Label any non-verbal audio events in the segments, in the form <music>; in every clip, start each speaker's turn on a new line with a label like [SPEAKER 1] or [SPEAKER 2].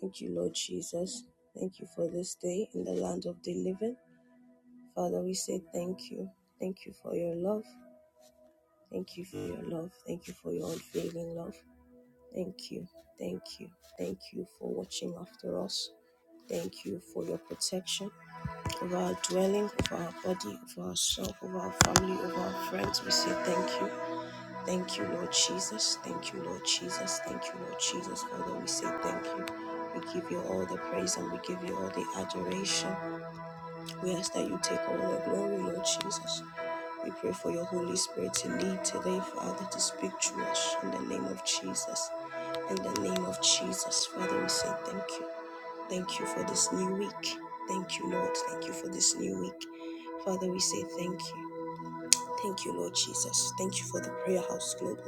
[SPEAKER 1] Thank you, Lord Jesus. Thank you for this day in the land of the living. Father, we say thank you. Thank you for your love. Thank you for your love. Thank you for your unfailing love. Thank you. Thank you. Thank you for watching after us. Thank you for your protection over our dwelling, over our body, over our soul, over our family, over our friends. We say thank you. Thank you, Lord Jesus. Thank you, Lord Jesus. Thank you, Lord Jesus. Father, we say thank you. We give you all the praise and we give you all the adoration. We ask that you take all the glory, Lord Jesus. We pray for your Holy Spirit to lead today, Father, to speak to us in the name of Jesus. In the name of Jesus, Father, we say thank you. Thank you for this new week. Thank you, Lord. Thank you for this new week. Father, we say thank you. Thank you, Lord Jesus. Thank you for the prayer house global.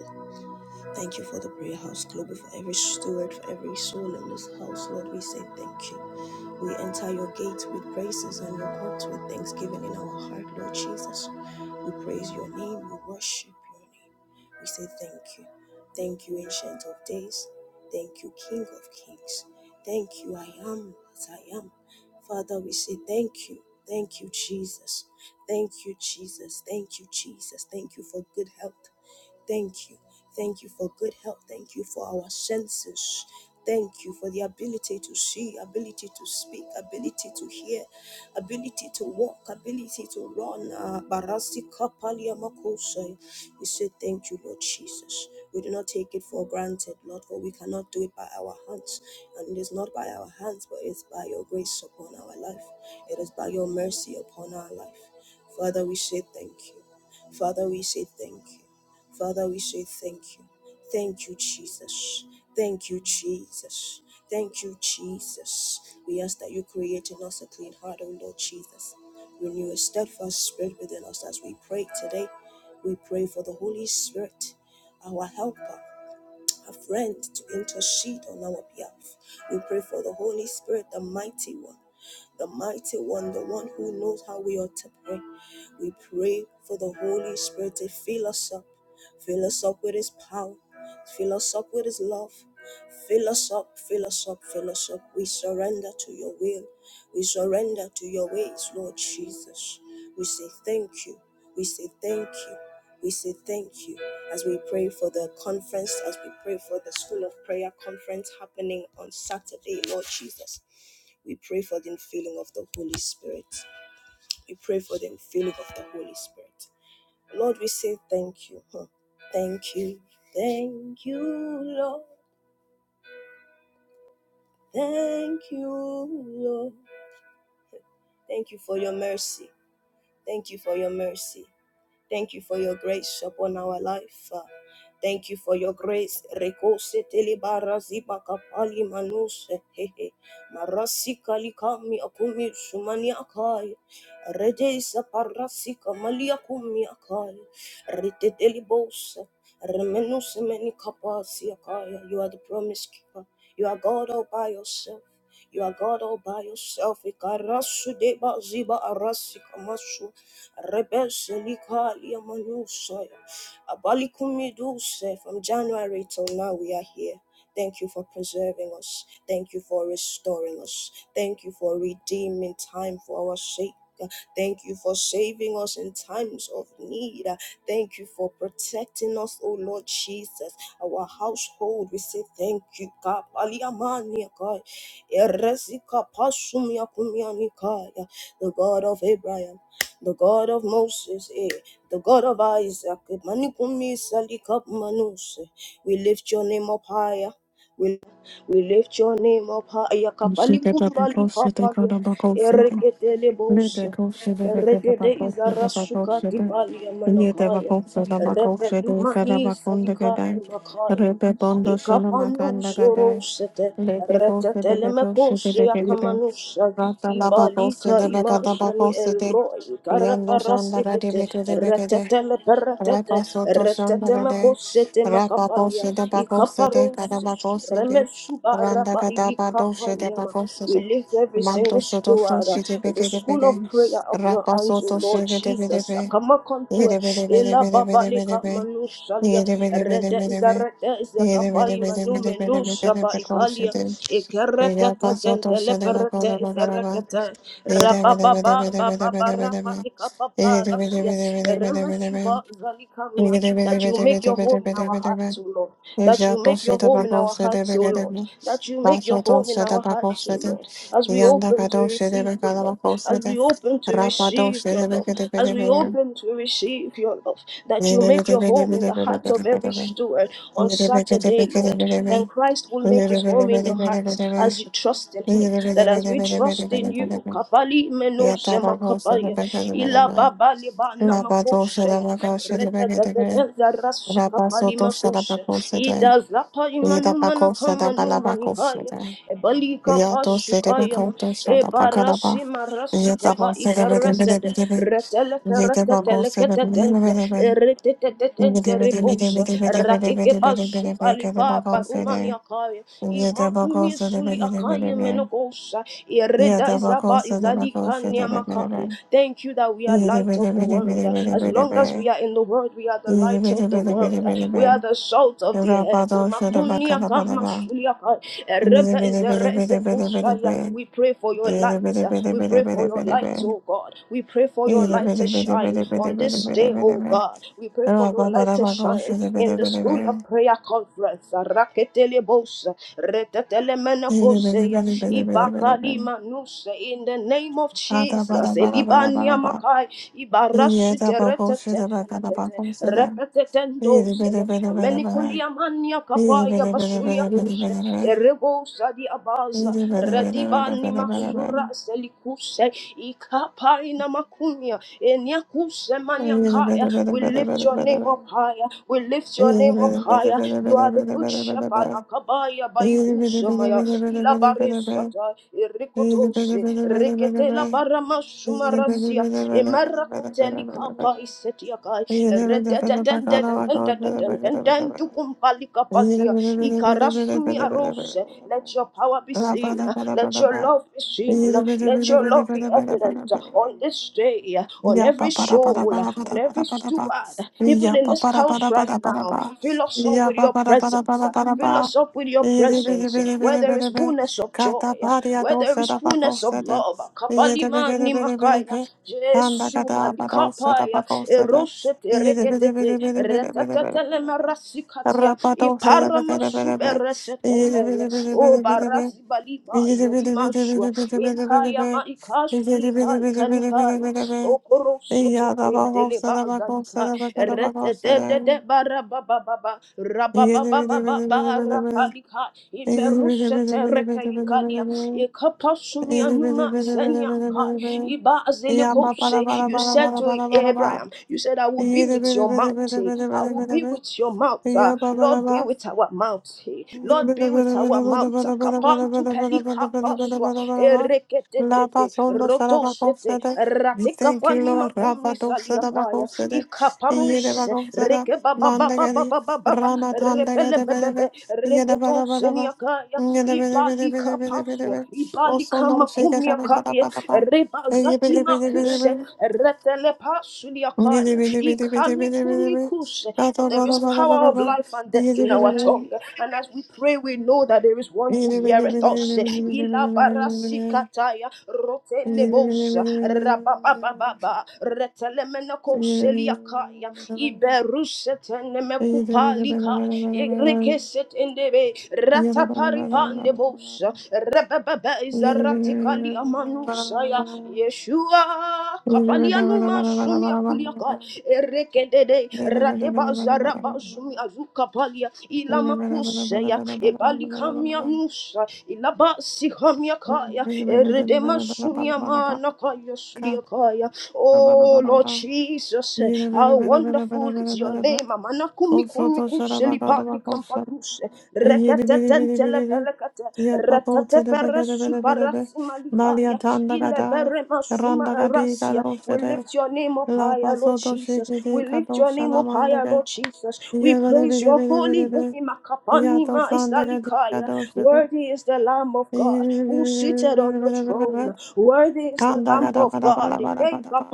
[SPEAKER 1] Thank you for the prayer house global, for every steward, for every soul in this house. Lord, we say thank you. We enter your gates with praises and your courts with thanksgiving in our heart, Lord Jesus. We praise your name, we worship your name. We say thank you. Thank you, Ancient of Days. Thank you, King of Kings. Thank you, I am as I am. Father, we say thank you. Thank you, Jesus. Thank you, Jesus. Thank you, Jesus. Thank you for good health. Thank you. Thank you for good health. Thank you for our senses. Thank you for the ability to see, ability to speak, ability to hear, ability to walk, ability to run. Ah, Barasi kapalia makosai. We say thank you, Lord Jesus. We do not take it for granted, Lord, for we cannot do it by our hands. And it is not by our hands, but it's by your grace upon our life. It is by your mercy upon our life. Father, we say thank you. Father, we say thank you. Father, we say thank you. Thank you, Jesus. Thank you, Jesus. Thank you, Jesus. We ask that you create in us a clean heart, O Lord Jesus. Renew a steadfast spirit within us as we pray today. We pray for the Holy Spirit, our helper, a friend to intercede on our behalf. We pray for the Holy Spirit, the mighty one the mighty one, the one who knows how we ought to pray. We pray for the Holy Spirit to fill us up, fill us up with His power, fill us up with His love. Fill us up, fill us up, fill us up. We surrender to your will. We surrender to your ways, Lord Jesus. We say thank you. We say thank you. We say thank you as we pray for the conference, as we pray for the School of Prayer conference happening on Saturday, Lord Jesus. We pray for the infilling of the Holy Spirit. We pray for the infilling of the Holy Spirit. Lord, we say thank you. huh. Thank you. Thank you, Lord. Thank you, Lord. Thank you for your mercy. Thank you for your mercy. Thank you for your grace upon our life. uh, Thank you for your grace. Rekose telebara ziba kapali manuse hehe. Marasi kalikami akumi shumani akai. Redesa parasi kamali akumi akai. Rete telebosa. Remenuse meni kapasi akai. You are the promise keeper. You are God all by yourself. You are God all by yourself. Ikarasu deba ziba arasi kamasu. Rebesselikalia Manusoya. Abalikumiduse. From January till now, we are here. Thank you for preserving us. Thank you for restoring us. Thank you for redeeming time for our sake. Thank you for saving us in times of need. Thank you for protecting us, O Lord Jesus. Our household, we say thank you. Kapaliamania kai. Eresika pasumiakumianikaya. The God of Abraham the God of Moses, eh, the God of Isaac. Manikumi salikap manuse. We lift your name up higher. We, we lift your name up higher.
[SPEAKER 2] Rata la
[SPEAKER 1] Kapalikumbali
[SPEAKER 2] bacosa de
[SPEAKER 1] kapalia. Ereketele bosa. Eregede izarasuka tibalia manakaya. Repelumani salika makaya. Ikapanu soro sete. Retetelemekoshe yakamanusha ibalika
[SPEAKER 2] becada
[SPEAKER 1] imashani
[SPEAKER 2] bacosa de
[SPEAKER 1] elroi
[SPEAKER 2] Yando Sanda Radi
[SPEAKER 1] karaparasikete
[SPEAKER 2] Vicade
[SPEAKER 1] retetele peretete
[SPEAKER 2] Rapa soto shandagade,
[SPEAKER 1] retetemekoshe
[SPEAKER 2] rapa
[SPEAKER 1] temakapalia
[SPEAKER 2] boshe de bakose de
[SPEAKER 1] ikaparose
[SPEAKER 2] kadabakose de, randa kadaba doshe de bakose
[SPEAKER 1] We
[SPEAKER 2] de,
[SPEAKER 1] lift every
[SPEAKER 2] manto
[SPEAKER 1] single
[SPEAKER 2] soto
[SPEAKER 1] steward, uh,
[SPEAKER 2] froshi de
[SPEAKER 1] the
[SPEAKER 2] beke de
[SPEAKER 1] school of
[SPEAKER 2] beke,
[SPEAKER 1] prayer of your
[SPEAKER 2] rapa
[SPEAKER 1] hands, O
[SPEAKER 2] soto
[SPEAKER 1] Lord
[SPEAKER 2] shege de bede
[SPEAKER 1] Jesus.
[SPEAKER 2] be,
[SPEAKER 1] Akamakontua,
[SPEAKER 2] yede bede bede
[SPEAKER 1] ela
[SPEAKER 2] bede bede bede
[SPEAKER 1] babalika
[SPEAKER 2] be,
[SPEAKER 1] manusalia,
[SPEAKER 2] yede bede bede
[SPEAKER 1] rede
[SPEAKER 2] bede be,
[SPEAKER 1] zarete
[SPEAKER 2] yede bede
[SPEAKER 1] zakapai
[SPEAKER 2] bede
[SPEAKER 1] manu
[SPEAKER 2] bede bede bede de
[SPEAKER 1] menusaba
[SPEAKER 2] bakose de, yapa soto shede bakoda bakaraba, yede bede bede bede bede bede bede be, yede bede bede bede bede bede be, Rabato
[SPEAKER 1] that you make your home in our hearts, O Lord. That you make your home in
[SPEAKER 2] Shadabaka
[SPEAKER 1] our hearts, O Lord.
[SPEAKER 2] Shadabaka
[SPEAKER 1] That you make your home in our hearts, O Lord. As we open to receive your love, as we open to receive your love, as we open to receive your love, that you make your home in the hearts of every steward on Saturday, Lord then Christ will make his home in your hearts as you trust in him. That as we trust in you, Kabali menose sema ila babali ba na makoseya, reda da da da da rashi
[SPEAKER 2] Rabasoto
[SPEAKER 1] kabali makose,
[SPEAKER 2] Shadabako Sede
[SPEAKER 1] ida zapa imanu mana
[SPEAKER 2] Yedabako
[SPEAKER 1] kama numa
[SPEAKER 2] Sadabalabako
[SPEAKER 1] nikaya,
[SPEAKER 2] Shada.
[SPEAKER 1] ebali
[SPEAKER 2] Yato
[SPEAKER 1] kapashu kaya ma,
[SPEAKER 2] Sedabako to Shadabakalaba.
[SPEAKER 1] ebarashi marashi
[SPEAKER 2] Yetabo
[SPEAKER 1] kaba ikarasede,
[SPEAKER 2] Sedabidibidibidibid.
[SPEAKER 1] reteleke
[SPEAKER 2] Yedabako
[SPEAKER 1] reteleke tetente,
[SPEAKER 2] Sedabidibidibidibid.
[SPEAKER 1] retetete ratike bazuka
[SPEAKER 2] Yedibidibidibidibidibidibidibidibidibid.
[SPEAKER 1] lipa
[SPEAKER 2] Kedabako
[SPEAKER 1] barumani
[SPEAKER 2] Sede.
[SPEAKER 1] akaya
[SPEAKER 2] Yedabako
[SPEAKER 1] imakumi suli akaya
[SPEAKER 2] Sedabidibidibidibid.
[SPEAKER 1] menokosa ireda
[SPEAKER 2] Yedabako
[SPEAKER 1] izaba
[SPEAKER 2] Sedabako
[SPEAKER 1] izalikani amakaya
[SPEAKER 2] Shadabidibidibid.
[SPEAKER 1] thank you that we are light of the world as long as
[SPEAKER 2] Yedibidibidibidibidibidibid.
[SPEAKER 1] we are in the world we are the light of the world we are
[SPEAKER 2] Yedibidibidibidibidibid.
[SPEAKER 1] the salt of the earth
[SPEAKER 2] Rabado
[SPEAKER 1] imakuni akama
[SPEAKER 2] Shadabakalabadaba.
[SPEAKER 1] suli akaya.
[SPEAKER 2] Yedibidibidibidibidibidibid.
[SPEAKER 1] We pray for your
[SPEAKER 2] Bada
[SPEAKER 1] light. We pray for your light, oh God. We pray for your light to shine on this day, oh God. We pray for your light to shine in the school of prayer conference. Raketelebos, retetelemenekoseya, ibakalimanuse. In the name of Jesus. Elibania Makai, Ibarasute retetetelekete, repetetendosene, emenikuliamania kapaya basulia kuse, we lift Your name up higher. We lift Your name up higher. You are the Good Shepherd. We lift Your name up higher.
[SPEAKER 2] Thank you.
[SPEAKER 1] We lift Your name up higher. You are the Good Shepherd. Ikarasumi arose. Let your power be seen. Let your love be seen. Let your love be evident on this day, on
[SPEAKER 2] Ya ba
[SPEAKER 1] every
[SPEAKER 2] ba da ba da
[SPEAKER 1] soul,
[SPEAKER 2] ba da ba
[SPEAKER 1] on
[SPEAKER 2] da ba da
[SPEAKER 1] every
[SPEAKER 2] ba da ba.
[SPEAKER 1] steward, even
[SPEAKER 2] Ya
[SPEAKER 1] in
[SPEAKER 2] ba
[SPEAKER 1] this
[SPEAKER 2] ba da ba
[SPEAKER 1] house
[SPEAKER 2] da ba
[SPEAKER 1] right
[SPEAKER 2] da ba da
[SPEAKER 1] now.
[SPEAKER 2] ba.
[SPEAKER 1] Fill us up
[SPEAKER 2] Ya
[SPEAKER 1] with
[SPEAKER 2] ba
[SPEAKER 1] your
[SPEAKER 2] ba da ba da ba
[SPEAKER 1] presence.
[SPEAKER 2] da ba da ba.
[SPEAKER 1] Fill us up with your
[SPEAKER 2] Yedi bidi
[SPEAKER 1] presence.
[SPEAKER 2] bidi
[SPEAKER 1] Where
[SPEAKER 2] bidi
[SPEAKER 1] there
[SPEAKER 2] bidi
[SPEAKER 1] is
[SPEAKER 2] bi.
[SPEAKER 1] fullness of joy,
[SPEAKER 2] Kata pariya
[SPEAKER 1] where there
[SPEAKER 2] dosa
[SPEAKER 1] is
[SPEAKER 2] da bak
[SPEAKER 1] fullness of
[SPEAKER 2] olsa da.
[SPEAKER 1] love.
[SPEAKER 2] Yedi bidi
[SPEAKER 1] Kapalima
[SPEAKER 2] bidi bidi
[SPEAKER 1] nimakaya.
[SPEAKER 2] bi. Kanda
[SPEAKER 1] Jesu
[SPEAKER 2] kada ba da olsa da
[SPEAKER 1] malikapaya.
[SPEAKER 2] bak olsa da.
[SPEAKER 1] Erosete
[SPEAKER 2] Yedi bidi bidi
[SPEAKER 1] reketete.
[SPEAKER 2] bidi bidi bidi bidi
[SPEAKER 1] Retatatele
[SPEAKER 2] bidi bi.
[SPEAKER 1] marasikati
[SPEAKER 2] Rabba dosa da bidi bidi bi. Yedi bidi
[SPEAKER 1] iparamasubereseketeya
[SPEAKER 2] bidi
[SPEAKER 1] o
[SPEAKER 2] bidi bidi bi.
[SPEAKER 1] barazibaliba zelimashua ikaya maikashulika ikanikaya okorosototentelebazalika retetedede barababababa rabababababa rapalika imeruseterekeikalia
[SPEAKER 2] Yeah,
[SPEAKER 1] Ikapasumi anuma isenyakai. Iba azilikose. You said to Abraham, You said, I will be with your mountain. I will be with your mountain. Lord, be with our mountain. Lord, be with our mountain. Kapantu pelika paswa.
[SPEAKER 2] La
[SPEAKER 1] Ereketete.
[SPEAKER 2] pasondo
[SPEAKER 1] Rotosete.
[SPEAKER 2] sarabakosede. We thank you,
[SPEAKER 1] Ratekapani
[SPEAKER 2] Lord.
[SPEAKER 1] makumi
[SPEAKER 2] Rabato
[SPEAKER 1] saliakaya.
[SPEAKER 2] sadabakosede. Yede
[SPEAKER 1] Ikaparuse.
[SPEAKER 2] bakosada. Mandagadi.
[SPEAKER 1] Rekebababababababa.
[SPEAKER 2] Rama tandagade bedebe.
[SPEAKER 1] Repelebebebe.
[SPEAKER 2] Yede
[SPEAKER 1] Reketon
[SPEAKER 2] badabadaba.
[SPEAKER 1] seniakaya
[SPEAKER 2] Yede bede bede bede
[SPEAKER 1] ibalika
[SPEAKER 2] bede bede
[SPEAKER 1] paswa
[SPEAKER 2] bede. Also
[SPEAKER 1] ibalika
[SPEAKER 2] no shake it
[SPEAKER 1] makumia
[SPEAKER 2] up.
[SPEAKER 1] kaya
[SPEAKER 2] Badabadaba. Yede
[SPEAKER 1] rebazati
[SPEAKER 2] bede bede bede
[SPEAKER 1] makuse
[SPEAKER 2] bede.
[SPEAKER 1] retele pasulia
[SPEAKER 2] Yede
[SPEAKER 1] kaya
[SPEAKER 2] bede bede bede bede bede bede.
[SPEAKER 1] ikamikumikuse but
[SPEAKER 2] Bato
[SPEAKER 1] there is power of
[SPEAKER 2] badabadabadaba.
[SPEAKER 1] life and death
[SPEAKER 2] Yede
[SPEAKER 1] in
[SPEAKER 2] bede
[SPEAKER 1] our
[SPEAKER 2] bede.
[SPEAKER 1] tongue and as we pray we know that there is one
[SPEAKER 2] God.
[SPEAKER 1] who heareth us ilabarasikataya rotelebosa rababababa retelemenakoseliakaya iberusetenemekupalika Rekeset endebe, rataparipa ndebosa, rebebebe izaratikali amanusaya, Yeshua, kapalianuma sumia kuliakai, erekedede, radeba zaraba zumia ilamakusaya, ebalikamia nusa, ilabasi kamiakaya, eredema sunia manakaya suliakaya. Oh Lord Jesus, how wonderful is your name, Amanakumi
[SPEAKER 2] Kosoto
[SPEAKER 1] Kumiku
[SPEAKER 2] şarabakara
[SPEAKER 1] Selipati
[SPEAKER 2] bakofşar.
[SPEAKER 1] Kampatus,
[SPEAKER 2] Yedi biri biri
[SPEAKER 1] Recatetentele
[SPEAKER 2] biri bir.
[SPEAKER 1] Pelecate,
[SPEAKER 2] Ya pato
[SPEAKER 1] Retate
[SPEAKER 2] tede beke de
[SPEAKER 1] Peresu
[SPEAKER 2] bere bere be. Malya
[SPEAKER 1] Parasimalikaya,
[SPEAKER 2] tanda kadar.
[SPEAKER 1] Ileberema Suma
[SPEAKER 2] Randa kadi
[SPEAKER 1] Rasia. We
[SPEAKER 2] kadofşere.
[SPEAKER 1] lift your name up
[SPEAKER 2] La
[SPEAKER 1] higher, Lord
[SPEAKER 2] pasoto
[SPEAKER 1] Jesus.
[SPEAKER 2] şekeri
[SPEAKER 1] We lift your name
[SPEAKER 2] kadofşana
[SPEAKER 1] up higher,
[SPEAKER 2] mandage.
[SPEAKER 1] Lord Jesus. We
[SPEAKER 2] Ya bere
[SPEAKER 1] praise
[SPEAKER 2] bere
[SPEAKER 1] your
[SPEAKER 2] bere
[SPEAKER 1] holy
[SPEAKER 2] bere be.
[SPEAKER 1] name,
[SPEAKER 2] Ya
[SPEAKER 1] Akapani
[SPEAKER 2] to sanda kadi
[SPEAKER 1] Maisalikaya.
[SPEAKER 2] kadofşere.
[SPEAKER 1] Worthy is the Lamb of
[SPEAKER 2] Yedi
[SPEAKER 1] God
[SPEAKER 2] biri
[SPEAKER 1] who
[SPEAKER 2] biri
[SPEAKER 1] seated on
[SPEAKER 2] biri
[SPEAKER 1] the
[SPEAKER 2] bere bere be.
[SPEAKER 1] throne. Worthy is the
[SPEAKER 2] Kanda
[SPEAKER 1] Lamb
[SPEAKER 2] kada
[SPEAKER 1] of
[SPEAKER 2] bada bala
[SPEAKER 1] God
[SPEAKER 2] bada bada ba.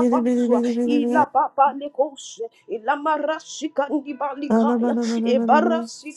[SPEAKER 2] Yedi biri biri biri be.
[SPEAKER 1] ila baba lekose ila marashi kandi
[SPEAKER 2] Bada
[SPEAKER 1] balikaya
[SPEAKER 2] bada bada
[SPEAKER 1] e
[SPEAKER 2] bada be.
[SPEAKER 1] barasi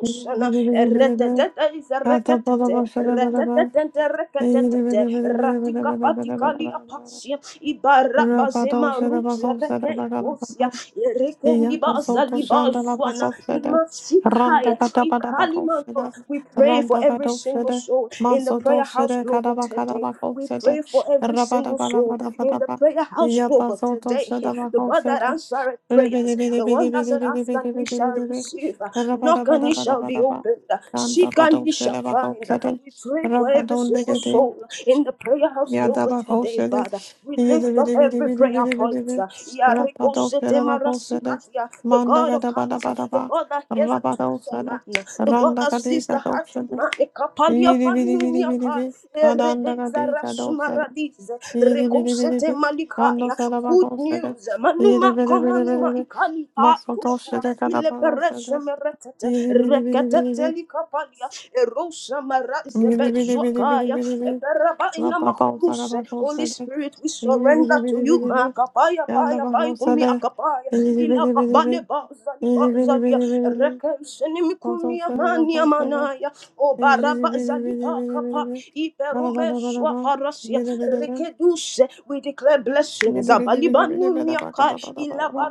[SPEAKER 2] Yedi biri biri biri be.
[SPEAKER 1] retetete
[SPEAKER 2] Kata bada
[SPEAKER 1] izareketete
[SPEAKER 2] başlara bada
[SPEAKER 1] retetete
[SPEAKER 2] Rabada Rabadon
[SPEAKER 1] reketetete ratika patikali apasia ibara bazema ruzereke ikosia erekendi bazali bazwana imasikaya ikalimanwa we pray for every single soul in the prayer house global today we pray for every single soul in the prayer house global today. <laughs> The God that answered prayers, the one that said, Ask and ye shall receive, knock and ye shall be opened, seek and ye shall find. We pray for every single soul in the prayer house global today,
[SPEAKER 2] Yadabakosede,
[SPEAKER 1] Father. We lift up every prayer point.
[SPEAKER 2] yedibidibidibidibidibidi,
[SPEAKER 1] Yariko sete
[SPEAKER 2] rapadoksedabakosede,
[SPEAKER 1] marasikatia, The God of hearts, the
[SPEAKER 2] mandagadabadabadaba,
[SPEAKER 1] God that hears the thoughts of
[SPEAKER 2] rabadosede,
[SPEAKER 1] man, the God that sees the heart of
[SPEAKER 2] randagadigadaosede,
[SPEAKER 1] man. Ekapalia panumia kai,
[SPEAKER 2] yedibidibidibidibi,
[SPEAKER 1] erede zara
[SPEAKER 2] kadandagadikadaosede,
[SPEAKER 1] sumaradize, Rekosete
[SPEAKER 2] yedibidibidibi,
[SPEAKER 1] malikaya. Good
[SPEAKER 2] kandosadabakosede,
[SPEAKER 1] news. Manuma komanuma
[SPEAKER 2] yedibidibidibidibi,
[SPEAKER 1] ikali ha kuswa.
[SPEAKER 2] masotosedekadabakosede,
[SPEAKER 1] Ilepereshe meretete.
[SPEAKER 2] yedibidibidibidibi,
[SPEAKER 1] Reketete likapalia. Erosa maraze bezuakaya.
[SPEAKER 2] yedibidibidibidibidibi,
[SPEAKER 1] Eperaba
[SPEAKER 2] La papa osada
[SPEAKER 1] inamakuse.
[SPEAKER 2] bako
[SPEAKER 1] Holy
[SPEAKER 2] sede.
[SPEAKER 1] Spirit, we
[SPEAKER 2] Bili bili
[SPEAKER 1] surrender to
[SPEAKER 2] bili
[SPEAKER 1] you.
[SPEAKER 2] bili bili.
[SPEAKER 1] Makapaya
[SPEAKER 2] Yanda
[SPEAKER 1] paya paya
[SPEAKER 2] bako
[SPEAKER 1] kumi akapaya.
[SPEAKER 2] Bili bili
[SPEAKER 1] Ila
[SPEAKER 2] bili
[SPEAKER 1] babale
[SPEAKER 2] bili.
[SPEAKER 1] bazali
[SPEAKER 2] Bili bili
[SPEAKER 1] bazalia.
[SPEAKER 2] bili bili bili.
[SPEAKER 1] Rekeshe
[SPEAKER 2] Bako
[SPEAKER 1] nimikumi
[SPEAKER 2] sede
[SPEAKER 1] amani amanaya. O
[SPEAKER 2] Bili bili
[SPEAKER 1] baraba
[SPEAKER 2] bili
[SPEAKER 1] zali
[SPEAKER 2] bili bili
[SPEAKER 1] pakapa.
[SPEAKER 2] bili. Bada
[SPEAKER 1] Iperome
[SPEAKER 2] bada bada
[SPEAKER 1] swa
[SPEAKER 2] ba.
[SPEAKER 1] paras.
[SPEAKER 2] Bili bili bili.
[SPEAKER 1] Rekedushe. We declare
[SPEAKER 2] Bili
[SPEAKER 1] blessings.
[SPEAKER 2] bili bili bili bada baka da
[SPEAKER 1] Abalibanumiakai.
[SPEAKER 2] bada bada ba.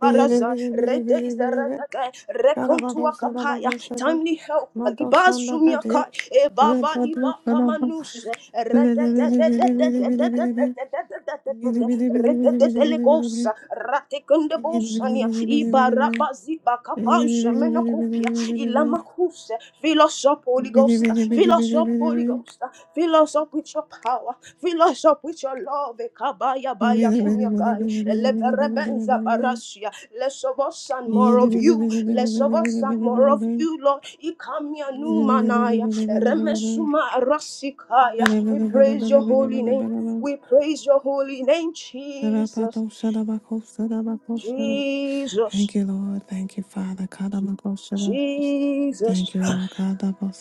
[SPEAKER 2] Bili bili bili
[SPEAKER 1] Rede
[SPEAKER 2] bili
[SPEAKER 1] is the
[SPEAKER 2] bili bili.
[SPEAKER 1] redeke.
[SPEAKER 2] Bada bako sede
[SPEAKER 1] Rekontuakapaya.
[SPEAKER 2] bako sede.
[SPEAKER 1] Timely help.
[SPEAKER 2] Mato şanda kadi.
[SPEAKER 1] Alibasumiakai.
[SPEAKER 2] Bada bada
[SPEAKER 1] Ebabalibakamanu.
[SPEAKER 2] Bili bili bili bili bili bili. Thank
[SPEAKER 1] Retetelegos, Ratekundabosania, Ibarabazi Bakapasha, Menocopia, Ilamakuse, Fill us up, Holy Ghost, fill us up, Holy Ghost, Fill us up with your power. Fill us up with your love. Ekabaya baya kumyakai. Eleberebenza barasia. Less of us and more of you. Less of us and more of you, Lord. Ikamya numanaya. Remesuma rasikaya. We praise your holy name. We praise your holy name, Jesus. Jesus.
[SPEAKER 2] you, Lord. Thank you, Father.
[SPEAKER 1] Jesus.
[SPEAKER 2] Thank you, Lord. Thank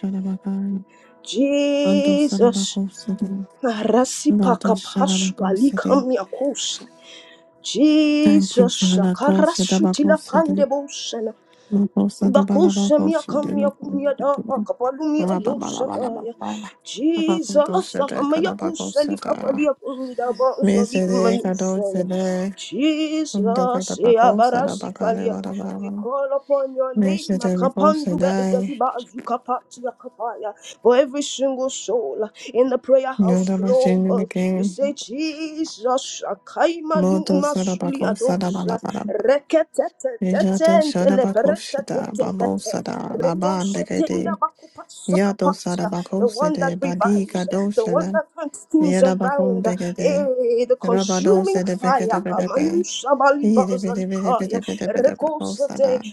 [SPEAKER 2] you, Lord. Ando
[SPEAKER 1] Jesus.
[SPEAKER 2] Sarabaco City, Rado
[SPEAKER 1] Rasipaka pashwa
[SPEAKER 2] Sharabaco City.
[SPEAKER 1] likamya kus.
[SPEAKER 2] Thank you,
[SPEAKER 1] Jesus,
[SPEAKER 2] Father. Go Shadabaco
[SPEAKER 1] shakarasutila
[SPEAKER 2] City.
[SPEAKER 1] pandebosana.
[SPEAKER 2] Loco Sadabalabaco
[SPEAKER 1] Ibakushemia kamya kumya da
[SPEAKER 2] Shadabaco
[SPEAKER 1] kapalumi adoshataya.
[SPEAKER 2] Lababalabalabala. Abaco
[SPEAKER 1] Jesus,
[SPEAKER 2] Shada
[SPEAKER 1] akamaya
[SPEAKER 2] Cadabaco
[SPEAKER 1] kushali
[SPEAKER 2] Sada.
[SPEAKER 1] kapalia kumida bausali
[SPEAKER 2] Mesede Cado
[SPEAKER 1] manusaya.
[SPEAKER 2] Sada. Kunda
[SPEAKER 1] Jesus, ya
[SPEAKER 2] Cadabaco Sadabacale
[SPEAKER 1] barasikalia. We
[SPEAKER 2] Vadababa.
[SPEAKER 1] call upon your name,
[SPEAKER 2] Mesede Baco
[SPEAKER 1] Akapandu
[SPEAKER 2] Sada.
[SPEAKER 1] Bezaliba Azukapatia Kapaya, for every single soul uh, in the prayer house
[SPEAKER 2] Yoda Machine
[SPEAKER 1] global. We
[SPEAKER 2] became
[SPEAKER 1] say, Jesus, Akaima
[SPEAKER 2] Moto
[SPEAKER 1] Numa Suli
[SPEAKER 2] Sadabaco Sadabalabalaba.
[SPEAKER 1] the
[SPEAKER 2] Yato Shadabakosada Babosada laban degede Yato
[SPEAKER 1] one that
[SPEAKER 2] Sadabakosede Badi
[SPEAKER 1] revives, the one
[SPEAKER 2] Gadoshele
[SPEAKER 1] that turns things around,
[SPEAKER 2] Yadabakondegede
[SPEAKER 1] eh, the consuming
[SPEAKER 2] Rabadose de
[SPEAKER 1] fire.
[SPEAKER 2] Bekede Bedebe Yede Bede Bede Bede
[SPEAKER 1] Kamayushabalibazalikaya,
[SPEAKER 2] Bede Bede
[SPEAKER 1] rekosete,
[SPEAKER 2] Bakosada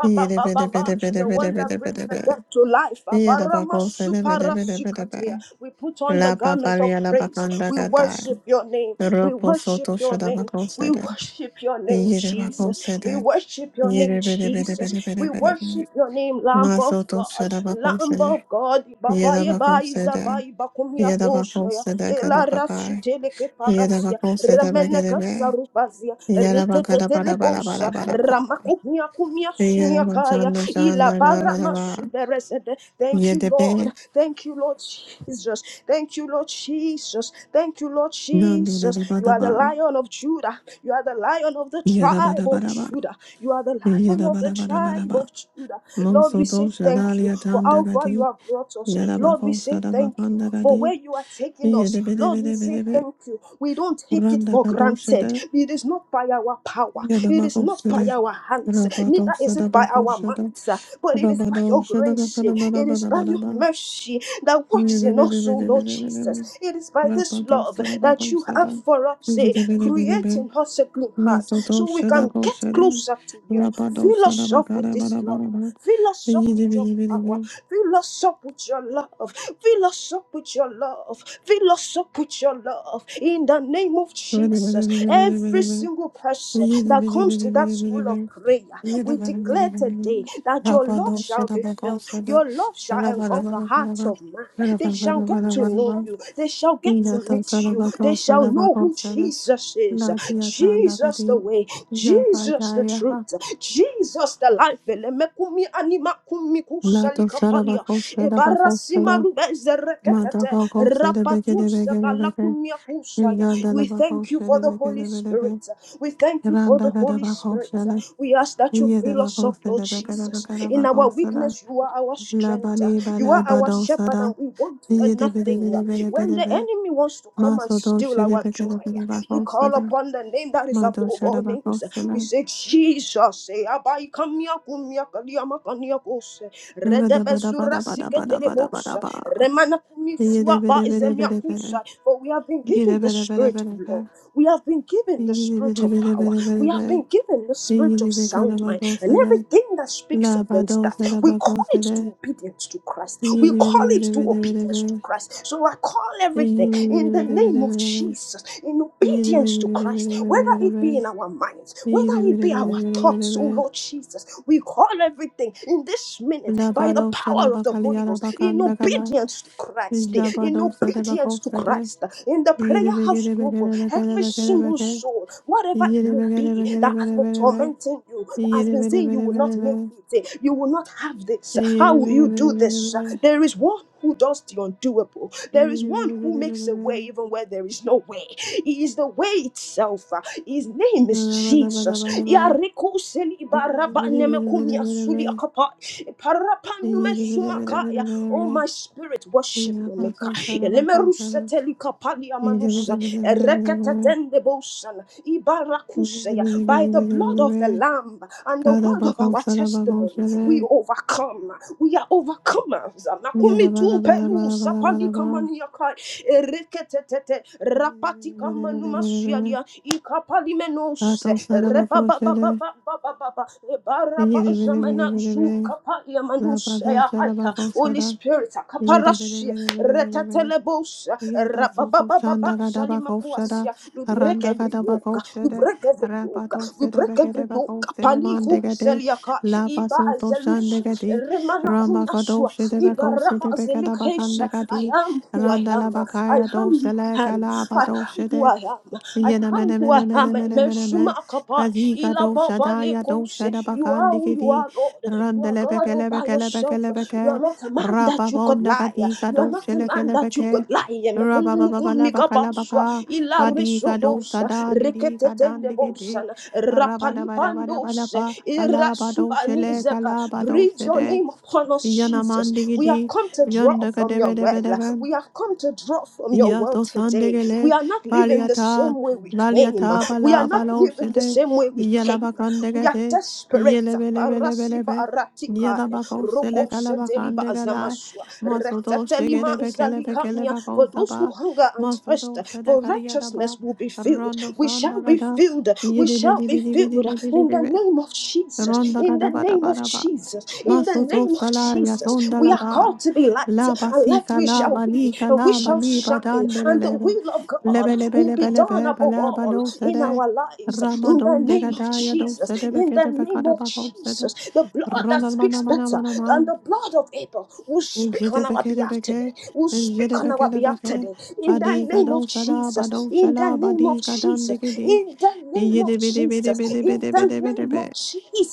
[SPEAKER 2] Yede Bede Bede Bede
[SPEAKER 1] The
[SPEAKER 2] Bede
[SPEAKER 1] one that
[SPEAKER 2] Bede
[SPEAKER 1] brings
[SPEAKER 2] Bede
[SPEAKER 1] the
[SPEAKER 2] Bede
[SPEAKER 1] dead to life.
[SPEAKER 2] Yadabakosede Bede Bede Bede
[SPEAKER 1] Abaramasuparasikatea.
[SPEAKER 2] Bede
[SPEAKER 1] We put on the
[SPEAKER 2] La
[SPEAKER 1] garment of
[SPEAKER 2] Papalia La
[SPEAKER 1] praise.
[SPEAKER 2] Bakanda
[SPEAKER 1] We
[SPEAKER 2] Gadai
[SPEAKER 1] worship your name. We
[SPEAKER 2] Ropo Soto
[SPEAKER 1] worship your name. We
[SPEAKER 2] Shadabakosede
[SPEAKER 1] worship your name,
[SPEAKER 2] Yede
[SPEAKER 1] Jesus. We
[SPEAKER 2] Bakosede
[SPEAKER 1] worship your name,
[SPEAKER 2] Yede Bede Bede Bede
[SPEAKER 1] Jesus.
[SPEAKER 2] Bede
[SPEAKER 1] We
[SPEAKER 2] Bede
[SPEAKER 1] worship your name, Lamb of
[SPEAKER 2] Masoto
[SPEAKER 1] God. Lamb
[SPEAKER 2] Shadabakosede,
[SPEAKER 1] of God. Babaye bai
[SPEAKER 2] Yedabakosede,
[SPEAKER 1] zabai bakumia toshaya.
[SPEAKER 2] Yedabakosede
[SPEAKER 1] Ela rasu
[SPEAKER 2] Gadabakai,
[SPEAKER 1] teleke parasia.
[SPEAKER 2] Yedabakosede
[SPEAKER 1] Ramene
[SPEAKER 2] Begadebe,
[SPEAKER 1] kasarubazia.
[SPEAKER 2] Yedabakada
[SPEAKER 1] Retetetele bosa.
[SPEAKER 2] Badabadabadabadaba,
[SPEAKER 1] Ramakumia kumia sumia kaya.
[SPEAKER 2] Yedabakanda
[SPEAKER 1] Ila
[SPEAKER 2] Shanda
[SPEAKER 1] bara
[SPEAKER 2] Gadabadaba,
[SPEAKER 1] masuderesede. Thank you, Lord.
[SPEAKER 2] Yedebe,
[SPEAKER 1] Thank you, Lord Jesus. Thank you, Lord Jesus. Thank you, Lord
[SPEAKER 2] Nandi
[SPEAKER 1] Jesus. You are the
[SPEAKER 2] Dadabadaba,
[SPEAKER 1] lion of Judah. You are the lion of the tribe of
[SPEAKER 2] Yedabadabadaba,
[SPEAKER 1] Judah. You are the lion of the tribe
[SPEAKER 2] Yedabadabadabadaba,
[SPEAKER 1] of Judah. Lord, we
[SPEAKER 2] Monsoto
[SPEAKER 1] say thank you
[SPEAKER 2] Shadalia
[SPEAKER 1] for how far you
[SPEAKER 2] Tandagadi,
[SPEAKER 1] have brought us. Lord, we say
[SPEAKER 2] Yedabakosada
[SPEAKER 1] thank you for
[SPEAKER 2] Bakandagadi,
[SPEAKER 1] where you are taking us. Lord, we say
[SPEAKER 2] Yedebedebedebedebe,
[SPEAKER 1] thank you. We don't take it for
[SPEAKER 2] Randa
[SPEAKER 1] granted. It is not by our power, it is not by
[SPEAKER 2] Yadabakosede,
[SPEAKER 1] our hands,
[SPEAKER 2] Rabado
[SPEAKER 1] neither is it by our
[SPEAKER 2] Sadabakosada,
[SPEAKER 1] might, uh, but it is by
[SPEAKER 2] Rabado
[SPEAKER 1] your grace, it is by your
[SPEAKER 2] Shadabakadabadabadabadaba,
[SPEAKER 1] mercy that works in us, O Lord
[SPEAKER 2] Yidibidibidibidibidibidi,
[SPEAKER 1] Jesus. It is by this
[SPEAKER 2] Rabado
[SPEAKER 1] love that you have
[SPEAKER 2] Sadabakosada,
[SPEAKER 1] for us. Create
[SPEAKER 2] Yidibidibidibi,
[SPEAKER 1] in us a clean heart
[SPEAKER 2] Masoto
[SPEAKER 1] so we can get
[SPEAKER 2] Shadabakosede,
[SPEAKER 1] closer to you.
[SPEAKER 2] Rabado
[SPEAKER 1] Fill us up with this love.
[SPEAKER 2] Sadabakadabadabadaba,
[SPEAKER 1] Fill us up with your power.
[SPEAKER 2] Yidibidibidibi,
[SPEAKER 1] Fill us up with your love. Fill us up with your love. Fill us up with your love. In the name of Jesus, every
[SPEAKER 2] Radibidibidibidibidi,
[SPEAKER 1] single person that comes to that school
[SPEAKER 2] Yidibidibidibidibidibi,
[SPEAKER 1] of prayer,
[SPEAKER 2] Randa
[SPEAKER 1] we declare today that your love shall be felt. Your love shall engulf the hearts of man. They shall get to know you. They shall get to meet you. They shall know who Jesus is. Jesus the way. Jesus the truth. Jesus the life. Elemekumi animakumi kusalikapalia. Ebarasimarubezereketete. Rapatusa balakumiakusaya. We thank you for the Holy Spirit. We thank you for the Holy Spirit. We ask that you fill us up, Lord Jesus. In our weakness, you are our
[SPEAKER 2] La
[SPEAKER 1] strength.
[SPEAKER 2] bali
[SPEAKER 1] You
[SPEAKER 2] bala
[SPEAKER 1] are our
[SPEAKER 2] bado
[SPEAKER 1] shepherd
[SPEAKER 2] sada
[SPEAKER 1] and we want for
[SPEAKER 2] Yede bede
[SPEAKER 1] nothing.
[SPEAKER 2] bede bede
[SPEAKER 1] When
[SPEAKER 2] bede
[SPEAKER 1] the
[SPEAKER 2] be.
[SPEAKER 1] enemy wants to come and
[SPEAKER 2] Maso do
[SPEAKER 1] steal
[SPEAKER 2] şede
[SPEAKER 1] our
[SPEAKER 2] beke
[SPEAKER 1] joy,
[SPEAKER 2] de bede bak
[SPEAKER 1] we
[SPEAKER 2] olsa
[SPEAKER 1] call
[SPEAKER 2] da.
[SPEAKER 1] upon the name that is
[SPEAKER 2] Mado
[SPEAKER 1] above all
[SPEAKER 2] şara bak
[SPEAKER 1] names.
[SPEAKER 2] olsa da.
[SPEAKER 1] We say, Jesus, say, Abai kamia kumia kaliyama kania kose.
[SPEAKER 2] Vada bada
[SPEAKER 1] Redebezura
[SPEAKER 2] bada bada bada bada
[SPEAKER 1] siketelebos.
[SPEAKER 2] bada ba.
[SPEAKER 1] Remana kumi
[SPEAKER 2] Yede
[SPEAKER 1] suaba
[SPEAKER 2] bede bede
[SPEAKER 1] izemia
[SPEAKER 2] bede bede.
[SPEAKER 1] kusa. For we have been given
[SPEAKER 2] Yede
[SPEAKER 1] the
[SPEAKER 2] bede bede
[SPEAKER 1] spirit of
[SPEAKER 2] bede be.
[SPEAKER 1] love. We have been given the
[SPEAKER 2] Yede
[SPEAKER 1] spirit
[SPEAKER 2] bede
[SPEAKER 1] of
[SPEAKER 2] bede
[SPEAKER 1] power.
[SPEAKER 2] bede
[SPEAKER 1] We
[SPEAKER 2] bede
[SPEAKER 1] have
[SPEAKER 2] be.
[SPEAKER 1] been given the spirit of
[SPEAKER 2] Yede beke de
[SPEAKER 1] sound
[SPEAKER 2] bak
[SPEAKER 1] mind. And
[SPEAKER 2] da.
[SPEAKER 1] everything that speaks
[SPEAKER 2] La bada
[SPEAKER 1] against that.
[SPEAKER 2] da
[SPEAKER 1] We
[SPEAKER 2] bak
[SPEAKER 1] call it to
[SPEAKER 2] da.
[SPEAKER 1] obedience to Christ. We
[SPEAKER 2] Yede
[SPEAKER 1] call
[SPEAKER 2] bede
[SPEAKER 1] it
[SPEAKER 2] bede
[SPEAKER 1] to
[SPEAKER 2] bede bede
[SPEAKER 1] obedience to
[SPEAKER 2] be.
[SPEAKER 1] Christ. So I call
[SPEAKER 2] Yede
[SPEAKER 1] everything in
[SPEAKER 2] bede
[SPEAKER 1] the
[SPEAKER 2] bede
[SPEAKER 1] name
[SPEAKER 2] bede
[SPEAKER 1] of
[SPEAKER 2] bede be.
[SPEAKER 1] Jesus, in
[SPEAKER 2] Yede
[SPEAKER 1] obedience
[SPEAKER 2] bede
[SPEAKER 1] to
[SPEAKER 2] bede bede
[SPEAKER 1] Christ, whether
[SPEAKER 2] bede bede
[SPEAKER 1] it be
[SPEAKER 2] be.
[SPEAKER 1] in our minds, whether
[SPEAKER 2] Yede
[SPEAKER 1] it
[SPEAKER 2] bede
[SPEAKER 1] be
[SPEAKER 2] bede
[SPEAKER 1] our
[SPEAKER 2] bede bede
[SPEAKER 1] thoughts,
[SPEAKER 2] be.
[SPEAKER 1] oh Lord Jesus, we call everything in this minute by the
[SPEAKER 2] Labado
[SPEAKER 1] power of the
[SPEAKER 2] Sadabakali
[SPEAKER 1] Holy Ghost, in
[SPEAKER 2] Arabakandagala,
[SPEAKER 1] obedience to Christ, in
[SPEAKER 2] Jabado
[SPEAKER 1] obedience
[SPEAKER 2] Sadabako
[SPEAKER 1] to
[SPEAKER 2] Sada,
[SPEAKER 1] Christ, in the prayer
[SPEAKER 2] Yidi
[SPEAKER 1] house
[SPEAKER 2] Begede
[SPEAKER 1] global,
[SPEAKER 2] Begede Begede
[SPEAKER 1] every
[SPEAKER 2] Begede
[SPEAKER 1] single
[SPEAKER 2] Begede,
[SPEAKER 1] soul, whatever it
[SPEAKER 2] Yidi
[SPEAKER 1] may
[SPEAKER 2] Begede
[SPEAKER 1] be
[SPEAKER 2] Begede
[SPEAKER 1] that has
[SPEAKER 2] Begede
[SPEAKER 1] been
[SPEAKER 2] Begede,
[SPEAKER 1] tormenting you, has
[SPEAKER 2] Yidi
[SPEAKER 1] been
[SPEAKER 2] Begede
[SPEAKER 1] saying you
[SPEAKER 2] Begede
[SPEAKER 1] will not make
[SPEAKER 2] Begede,
[SPEAKER 1] it, you will not have this.
[SPEAKER 2] Yidi
[SPEAKER 1] How will
[SPEAKER 2] Begede
[SPEAKER 1] you do
[SPEAKER 2] Begede
[SPEAKER 1] this?
[SPEAKER 2] Begede,
[SPEAKER 1] There is one who does the undoable. There is
[SPEAKER 2] Yidi
[SPEAKER 1] one
[SPEAKER 2] Begede
[SPEAKER 1] who
[SPEAKER 2] Begede
[SPEAKER 1] makes a way
[SPEAKER 2] Begede,
[SPEAKER 1] even where there is no way. He is the way itself. His name is
[SPEAKER 2] Labada Bada
[SPEAKER 1] Jesus.
[SPEAKER 2] Bada Bada, Yidi Begede Begede Begede Begede, Yidi Begede Begede Begede
[SPEAKER 1] Oh,
[SPEAKER 2] Begede,
[SPEAKER 1] my spirit, worship your maker.
[SPEAKER 2] Yabaso Sadabako Sada,
[SPEAKER 1] Elemerusetelikapalia
[SPEAKER 2] Yidi
[SPEAKER 1] manusa.
[SPEAKER 2] Begede Begede Begede Begede,
[SPEAKER 1] Ereketetendebosana.
[SPEAKER 2] Yidi Begede
[SPEAKER 1] Ibarakuseya. By
[SPEAKER 2] Begede
[SPEAKER 1] the blood
[SPEAKER 2] Begede
[SPEAKER 1] of
[SPEAKER 2] Begede,
[SPEAKER 1] the Lamb and the
[SPEAKER 2] Kara
[SPEAKER 1] word of
[SPEAKER 2] bagon
[SPEAKER 1] our
[SPEAKER 2] sada bagon
[SPEAKER 1] testimony,
[SPEAKER 2] shede.
[SPEAKER 1] we overcome. We are overcomers.
[SPEAKER 2] Yada
[SPEAKER 1] Nakumi
[SPEAKER 2] bada
[SPEAKER 1] tu
[SPEAKER 2] bada
[SPEAKER 1] pelu
[SPEAKER 2] bada bada bada
[SPEAKER 1] sapali
[SPEAKER 2] ba.
[SPEAKER 1] kamaniakai ereketetete rapati
[SPEAKER 2] Bede bede bede bede.
[SPEAKER 1] kamanumasialia ikapali menose
[SPEAKER 2] Tato sada bagon shede.
[SPEAKER 1] rebababababababa ebaraba
[SPEAKER 2] Yede bede bede
[SPEAKER 1] zamana
[SPEAKER 2] bede
[SPEAKER 1] zu
[SPEAKER 2] bede.
[SPEAKER 1] kapalia
[SPEAKER 2] La bado
[SPEAKER 1] manusea
[SPEAKER 2] sada
[SPEAKER 1] haya.
[SPEAKER 2] bagon
[SPEAKER 1] Holy
[SPEAKER 2] sada.
[SPEAKER 1] Spirit
[SPEAKER 2] Yede bede
[SPEAKER 1] kaparashia
[SPEAKER 2] bede bede bede bede.
[SPEAKER 1] retetelebos
[SPEAKER 2] Yada soto
[SPEAKER 1] rababababa
[SPEAKER 2] shanda gada bako shada
[SPEAKER 1] salimakuasia we break
[SPEAKER 2] randa
[SPEAKER 1] every
[SPEAKER 2] gada bako
[SPEAKER 1] yoke. We
[SPEAKER 2] shede
[SPEAKER 1] break every yoke.
[SPEAKER 2] rapato
[SPEAKER 1] We
[SPEAKER 2] sede
[SPEAKER 1] break
[SPEAKER 2] begede
[SPEAKER 1] every
[SPEAKER 2] bako
[SPEAKER 1] yoke.
[SPEAKER 2] sede mande
[SPEAKER 1] Paniku
[SPEAKER 2] gede
[SPEAKER 1] seliaka.
[SPEAKER 2] la
[SPEAKER 1] Iba
[SPEAKER 2] basoto shande
[SPEAKER 1] zelus.
[SPEAKER 2] gede ramba kado
[SPEAKER 1] Remanakunaswa.
[SPEAKER 2] shede
[SPEAKER 1] Iba
[SPEAKER 2] bako sede
[SPEAKER 1] raba
[SPEAKER 2] begada bakanda
[SPEAKER 1] zelikesha. I
[SPEAKER 2] gadi
[SPEAKER 1] am who I
[SPEAKER 2] randa la
[SPEAKER 1] am. I
[SPEAKER 2] bakaya do
[SPEAKER 1] am you
[SPEAKER 2] sele
[SPEAKER 1] am.
[SPEAKER 2] gala
[SPEAKER 1] I
[SPEAKER 2] bato
[SPEAKER 1] am
[SPEAKER 2] shede.
[SPEAKER 1] who I am. I
[SPEAKER 2] Yena
[SPEAKER 1] am who I am.
[SPEAKER 2] Yenemenemenemenemeneme.
[SPEAKER 1] Mesuma kapa.
[SPEAKER 2] Kazika
[SPEAKER 1] Ila
[SPEAKER 2] dosha
[SPEAKER 1] baba
[SPEAKER 2] daya dosha da
[SPEAKER 1] lekose. You are
[SPEAKER 2] bakandi
[SPEAKER 1] who you
[SPEAKER 2] kidi.
[SPEAKER 1] are, Lord. You are God
[SPEAKER 2] Randelebeke
[SPEAKER 1] all by
[SPEAKER 2] lebeke lebeke
[SPEAKER 1] yourself. You are
[SPEAKER 2] lebeke.
[SPEAKER 1] not a man that
[SPEAKER 2] Rapa
[SPEAKER 1] you could
[SPEAKER 2] bonda
[SPEAKER 1] lie.
[SPEAKER 2] kadika
[SPEAKER 1] You are not
[SPEAKER 2] dosha
[SPEAKER 1] a
[SPEAKER 2] leke
[SPEAKER 1] man that you
[SPEAKER 2] lebeke.
[SPEAKER 1] could lie.
[SPEAKER 2] Raba baba bala baka la
[SPEAKER 1] Mekunukumikabaswa
[SPEAKER 2] baka.
[SPEAKER 1] ila
[SPEAKER 2] Badika dosha
[SPEAKER 1] resodosa
[SPEAKER 2] da bidika dandi kidi.
[SPEAKER 1] reketetendebosan
[SPEAKER 2] Raba da bada bada bala
[SPEAKER 1] rapalipandos
[SPEAKER 2] ba. Ala ba dosha le
[SPEAKER 1] irasubanizeba
[SPEAKER 2] kalaba
[SPEAKER 1] breathe
[SPEAKER 2] dosha
[SPEAKER 1] your
[SPEAKER 2] de.
[SPEAKER 1] name upon us
[SPEAKER 2] Yanamandi
[SPEAKER 1] jesus we have
[SPEAKER 2] kidi.
[SPEAKER 1] come to draw
[SPEAKER 2] Yonda
[SPEAKER 1] from your
[SPEAKER 2] kadebe debe
[SPEAKER 1] well
[SPEAKER 2] debe.
[SPEAKER 1] we have come to draw from your well
[SPEAKER 2] Yato
[SPEAKER 1] today we
[SPEAKER 2] sandegele,
[SPEAKER 1] are not living the
[SPEAKER 2] baliata,
[SPEAKER 1] same way we came
[SPEAKER 2] laliata,
[SPEAKER 1] we are
[SPEAKER 2] bala,
[SPEAKER 1] not living the
[SPEAKER 2] baloshede,
[SPEAKER 1] same way we came we are
[SPEAKER 2] yalabakandegete,
[SPEAKER 1] desperate parasiba
[SPEAKER 2] yelebelebelebelebe,
[SPEAKER 1] ratikaya
[SPEAKER 2] yalabako
[SPEAKER 1] rokoseteliba
[SPEAKER 2] selekalabakandegala,
[SPEAKER 1] azamaswa
[SPEAKER 2] masodo
[SPEAKER 1] retatelima zalikamia for those who
[SPEAKER 2] shegelebekelebekelebakotaba,
[SPEAKER 1] hunger and thirst
[SPEAKER 2] masodo
[SPEAKER 1] for
[SPEAKER 2] shedekariadaba,
[SPEAKER 1] righteousness will be filled.
[SPEAKER 2] rondo
[SPEAKER 1] We shall be
[SPEAKER 2] sandagada,
[SPEAKER 1] filled. We shall be filled
[SPEAKER 2] yedibidibidibidibidibidi,
[SPEAKER 1] in the name of Jesus. In the name of
[SPEAKER 2] rondagadabarabara,
[SPEAKER 1] Jesus. In the
[SPEAKER 2] Masozo
[SPEAKER 1] name of
[SPEAKER 2] salaya
[SPEAKER 1] Jesus.
[SPEAKER 2] zonda
[SPEAKER 1] We
[SPEAKER 2] la
[SPEAKER 1] are
[SPEAKER 2] ba.
[SPEAKER 1] called to be light,
[SPEAKER 2] La
[SPEAKER 1] and light
[SPEAKER 2] basika
[SPEAKER 1] we
[SPEAKER 2] la
[SPEAKER 1] shall be,
[SPEAKER 2] balika
[SPEAKER 1] and we
[SPEAKER 2] la
[SPEAKER 1] shall shine,
[SPEAKER 2] baliba
[SPEAKER 1] and the
[SPEAKER 2] dandelelebe.
[SPEAKER 1] will of
[SPEAKER 2] Lebe
[SPEAKER 1] God
[SPEAKER 2] lebe
[SPEAKER 1] will
[SPEAKER 2] lebe
[SPEAKER 1] be done
[SPEAKER 2] lebe
[SPEAKER 1] above
[SPEAKER 2] bala
[SPEAKER 1] all
[SPEAKER 2] balo
[SPEAKER 1] in
[SPEAKER 2] sede.
[SPEAKER 1] our lives. In the
[SPEAKER 2] Ramadon de
[SPEAKER 1] name of
[SPEAKER 2] gadaya do
[SPEAKER 1] Jesus.
[SPEAKER 2] sede
[SPEAKER 1] In
[SPEAKER 2] beke
[SPEAKER 1] the
[SPEAKER 2] de
[SPEAKER 1] name
[SPEAKER 2] bekada
[SPEAKER 1] of
[SPEAKER 2] bako sede.
[SPEAKER 1] Jesus. The blood that
[SPEAKER 2] Ronal mana
[SPEAKER 1] speaks
[SPEAKER 2] mana
[SPEAKER 1] better
[SPEAKER 2] mana ma.
[SPEAKER 1] than the blood of Abel will speak
[SPEAKER 2] Jede
[SPEAKER 1] on our
[SPEAKER 2] beke de
[SPEAKER 1] behalf today
[SPEAKER 2] beke.
[SPEAKER 1] will
[SPEAKER 2] Jede
[SPEAKER 1] speak on
[SPEAKER 2] beke
[SPEAKER 1] our
[SPEAKER 2] de
[SPEAKER 1] behalf
[SPEAKER 2] beke.
[SPEAKER 1] today. In the
[SPEAKER 2] Badika
[SPEAKER 1] name
[SPEAKER 2] do
[SPEAKER 1] of
[SPEAKER 2] sala
[SPEAKER 1] Jesus.
[SPEAKER 2] bado
[SPEAKER 1] In the
[SPEAKER 2] shala
[SPEAKER 1] name of
[SPEAKER 2] badika
[SPEAKER 1] Jesus.
[SPEAKER 2] dandigidi.
[SPEAKER 1] In the name of
[SPEAKER 2] Yede bede bede
[SPEAKER 1] Jesus.
[SPEAKER 2] bede
[SPEAKER 1] In
[SPEAKER 2] bede
[SPEAKER 1] the
[SPEAKER 2] bede bede
[SPEAKER 1] name
[SPEAKER 2] be.
[SPEAKER 1] of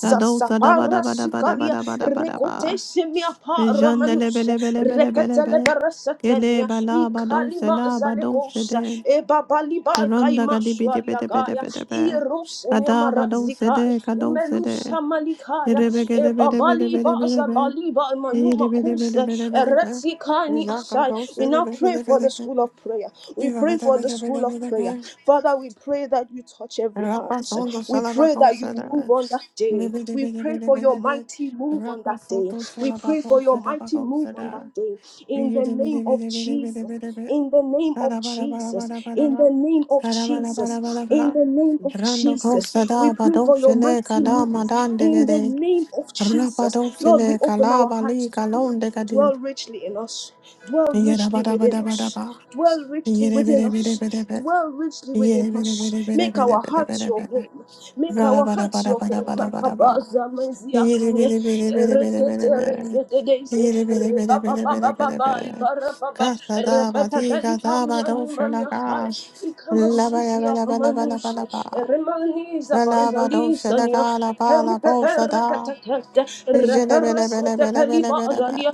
[SPEAKER 2] Kado sada bada bada bada
[SPEAKER 1] Parasikalia
[SPEAKER 2] bada bada bada ba.
[SPEAKER 1] rekotesimia
[SPEAKER 2] Jandele
[SPEAKER 1] paramanus
[SPEAKER 2] bele bele bele bele
[SPEAKER 1] reketele
[SPEAKER 2] be. Gele
[SPEAKER 1] beresetenia
[SPEAKER 2] bala bado
[SPEAKER 1] ikalima
[SPEAKER 2] sela bado
[SPEAKER 1] zalekosa
[SPEAKER 2] shede.
[SPEAKER 1] ebabalibai
[SPEAKER 2] Ronda gadi bidi bede bede
[SPEAKER 1] kaimasualiagaya
[SPEAKER 2] bede be.
[SPEAKER 1] irusemia
[SPEAKER 2] Kada bado
[SPEAKER 1] marazikaya
[SPEAKER 2] sede kado sede.
[SPEAKER 1] imelusa malikaya
[SPEAKER 2] Irebe
[SPEAKER 1] e
[SPEAKER 2] gede bede bede
[SPEAKER 1] babali
[SPEAKER 2] bede bede
[SPEAKER 1] baza
[SPEAKER 2] be.
[SPEAKER 1] bali ba
[SPEAKER 2] Iri
[SPEAKER 1] manuma
[SPEAKER 2] bede bede
[SPEAKER 1] kuse
[SPEAKER 2] bede
[SPEAKER 1] e
[SPEAKER 2] bede be.
[SPEAKER 1] kani
[SPEAKER 2] Jaka
[SPEAKER 1] asai.
[SPEAKER 2] do
[SPEAKER 1] We
[SPEAKER 2] sede
[SPEAKER 1] now
[SPEAKER 2] bede
[SPEAKER 1] pray
[SPEAKER 2] bede
[SPEAKER 1] for the
[SPEAKER 2] bede be.
[SPEAKER 1] school of prayer. We
[SPEAKER 2] Ira
[SPEAKER 1] pray
[SPEAKER 2] bede
[SPEAKER 1] for the
[SPEAKER 2] bede bede
[SPEAKER 1] school of
[SPEAKER 2] bede
[SPEAKER 1] prayer.
[SPEAKER 2] be.
[SPEAKER 1] Father, we pray that you touch every
[SPEAKER 2] Rapa
[SPEAKER 1] heart.
[SPEAKER 2] sondo
[SPEAKER 1] We pray
[SPEAKER 2] salabako
[SPEAKER 1] that you
[SPEAKER 2] sede.
[SPEAKER 1] move on that
[SPEAKER 2] Bede
[SPEAKER 1] day.
[SPEAKER 2] bede
[SPEAKER 1] We
[SPEAKER 2] bede
[SPEAKER 1] pray
[SPEAKER 2] bede
[SPEAKER 1] for your
[SPEAKER 2] bede be.
[SPEAKER 1] mighty move on
[SPEAKER 2] Rapa
[SPEAKER 1] that day.
[SPEAKER 2] sondo
[SPEAKER 1] We pray
[SPEAKER 2] salabako
[SPEAKER 1] for your
[SPEAKER 2] sede
[SPEAKER 1] mighty
[SPEAKER 2] bako
[SPEAKER 1] move on
[SPEAKER 2] sede.
[SPEAKER 1] that day. In
[SPEAKER 2] Rando
[SPEAKER 1] the name of Jesus. In the name of Jesus. In the name of Jesus. In the name of Jesus.
[SPEAKER 2] kosa
[SPEAKER 1] We
[SPEAKER 2] da
[SPEAKER 1] pray for your
[SPEAKER 2] badosele
[SPEAKER 1] mighty
[SPEAKER 2] kada
[SPEAKER 1] move.
[SPEAKER 2] madan
[SPEAKER 1] In the
[SPEAKER 2] degede
[SPEAKER 1] name of Jesus, Lord, we
[SPEAKER 2] rabadosele
[SPEAKER 1] open
[SPEAKER 2] kala
[SPEAKER 1] our hearts
[SPEAKER 2] bali
[SPEAKER 1] to you.
[SPEAKER 2] kalon degadi
[SPEAKER 1] Dwell richly in us, dwell
[SPEAKER 2] yeda
[SPEAKER 1] richly
[SPEAKER 2] bada
[SPEAKER 1] within
[SPEAKER 2] bada bada
[SPEAKER 1] us,
[SPEAKER 2] ba
[SPEAKER 1] dwell richly
[SPEAKER 2] yede
[SPEAKER 1] within
[SPEAKER 2] bede bede bede
[SPEAKER 1] us,
[SPEAKER 2] bede
[SPEAKER 1] dwell richly within
[SPEAKER 2] yede bede
[SPEAKER 1] us.
[SPEAKER 2] bede bede
[SPEAKER 1] Make
[SPEAKER 2] bede
[SPEAKER 1] our
[SPEAKER 2] bede
[SPEAKER 1] hearts
[SPEAKER 2] bede
[SPEAKER 1] your
[SPEAKER 2] bede.
[SPEAKER 1] home, make
[SPEAKER 2] Bada
[SPEAKER 1] our
[SPEAKER 2] bada
[SPEAKER 1] hearts
[SPEAKER 2] bada
[SPEAKER 1] your
[SPEAKER 2] bada
[SPEAKER 1] home.
[SPEAKER 2] bada bada ba.
[SPEAKER 1] Makabaza mezia
[SPEAKER 2] Yidi
[SPEAKER 1] kamia,
[SPEAKER 2] bidi bidi bidi bidi
[SPEAKER 1] erekete
[SPEAKER 2] bidi bidi.
[SPEAKER 1] rezededeze,
[SPEAKER 2] Yidi bidi bidi bidi bidi bidi
[SPEAKER 1] rebababababa,
[SPEAKER 2] bidi.
[SPEAKER 1] ibarababa,
[SPEAKER 2] Kasa da ba di
[SPEAKER 1] rebebebeli
[SPEAKER 2] kasa ba
[SPEAKER 1] pamia
[SPEAKER 2] do
[SPEAKER 1] numania hai,
[SPEAKER 2] shalaka. La ba ya ba
[SPEAKER 1] ikamasuzia
[SPEAKER 2] la ba la ba la ba
[SPEAKER 1] kamanuse,
[SPEAKER 2] la ba.
[SPEAKER 1] eremaniza
[SPEAKER 2] Ba la ba do
[SPEAKER 1] baizalisa
[SPEAKER 2] shalaka la ba la
[SPEAKER 1] Kerupe
[SPEAKER 2] bo sa da.
[SPEAKER 1] perkatakete,
[SPEAKER 2] Jene bene bene
[SPEAKER 1] reperesete
[SPEAKER 2] bene bene bene be.
[SPEAKER 1] pelivazalia,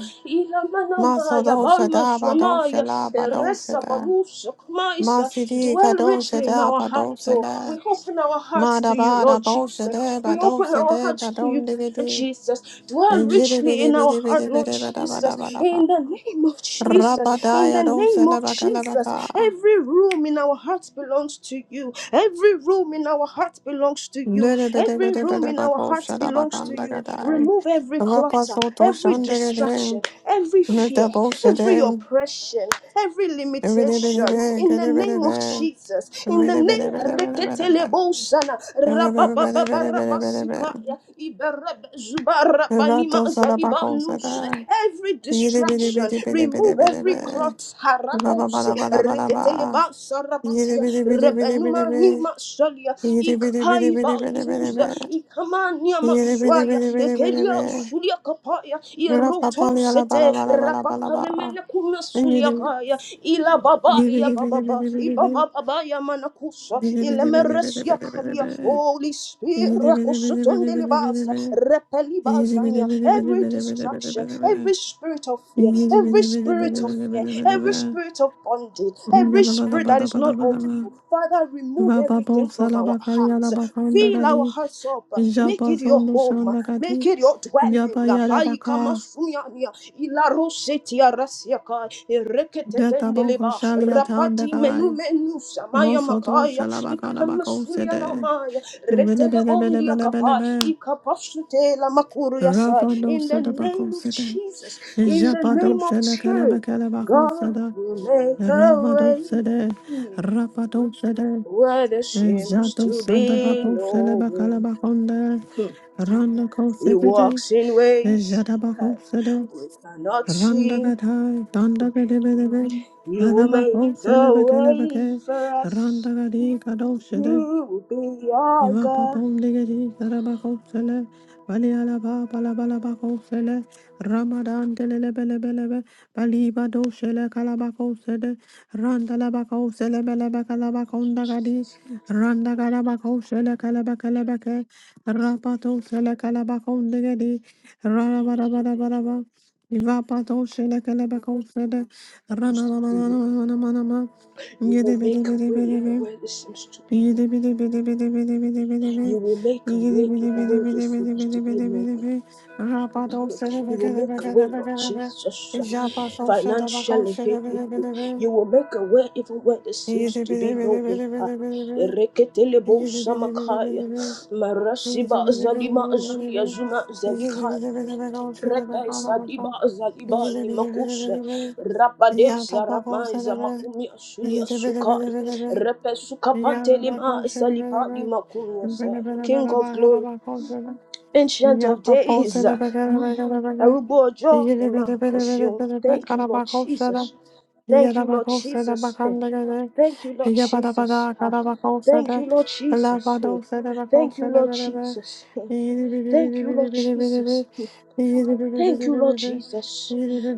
[SPEAKER 2] Maso
[SPEAKER 1] ilamanamaya,
[SPEAKER 2] do shada ba do
[SPEAKER 1] bamaswamaya,
[SPEAKER 2] shala ba do
[SPEAKER 1] eresa
[SPEAKER 2] shada.
[SPEAKER 1] balusukmaisa.
[SPEAKER 2] Masidi ka
[SPEAKER 1] Dwell
[SPEAKER 2] do
[SPEAKER 1] richly in
[SPEAKER 2] shada
[SPEAKER 1] our
[SPEAKER 2] ba do
[SPEAKER 1] hearts, oh.
[SPEAKER 2] shala.
[SPEAKER 1] We open our hearts
[SPEAKER 2] Mada
[SPEAKER 1] to you,
[SPEAKER 2] bada
[SPEAKER 1] Lord
[SPEAKER 2] bolsa de
[SPEAKER 1] Jesus. We open
[SPEAKER 2] badolsa
[SPEAKER 1] our
[SPEAKER 2] de
[SPEAKER 1] hearts to
[SPEAKER 2] badom
[SPEAKER 1] you.
[SPEAKER 2] de bibi.
[SPEAKER 1] Jesus, dwell
[SPEAKER 2] Jiri
[SPEAKER 1] richly
[SPEAKER 2] bidi
[SPEAKER 1] in our
[SPEAKER 2] bidi bidi
[SPEAKER 1] heart, Lord
[SPEAKER 2] bidi bada bada
[SPEAKER 1] Jesus.
[SPEAKER 2] bada ba.
[SPEAKER 1] In the name of Jesus, in
[SPEAKER 2] Rabadaya
[SPEAKER 1] the
[SPEAKER 2] dolsa
[SPEAKER 1] name
[SPEAKER 2] la
[SPEAKER 1] of
[SPEAKER 2] baka la
[SPEAKER 1] Jesus,
[SPEAKER 2] baka.
[SPEAKER 1] every room in our hearts belongs to you. Every room in our hearts belongs to you.
[SPEAKER 2] Nere bidi
[SPEAKER 1] Every
[SPEAKER 2] bidi
[SPEAKER 1] room
[SPEAKER 2] bidi
[SPEAKER 1] in our hearts
[SPEAKER 2] bakolsa la
[SPEAKER 1] belongs to
[SPEAKER 2] bakanda
[SPEAKER 1] you.
[SPEAKER 2] gadai.
[SPEAKER 1] Remove every
[SPEAKER 2] Rapa
[SPEAKER 1] clutter,
[SPEAKER 2] soto
[SPEAKER 1] every
[SPEAKER 2] shandere
[SPEAKER 1] distraction,
[SPEAKER 2] de.
[SPEAKER 1] every
[SPEAKER 2] Nita
[SPEAKER 1] fear,
[SPEAKER 2] bolsa
[SPEAKER 1] every
[SPEAKER 2] de.
[SPEAKER 1] oppression, every
[SPEAKER 2] Bidi bidi
[SPEAKER 1] limitation.
[SPEAKER 2] bidi
[SPEAKER 1] In the
[SPEAKER 2] bidi bidi
[SPEAKER 1] name of
[SPEAKER 2] bidi.
[SPEAKER 1] Jesus, in the
[SPEAKER 2] Bidi bidi bidi bidi
[SPEAKER 1] name
[SPEAKER 2] bidi bidi.
[SPEAKER 1] Reketelebosana,
[SPEAKER 2] Bidi bidi bidi bidi bidi bidi.
[SPEAKER 1] rabababarabasukaya,
[SPEAKER 2] Rato
[SPEAKER 1] iberebezubarabanimaza-
[SPEAKER 2] sara bakolsa
[SPEAKER 1] Zalibanus,
[SPEAKER 2] da.
[SPEAKER 1] every
[SPEAKER 2] Yiri bidi
[SPEAKER 1] distraction,
[SPEAKER 2] bidi bidi bidi
[SPEAKER 1] remove
[SPEAKER 2] bidi
[SPEAKER 1] every
[SPEAKER 2] bidi.
[SPEAKER 1] clot,
[SPEAKER 2] Ba ba ba
[SPEAKER 1] harakose,
[SPEAKER 2] da ba da ba da ba.
[SPEAKER 1] reketeleba
[SPEAKER 2] Yiri biri biri biri biri
[SPEAKER 1] rebenuma
[SPEAKER 2] biri.
[SPEAKER 1] nima solia,
[SPEAKER 2] Yiri biri biri
[SPEAKER 1] ikai
[SPEAKER 2] biri biri biri
[SPEAKER 1] bazuza
[SPEAKER 2] biri.
[SPEAKER 1] ikamania
[SPEAKER 2] Yiri biri
[SPEAKER 1] maswaya
[SPEAKER 2] biri biri biri
[SPEAKER 1] ekelia
[SPEAKER 2] biri.
[SPEAKER 1] zulia kapaya
[SPEAKER 2] Ra pa pa
[SPEAKER 1] iroto
[SPEAKER 2] li ala ba la
[SPEAKER 1] sete
[SPEAKER 2] ba la ba la ba la ba.
[SPEAKER 1] rapaparemene kuna
[SPEAKER 2] Yiri
[SPEAKER 1] sulia kaya ila baba ya
[SPEAKER 2] yiri biri
[SPEAKER 1] baba
[SPEAKER 2] biri
[SPEAKER 1] ba
[SPEAKER 2] biri biri biri.
[SPEAKER 1] ibaba baba ya manakusa
[SPEAKER 2] Biri
[SPEAKER 1] ile
[SPEAKER 2] biri biri biri biri
[SPEAKER 1] meres ya
[SPEAKER 2] biri
[SPEAKER 1] kamia
[SPEAKER 2] biri.
[SPEAKER 1] holy spirit
[SPEAKER 2] Yiri biri biri biri
[SPEAKER 1] rakosotonde
[SPEAKER 2] biri biri biri.
[SPEAKER 1] Repeliba
[SPEAKER 2] Yiri biri
[SPEAKER 1] Zania,
[SPEAKER 2] biri biri
[SPEAKER 1] every
[SPEAKER 2] biri biri biri biri biri. Yiri biri biri biri biri
[SPEAKER 1] distraction,
[SPEAKER 2] biri biri biri.
[SPEAKER 1] every spirit of fear, every spirit of fear, every spirit of bondage,
[SPEAKER 2] Ringa
[SPEAKER 1] every
[SPEAKER 2] da ba da
[SPEAKER 1] spirit
[SPEAKER 2] ba
[SPEAKER 1] that
[SPEAKER 2] da
[SPEAKER 1] is
[SPEAKER 2] ba da
[SPEAKER 1] not
[SPEAKER 2] ba da
[SPEAKER 1] of
[SPEAKER 2] ba.
[SPEAKER 1] you. Father, remove
[SPEAKER 2] Rababo
[SPEAKER 1] everything from our
[SPEAKER 2] Salabakali
[SPEAKER 1] hearts. Fill our
[SPEAKER 2] Alabakandagadi,
[SPEAKER 1] hearts up. Make it your
[SPEAKER 2] Japasondo
[SPEAKER 1] home.
[SPEAKER 2] Shandagadi,
[SPEAKER 1] Make it your dwelling. Pai kama
[SPEAKER 2] Yapayadabaka,
[SPEAKER 1] sumiania, ilaro setia
[SPEAKER 2] Detaboko
[SPEAKER 1] rapati menu
[SPEAKER 2] Shaliatandagai,
[SPEAKER 1] menu samaya
[SPEAKER 2] Mosoto
[SPEAKER 1] makaya, ikama
[SPEAKER 2] Shalabakanabako Sede,
[SPEAKER 1] sulia Retelebondia kapai,
[SPEAKER 2] Vilibelebelebelebelebe,
[SPEAKER 1] ikapashute la makuru yasai.
[SPEAKER 2] Rabando
[SPEAKER 1] In the
[SPEAKER 2] Sedabako
[SPEAKER 1] name of
[SPEAKER 2] Sede,
[SPEAKER 1] Jesus, in the
[SPEAKER 2] Japado
[SPEAKER 1] name of church,
[SPEAKER 2] Shelekelebekelebako
[SPEAKER 1] God
[SPEAKER 2] Seda,
[SPEAKER 1] will make a
[SPEAKER 2] Ramado
[SPEAKER 1] way
[SPEAKER 2] Sede,
[SPEAKER 1] hmm,
[SPEAKER 2] Rapado Sede,
[SPEAKER 1] where there seems
[SPEAKER 2] Jato
[SPEAKER 1] to be
[SPEAKER 2] Sandabako
[SPEAKER 1] no way.
[SPEAKER 2] Selebakalabakande,
[SPEAKER 1] Hmm.
[SPEAKER 2] Randako
[SPEAKER 1] He
[SPEAKER 2] Sekete,
[SPEAKER 1] walks in ways huh,
[SPEAKER 2] Jadabako Sede,
[SPEAKER 1] we cannot see.
[SPEAKER 2] Randagatai, Dandagadevedeve,
[SPEAKER 1] He will
[SPEAKER 2] Kadabako,
[SPEAKER 1] make a way
[SPEAKER 2] Selebeke,
[SPEAKER 1] for us.
[SPEAKER 2] Randagadi,
[SPEAKER 1] He
[SPEAKER 2] Kadoshede,
[SPEAKER 1] will be our
[SPEAKER 2] Iva pa
[SPEAKER 1] God.
[SPEAKER 2] pondigiri sarabako sele, bali ala ba alaba balabalabako sele, ramadan telele bele bele telelebelebelebe, bali bado sele kalabako sele, randalabako sele belebe
[SPEAKER 1] Thank you,
[SPEAKER 2] kalabakondagadi,
[SPEAKER 1] Jesus.
[SPEAKER 2] randagalabako sele kalabakalebeke, rapato sele kalabako ndigeri rara bara bara bara ba iva pato sele kalabako sele,
[SPEAKER 1] Seems be no way.
[SPEAKER 2] ranananananananama,
[SPEAKER 1] You will make a way even
[SPEAKER 2] yedebedebedebedebe,
[SPEAKER 1] where there seems to be
[SPEAKER 2] Yata
[SPEAKER 1] no way. You will make a way even where there seems to be no way. You will make a way, Lord Jesus, financially. hey, hey, hey. You will make a way even where there seems to be no way. Ah, Ereketelebo samakaya, marasiba zalima zulia zuma zalika Rekesa dibaza ni makuse rabadeza ramaiza makumi asuli asukai repe suka
[SPEAKER 2] Yeah,
[SPEAKER 1] pantele maasa lipali makumi asai King of glory, ancient of days, arubo ojo ema esheun. Thank you Lord Jesus. Thank you Lord Jesus. Eh, Thank you Lord Jesus. Ah, Thank you Lord Jesus. Eh, Thank you Lord Jesus. Eh, Thank you Lord Jesus. Thank you, Lord Jesus.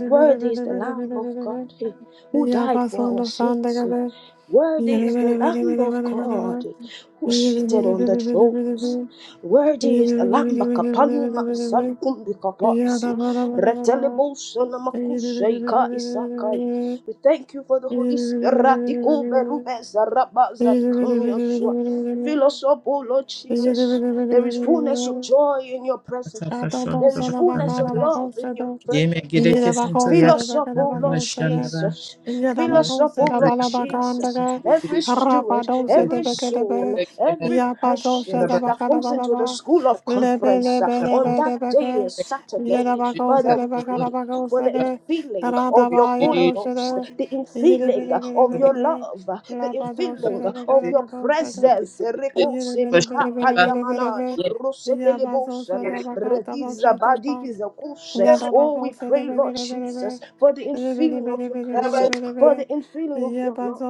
[SPEAKER 1] Worthy is the Lamb of God eh, who died for our
[SPEAKER 2] Yabasondo
[SPEAKER 1] sins. eh.
[SPEAKER 2] sandegade,
[SPEAKER 1] Worthy
[SPEAKER 2] Yere,
[SPEAKER 1] is
[SPEAKER 2] bere,
[SPEAKER 1] the
[SPEAKER 2] bere,
[SPEAKER 1] Lamb
[SPEAKER 2] bere,
[SPEAKER 1] of
[SPEAKER 2] bere, bere, bere.
[SPEAKER 1] God eh, who
[SPEAKER 2] Yine
[SPEAKER 1] seated on the thrones. Worthy is the Lamb Kapani Masalukum Bikapas. Retelebo Sonamakushaika Isakai. We thank you for the Holy Spirit. Ratiko Berube Zaraba Zalikamiyaswa. Fill us up, O Lord Jesus. There is fullness of joy in your presence.
[SPEAKER 3] Atapashanta
[SPEAKER 1] There is fullness of
[SPEAKER 3] bashandara.
[SPEAKER 1] love in your
[SPEAKER 3] me.
[SPEAKER 1] presence.
[SPEAKER 3] gire
[SPEAKER 2] bak
[SPEAKER 3] kesinto
[SPEAKER 1] Fill
[SPEAKER 2] olsa da,
[SPEAKER 1] us up,
[SPEAKER 3] yakatara
[SPEAKER 1] O
[SPEAKER 2] bak
[SPEAKER 1] Lord
[SPEAKER 2] olsa
[SPEAKER 3] bashandara.
[SPEAKER 1] Jesus. Fill us up, O
[SPEAKER 2] Yadabakuse da
[SPEAKER 3] Yanda
[SPEAKER 1] Lord
[SPEAKER 3] yakatara
[SPEAKER 1] Jesus.
[SPEAKER 2] balabakandaga,
[SPEAKER 3] bashandara gire
[SPEAKER 1] Every steward,
[SPEAKER 3] gire gire
[SPEAKER 2] Rapadose de
[SPEAKER 1] every
[SPEAKER 2] Becadebe,
[SPEAKER 1] soul,
[SPEAKER 3] gire
[SPEAKER 1] every
[SPEAKER 2] Yapazosha
[SPEAKER 1] person
[SPEAKER 2] da
[SPEAKER 3] bashandara
[SPEAKER 1] that comes into the
[SPEAKER 2] Bacadabalaba,
[SPEAKER 1] school of
[SPEAKER 2] Lebe
[SPEAKER 1] conference uh,
[SPEAKER 2] lebe
[SPEAKER 1] on
[SPEAKER 2] lebe de
[SPEAKER 1] that day,
[SPEAKER 2] Beca,
[SPEAKER 1] Saturday.
[SPEAKER 2] Yadabakose
[SPEAKER 1] Father,
[SPEAKER 2] de
[SPEAKER 1] we pray for
[SPEAKER 2] Bacadabacose
[SPEAKER 1] the
[SPEAKER 2] de
[SPEAKER 1] infilling of your
[SPEAKER 2] Radabaya
[SPEAKER 1] Holy
[SPEAKER 2] dosha
[SPEAKER 1] Ghost,
[SPEAKER 2] de
[SPEAKER 1] the infilling of your
[SPEAKER 2] Yidibidibidibidibid,
[SPEAKER 1] love, the
[SPEAKER 2] Labadosha
[SPEAKER 1] infilling
[SPEAKER 2] de
[SPEAKER 1] of your
[SPEAKER 2] Becadabacose de
[SPEAKER 1] presence. Rekose mika
[SPEAKER 3] bashandara.
[SPEAKER 1] paliamana,
[SPEAKER 2] Yidibidibidibidibidibid, Yapazosha
[SPEAKER 1] rosetelebosana,
[SPEAKER 2] da
[SPEAKER 1] rediza
[SPEAKER 2] Bacatabasata
[SPEAKER 1] badiza kuse.
[SPEAKER 2] Yada sada
[SPEAKER 1] Oh, we pray, Lord
[SPEAKER 2] bakosha
[SPEAKER 1] Jesus, for the infilling of your presence, for the infilling of your love,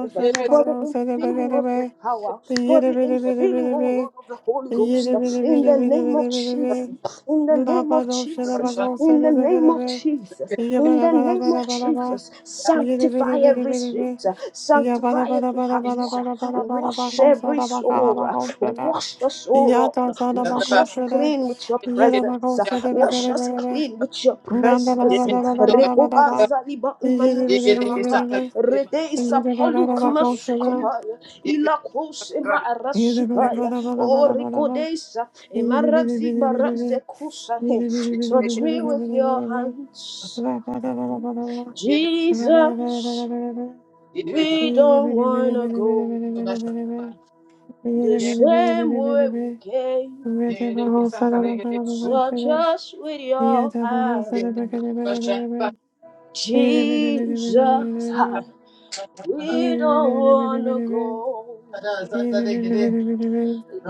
[SPEAKER 1] for the infilling of your power, for the infilling, oh Lord, of the Holy Ghost. In the name of Jesus in the name of Jesus, in the name of Jesus, in the name of Jesus. Sanctify every street, sanctify every heart, wash every soul, wash us, oh Lord, wash us clean with your
[SPEAKER 2] yada
[SPEAKER 1] presence,
[SPEAKER 2] bakosha
[SPEAKER 1] wash us
[SPEAKER 2] da,
[SPEAKER 1] clean with your
[SPEAKER 3] Yemek
[SPEAKER 2] yeah,
[SPEAKER 1] presence.
[SPEAKER 3] yedik.
[SPEAKER 1] Rekoba zaliba manusha maka, rede isapolu kamasukapaya, ilakose ma arashikaya, o Touch me with your hands. Jesus, we don't wanna go the same way we came. Touch us with your hand. Jesus, we don't wanna go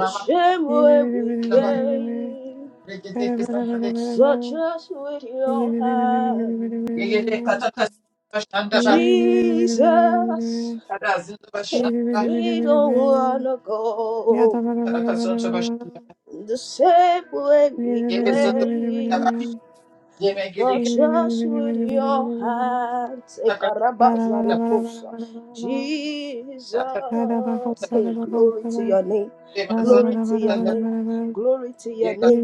[SPEAKER 1] the same way we came. Touch us with your hands. Jesus, hey, we don't wanna go the same way we came. Touch us with your hands.
[SPEAKER 3] Yekede
[SPEAKER 1] Hey, Karabaza Riposa. Jesus, hey, glory to your name, glory to your name, glory to your name.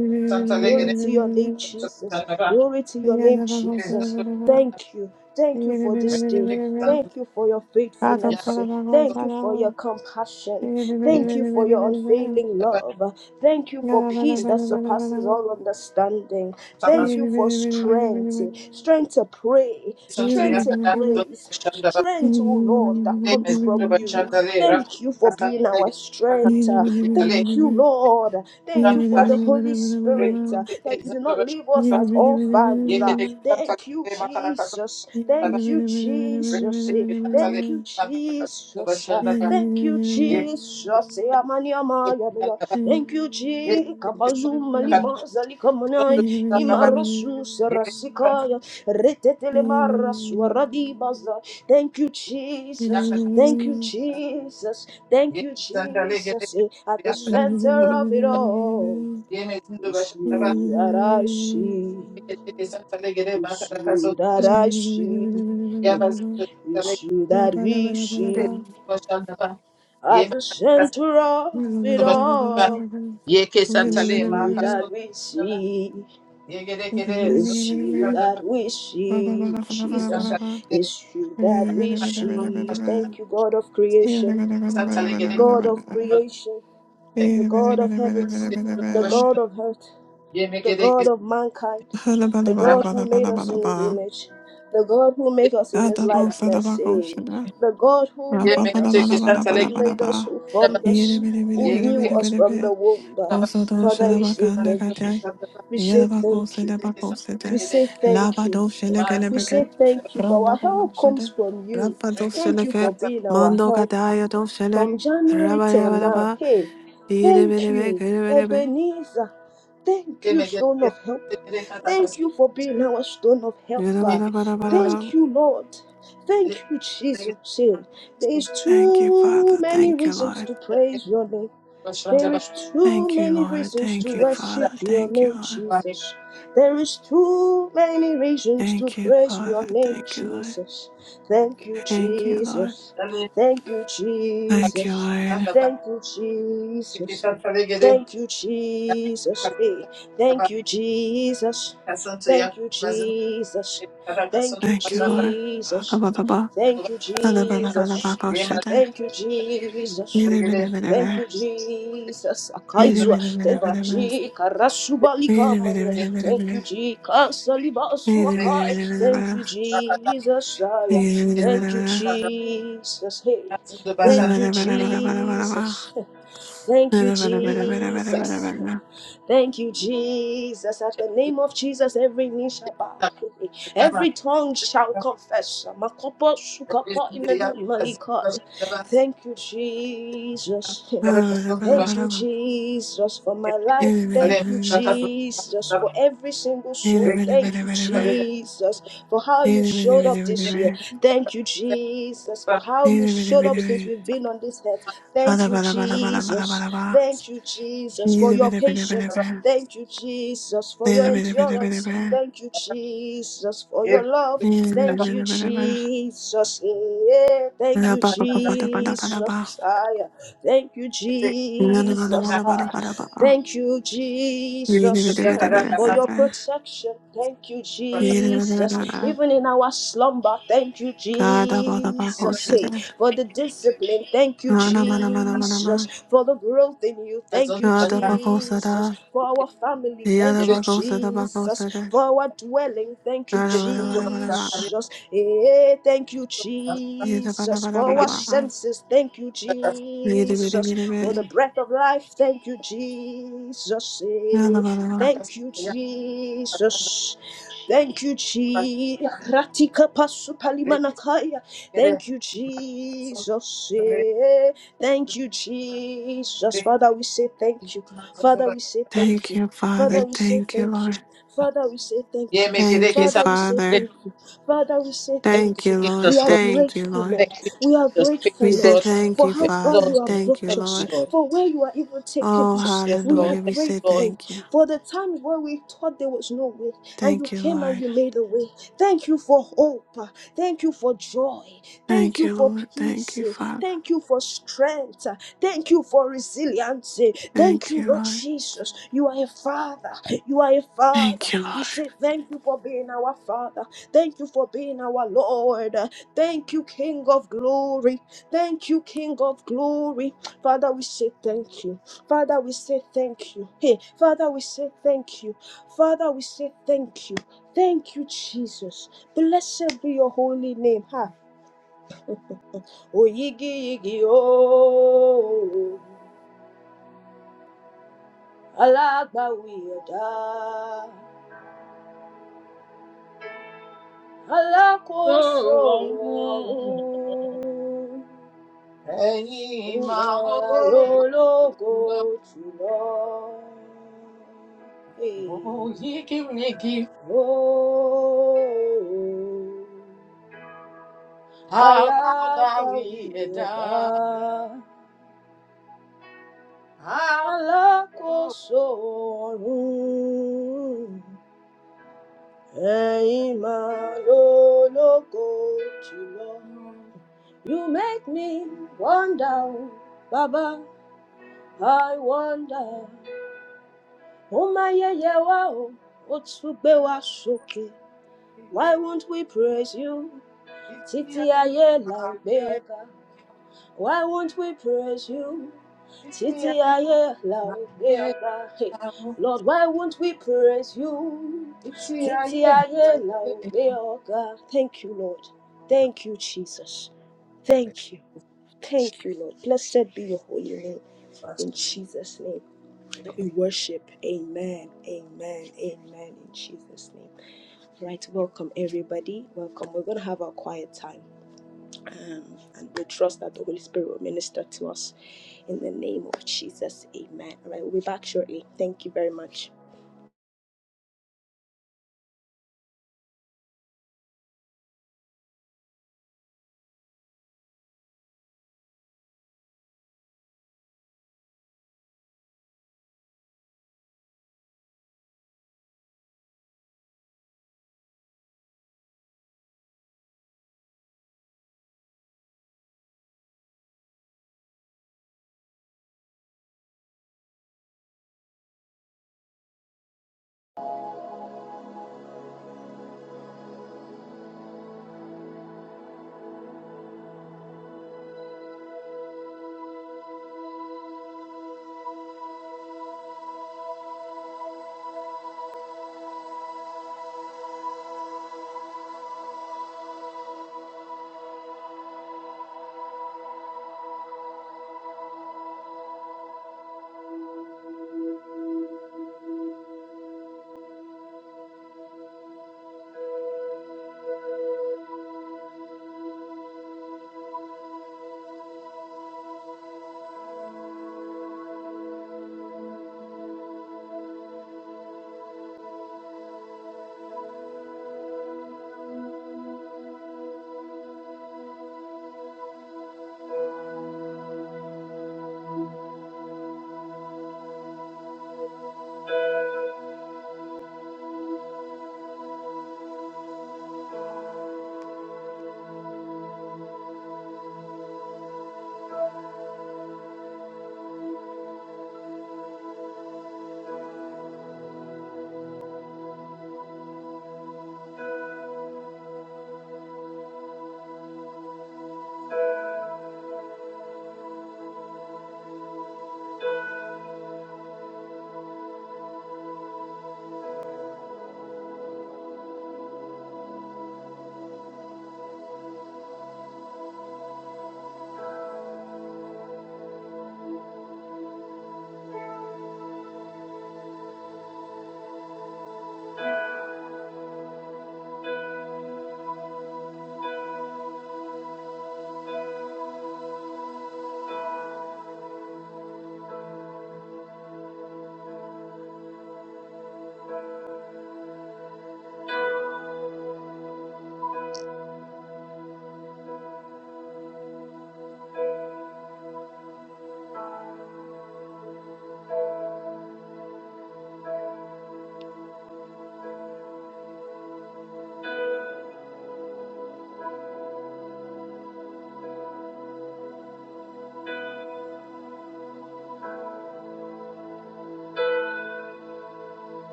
[SPEAKER 1] Glory to your name,
[SPEAKER 2] Yeah,
[SPEAKER 1] Jesus. Glory to your
[SPEAKER 2] Yeah,
[SPEAKER 1] name, Jesus. Thank you. Thank you for this day. Thank you for your faithfulness. Thank you for your compassion. Thank you for your unfailing love. Thank you for peace that surpasses all understanding. Thank you for strength. Strength to pray. Strength to praise. Strength, oh Lord, that comes from you. Thank you for being our strength. Thank you, Lord. Thank you for the Holy Spirit uh, that you do not leave us as orphans. uh. Thank you, Jesus. Thank you,
[SPEAKER 3] Yeke
[SPEAKER 1] Jesus. eh. Thank you, Jesus. uh. Thank you, Jesus. eh, amani amaya doya. Thank you, Jesus. Kabazuma lima zalika
[SPEAKER 2] Blah,
[SPEAKER 1] manai imarasu serasikaya retetele marasu Thank you, Jesus. Thank you, Jesus. Thank you, Jesus. Eh, At the center of it all, it's you that I see. It's you that I see. It's you that we see. At the center of it all, it's
[SPEAKER 3] santale ma
[SPEAKER 1] you
[SPEAKER 3] kaso
[SPEAKER 1] that we see.
[SPEAKER 3] Yegerekere,
[SPEAKER 1] It's you that
[SPEAKER 3] zokandaba,
[SPEAKER 1] we see. Jesus,
[SPEAKER 3] santalege,
[SPEAKER 1] it's you that we see. Thank you, God of creation.
[SPEAKER 3] santalege,
[SPEAKER 1] God of creation. the God of heavens, the God of earth, the
[SPEAKER 3] yemegereke,
[SPEAKER 1] God of mankind,
[SPEAKER 2] ba
[SPEAKER 1] the God
[SPEAKER 3] rabate,
[SPEAKER 1] who made us in
[SPEAKER 2] ba
[SPEAKER 1] his image, the God who made us in his
[SPEAKER 2] Ada ba usada
[SPEAKER 1] likeness,
[SPEAKER 2] ba
[SPEAKER 1] saying,
[SPEAKER 2] Rapa
[SPEAKER 1] the God who
[SPEAKER 2] Rapa
[SPEAKER 1] made
[SPEAKER 2] bala
[SPEAKER 3] yemeketeke,
[SPEAKER 2] bala
[SPEAKER 1] us,
[SPEAKER 2] bala bala
[SPEAKER 3] santalege,
[SPEAKER 1] who
[SPEAKER 2] bala
[SPEAKER 1] made us,
[SPEAKER 2] ba.
[SPEAKER 1] who
[SPEAKER 3] daba,
[SPEAKER 1] formed
[SPEAKER 2] Yere
[SPEAKER 1] us,
[SPEAKER 2] bere bere
[SPEAKER 1] who
[SPEAKER 2] bere
[SPEAKER 1] knew
[SPEAKER 2] bere
[SPEAKER 3] yegereke,
[SPEAKER 1] us
[SPEAKER 2] bere
[SPEAKER 1] from
[SPEAKER 2] bere.
[SPEAKER 1] the womb.
[SPEAKER 3] daba,
[SPEAKER 2] Koso
[SPEAKER 1] Father,
[SPEAKER 2] doşada
[SPEAKER 1] we say
[SPEAKER 2] bakanda
[SPEAKER 1] thank
[SPEAKER 3] santalege,
[SPEAKER 1] you.
[SPEAKER 2] katay.
[SPEAKER 1] We say
[SPEAKER 2] Yere bak
[SPEAKER 1] thank you.
[SPEAKER 2] olsede bak
[SPEAKER 1] We
[SPEAKER 2] olsede.
[SPEAKER 3] santalege,
[SPEAKER 1] say thank
[SPEAKER 2] Laba
[SPEAKER 1] you.
[SPEAKER 2] doşele gele
[SPEAKER 3] mazi,
[SPEAKER 1] We say
[SPEAKER 2] beke,
[SPEAKER 1] thank you for our
[SPEAKER 2] ronda bana
[SPEAKER 1] help comes
[SPEAKER 2] olsede.
[SPEAKER 1] from you.
[SPEAKER 2] Rapa
[SPEAKER 3] rekete,
[SPEAKER 1] Thank
[SPEAKER 2] doşele
[SPEAKER 1] you
[SPEAKER 2] ke,
[SPEAKER 1] for being
[SPEAKER 3] santalege,
[SPEAKER 1] our
[SPEAKER 2] mando
[SPEAKER 1] helper.
[SPEAKER 2] Halabalabalabalabalabalaba. Adabosadabakoshala. Rapabalabalabalabalabalaba. Yedebedebedebedebedebe. Kosodoshadabakandakate. Yedabakosedabakosede.
[SPEAKER 1] From
[SPEAKER 2] Labadoshelekelebeke. Rondabanoshede. Rabadosheleke. Mandokatayadoshele.
[SPEAKER 1] January till now,
[SPEAKER 2] Rabayabadaba.
[SPEAKER 1] hey, thank
[SPEAKER 2] Yedebedebe.
[SPEAKER 1] you,
[SPEAKER 2] Kedebedebe.
[SPEAKER 1] Ebenezer. Thank you, Stone
[SPEAKER 3] yemegereke,
[SPEAKER 1] of Help.
[SPEAKER 3] yegereke,
[SPEAKER 1] Thank
[SPEAKER 3] takasi,
[SPEAKER 1] you for being our Stone of Helper.
[SPEAKER 3] yegereke, dobaşı,
[SPEAKER 1] Thank
[SPEAKER 2] ba,
[SPEAKER 1] you, Lord. Thank you,
[SPEAKER 3] yegereke,
[SPEAKER 1] Jesus. Hey, There is
[SPEAKER 2] Thank
[SPEAKER 3] santalege,
[SPEAKER 2] you,
[SPEAKER 1] too
[SPEAKER 2] Father.
[SPEAKER 1] many
[SPEAKER 2] Thank you,
[SPEAKER 1] reasons
[SPEAKER 2] Lord.
[SPEAKER 1] to praise your name.
[SPEAKER 3] Thank
[SPEAKER 1] There
[SPEAKER 3] you.
[SPEAKER 1] is too
[SPEAKER 2] Thank you,
[SPEAKER 1] many
[SPEAKER 2] Lord.
[SPEAKER 1] reasons
[SPEAKER 2] Thank
[SPEAKER 1] to
[SPEAKER 2] you, Father.
[SPEAKER 1] worship your
[SPEAKER 2] Thank you,
[SPEAKER 1] name,
[SPEAKER 2] Lord.
[SPEAKER 1] Jesus. There is too many reasons to
[SPEAKER 2] Thank you,
[SPEAKER 1] praise
[SPEAKER 2] Father.
[SPEAKER 1] your name,
[SPEAKER 2] Thank you, Lord.
[SPEAKER 1] Jesus. Thank you,
[SPEAKER 2] Thank you, Lord.
[SPEAKER 1] Jesus. Thank you,
[SPEAKER 2] Thank you,
[SPEAKER 1] Jesus.
[SPEAKER 2] Lord.
[SPEAKER 1] Thank you, Jesus. Thank you, Jesus. Hey, thank you, Jesus. Thank you, Jesus. Thank you,
[SPEAKER 2] Thank you, Lord.
[SPEAKER 1] Jesus.
[SPEAKER 2] Ba-da-ba-da-ba.
[SPEAKER 1] Thank you, Jesus.
[SPEAKER 2] Ba-da-ba-da-ba-da-ba-ba-shada.
[SPEAKER 1] Thank you, Jesus. Thank
[SPEAKER 2] Bidi-bidi-bidi-bidi.
[SPEAKER 1] you, Jesus. Akaizwa. Thank you,
[SPEAKER 2] Bidi-bidi-bidi-bidi-bidi.
[SPEAKER 1] Jika Rasubalika Mania. Thank you,
[SPEAKER 2] Bidi-bidi-bidi-bidi-bidi.
[SPEAKER 1] Jika Salibasu Akai. Thank
[SPEAKER 2] Bidi-bidi-bidi-bidi-bidi.
[SPEAKER 1] you, Jesus. Aya. Thank you,
[SPEAKER 2] Bidi-bidi-bidi-bidi.
[SPEAKER 1] Jesus. Hey. Thank you,
[SPEAKER 2] Ba-da-ba-da-ba-da-ba-da-ba-da-ba.
[SPEAKER 1] Jesus. Thank you, Jesus.
[SPEAKER 2] Ba-da-ba-da-ba-da-ba-da-ba-da-ba-da.
[SPEAKER 1] Thank you, Jesus. At the name of Jesus, every knee shall bow. <laughs> Every tongue shall confess. Makopo Sukapa Imenu Imalika. Thank you, Jesus. <laughs> Thank you,
[SPEAKER 2] Ba-da-ba-da-ba-da-ba-da-ba.
[SPEAKER 1] Jesus, for my life. Thank you,
[SPEAKER 2] Bidi-bidi-bidi-bidi.
[SPEAKER 3] Thank
[SPEAKER 1] Jesus, for every single soul. Thank you,
[SPEAKER 2] Bidi-bidi-bidi-bidi-bidi.
[SPEAKER 1] Jesus, for how
[SPEAKER 2] Ba
[SPEAKER 1] you
[SPEAKER 2] ba
[SPEAKER 1] showed up this year. Thank you, Jesus, for how you showed up since we've been on this earth. Thank
[SPEAKER 2] ba
[SPEAKER 1] you,
[SPEAKER 2] ba ba
[SPEAKER 1] Jesus.
[SPEAKER 2] ba.
[SPEAKER 1] Thank you, Jesus, for
[SPEAKER 2] Yada
[SPEAKER 1] your
[SPEAKER 2] bada bada bada
[SPEAKER 1] patience. Thank you, Jesus, for your endurance. Thank you, Jesus, for your love. Thank you, Jesus. Yeah, thank you,
[SPEAKER 2] bada.
[SPEAKER 1] Jesus. Ah, yeah. Thank you, Jesus. Ah, Thank you, Jesus, for your protection. Thank you, Jesus. Even in our slumber, thank you, Jesus. Eh, for the discipline. Thank you, Jesus, for the growth in you. Thank you, Jesus, for our family. Thank you, Jesus, for our dwelling. Thank you, Jesus. Eh, thank you,
[SPEAKER 2] Yada bada
[SPEAKER 1] Jesus, for
[SPEAKER 2] bada
[SPEAKER 1] our senses. Thank you, Jesus, for
[SPEAKER 2] bada.
[SPEAKER 1] the breath of life. Thank you, Jesus. Eh,
[SPEAKER 2] Thank
[SPEAKER 1] thank you, Jesus. Thank you, Jesus. Ratika Thank you, Jesus. eh. Thank you, Jesus.
[SPEAKER 3] you.
[SPEAKER 1] Father, we say
[SPEAKER 3] Yeah,
[SPEAKER 1] thank you. Father, we say thank you.
[SPEAKER 2] you,
[SPEAKER 1] Father,
[SPEAKER 2] Father.
[SPEAKER 1] we say
[SPEAKER 2] Thank you,
[SPEAKER 1] thank you.
[SPEAKER 2] Lord.
[SPEAKER 1] Father, we say thank you.
[SPEAKER 3] make it
[SPEAKER 2] Thank
[SPEAKER 3] like
[SPEAKER 2] you,
[SPEAKER 3] it's
[SPEAKER 1] Father,
[SPEAKER 3] a-
[SPEAKER 1] we say
[SPEAKER 2] Father.
[SPEAKER 1] thank you. Father, we say
[SPEAKER 3] Thank you,
[SPEAKER 2] Thank
[SPEAKER 1] thank you.
[SPEAKER 2] you, Lord.
[SPEAKER 1] We
[SPEAKER 3] Jesus,
[SPEAKER 1] are
[SPEAKER 3] Lord.
[SPEAKER 2] Thank you,
[SPEAKER 1] grateful,
[SPEAKER 2] Lord.
[SPEAKER 3] Thank
[SPEAKER 1] Lord.
[SPEAKER 3] you,
[SPEAKER 1] We are
[SPEAKER 3] Jesus. Thank
[SPEAKER 1] grateful,
[SPEAKER 2] We
[SPEAKER 3] you,
[SPEAKER 2] say
[SPEAKER 1] Lord,
[SPEAKER 3] God.
[SPEAKER 2] thank
[SPEAKER 1] for
[SPEAKER 2] you,
[SPEAKER 1] how
[SPEAKER 3] We
[SPEAKER 1] far
[SPEAKER 2] Father.
[SPEAKER 1] you
[SPEAKER 3] exalt your
[SPEAKER 1] have
[SPEAKER 3] name.
[SPEAKER 2] Thank you,
[SPEAKER 1] brought
[SPEAKER 3] Thank you,
[SPEAKER 2] Lord.
[SPEAKER 1] us,
[SPEAKER 3] Lord.
[SPEAKER 1] for where you are even taking
[SPEAKER 2] Oh,
[SPEAKER 1] us.
[SPEAKER 3] Jesus, yes,
[SPEAKER 1] We are
[SPEAKER 3] Lord.
[SPEAKER 2] hallelujah. We
[SPEAKER 3] Thank
[SPEAKER 2] say
[SPEAKER 3] you, Lord.
[SPEAKER 1] grateful
[SPEAKER 2] thank you.
[SPEAKER 1] for the times where we thought there was no way, and you
[SPEAKER 2] Thank you,
[SPEAKER 1] came and
[SPEAKER 2] Lord.
[SPEAKER 1] you made a way. Thank you for hope. Thank you for joy. Thank
[SPEAKER 2] Thank
[SPEAKER 1] you
[SPEAKER 2] you,
[SPEAKER 1] for
[SPEAKER 2] Lord. Thank
[SPEAKER 1] peace.
[SPEAKER 2] you, Father.
[SPEAKER 1] Thank you for strength. Thank you for resilience. Thank
[SPEAKER 2] Thank
[SPEAKER 1] you,
[SPEAKER 2] you,
[SPEAKER 1] Lord
[SPEAKER 2] Lord.
[SPEAKER 1] Jesus. You are a father. You are a
[SPEAKER 2] Thank
[SPEAKER 1] father.
[SPEAKER 2] you, Lord.
[SPEAKER 1] We say thank you for being our father. Thank you for being our Lord. Thank you, King of glory. Thank you, King of glory. Father, we say thank you. Father, we say thank you. Hey, Father, we say thank you. Father, we say thank you. Thank you, Jesus. Blessed be your holy name. Ha. O yigi yigi o, alágbàwí ẹ̀dá,
[SPEAKER 3] Oh,
[SPEAKER 1] alákòóso
[SPEAKER 3] oh, oh.
[SPEAKER 1] ọ̀run,
[SPEAKER 3] Hey, my
[SPEAKER 1] ìmọ̀ràn
[SPEAKER 3] Lord,
[SPEAKER 1] lológo
[SPEAKER 3] Lord.
[SPEAKER 1] jùlọ. O,
[SPEAKER 3] Oh, ye give me gift.
[SPEAKER 1] Oh,
[SPEAKER 3] How about
[SPEAKER 1] alágbàwí
[SPEAKER 3] we
[SPEAKER 1] ẹ̀dá,
[SPEAKER 3] die? How about
[SPEAKER 1] alákòóso ọ̀run. Ẹ̀yin máa lólógo jùlọ.
[SPEAKER 3] we die?
[SPEAKER 1] You make me wonder o, Bàbá, I wonder. Ó máa yẹyẹ wá o, ó tún gbé wá sókè. Why won't we praise you?
[SPEAKER 3] If we are
[SPEAKER 1] Títí
[SPEAKER 3] here,
[SPEAKER 1] ayé là ó
[SPEAKER 3] I
[SPEAKER 1] gbé ọ̀gá.
[SPEAKER 3] can.
[SPEAKER 1] Why won't we praise you?
[SPEAKER 3] Ipsi
[SPEAKER 1] Titi
[SPEAKER 3] ai
[SPEAKER 1] aye loud
[SPEAKER 3] nae
[SPEAKER 1] beara hey
[SPEAKER 3] namo,
[SPEAKER 1] Lord why won't we praise you?
[SPEAKER 3] ipsi ai
[SPEAKER 1] Titi
[SPEAKER 3] nae.
[SPEAKER 1] aye loud beara Thank you Lord. Thank you Jesus. Thank you. Thank you Lord. Blessed be your holy name in Jesus name. We worship. Amen. Amen. Amen in Jesus name. Right, welcome everybody. Welcome. We're going to have our quiet time. Um, and we trust that the Holy Spirit will minister to us in the name of Jesus. Amen. All right, we'll be back shortly. Thank you very much.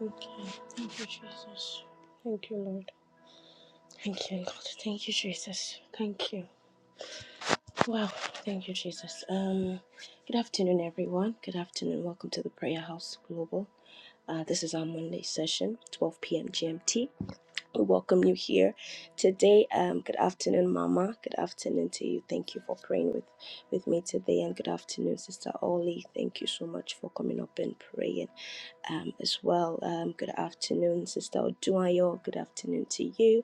[SPEAKER 1] Okay. Thank you, Jesus. Thank you, Lord. Thank you, God. Thank you, Jesus. Thank you. Wow. Thank you, Jesus. Um, good afternoon, everyone. Good afternoon. Welcome to the Prayer House Global. Uh, this is our Monday session, 12 p.m. GMT. We welcome you here today. Um, good afternoon, Mama. Good afternoon to you. Thank you for praying with, with me today. And good afternoon, Sister Oli. Thank you so much for coming up and praying um, as well. Um, good afternoon, Sister Odunayo. Good afternoon to you.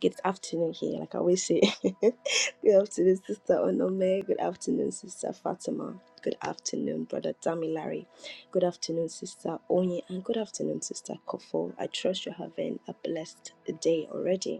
[SPEAKER 1] Good afternoon here, like I always say. <laughs> good afternoon, Sister Onome. Good afternoon, Sister Fatima. Good afternoon, Brother Damilari. Good afternoon, Sister Onye. And good afternoon, Sister Kofo. I trust you're having a blessed day already.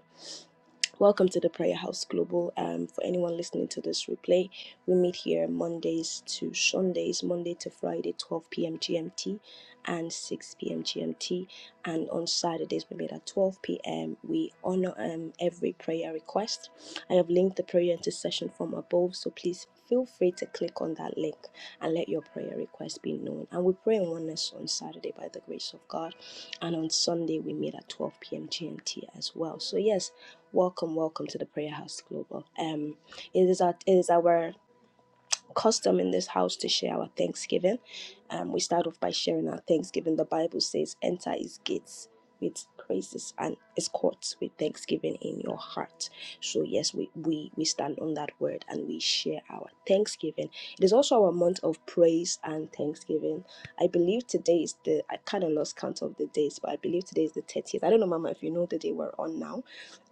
[SPEAKER 1] Welcome to the Prayer House Global. Um, for anyone listening to this replay, we meet here Mondays to Sundays, Monday to Friday, 12 p.m. GMT and 6 p.m. GMT. And on Saturdays, we meet at 12 p.m. We honor um, every prayer request. I have linked the prayer intercession form above, so please feel free to click on that link and let your prayer request be known. And we pray in oneness on Saturday by the grace of God. And on Sunday, we meet at 12 p.m. GMT as well. So, yes, Welcome, welcome to the Prayer House Global. Um, it is our it is our custom in this house to share our Thanksgiving. Um, we start off by sharing our Thanksgiving. The Bible says, "Enter His gates with praises and His courts with thanksgiving in your heart." So yes, we we we stand on that word and we share our Thanksgiving. It is also our month of praise and Thanksgiving. I believe today is the I kind of lost count of the days, but I believe today is the 30th. I don't know, Mama, if you know the day we're on now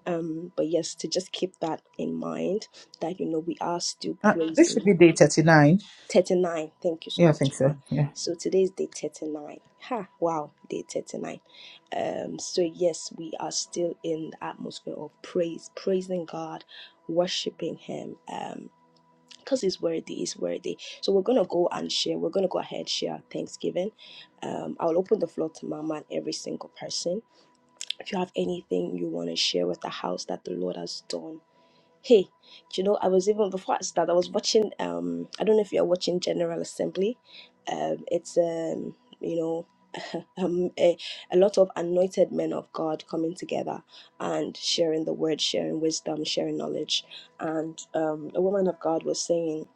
[SPEAKER 1] um but yes to just keep that in mind that you know we are still
[SPEAKER 3] Uh, this should
[SPEAKER 1] praising
[SPEAKER 3] be day
[SPEAKER 1] God.
[SPEAKER 3] 39.
[SPEAKER 1] 39 thank you so
[SPEAKER 3] Yeah, I think
[SPEAKER 1] much
[SPEAKER 3] so.
[SPEAKER 1] mama
[SPEAKER 3] Yeah.
[SPEAKER 1] so today is day 39 ha wow day 39 um so yes we are still in the atmosphere of praise praising god worshiping him um because he's worthy he's worthy so we're gonna go and share we're gonna go ahead share our thanksgiving um i'll open the floor to mama and every single person if you have anything you want to share with the house that the lord has done Hey, do you know, I was even before I started, I was watching um I don't know if you're watching General Assembly. Um it's um you know <laughs> um, a, a lot of anointed men of God coming together and sharing the word, sharing wisdom, sharing knowledge. And um a woman of God was saying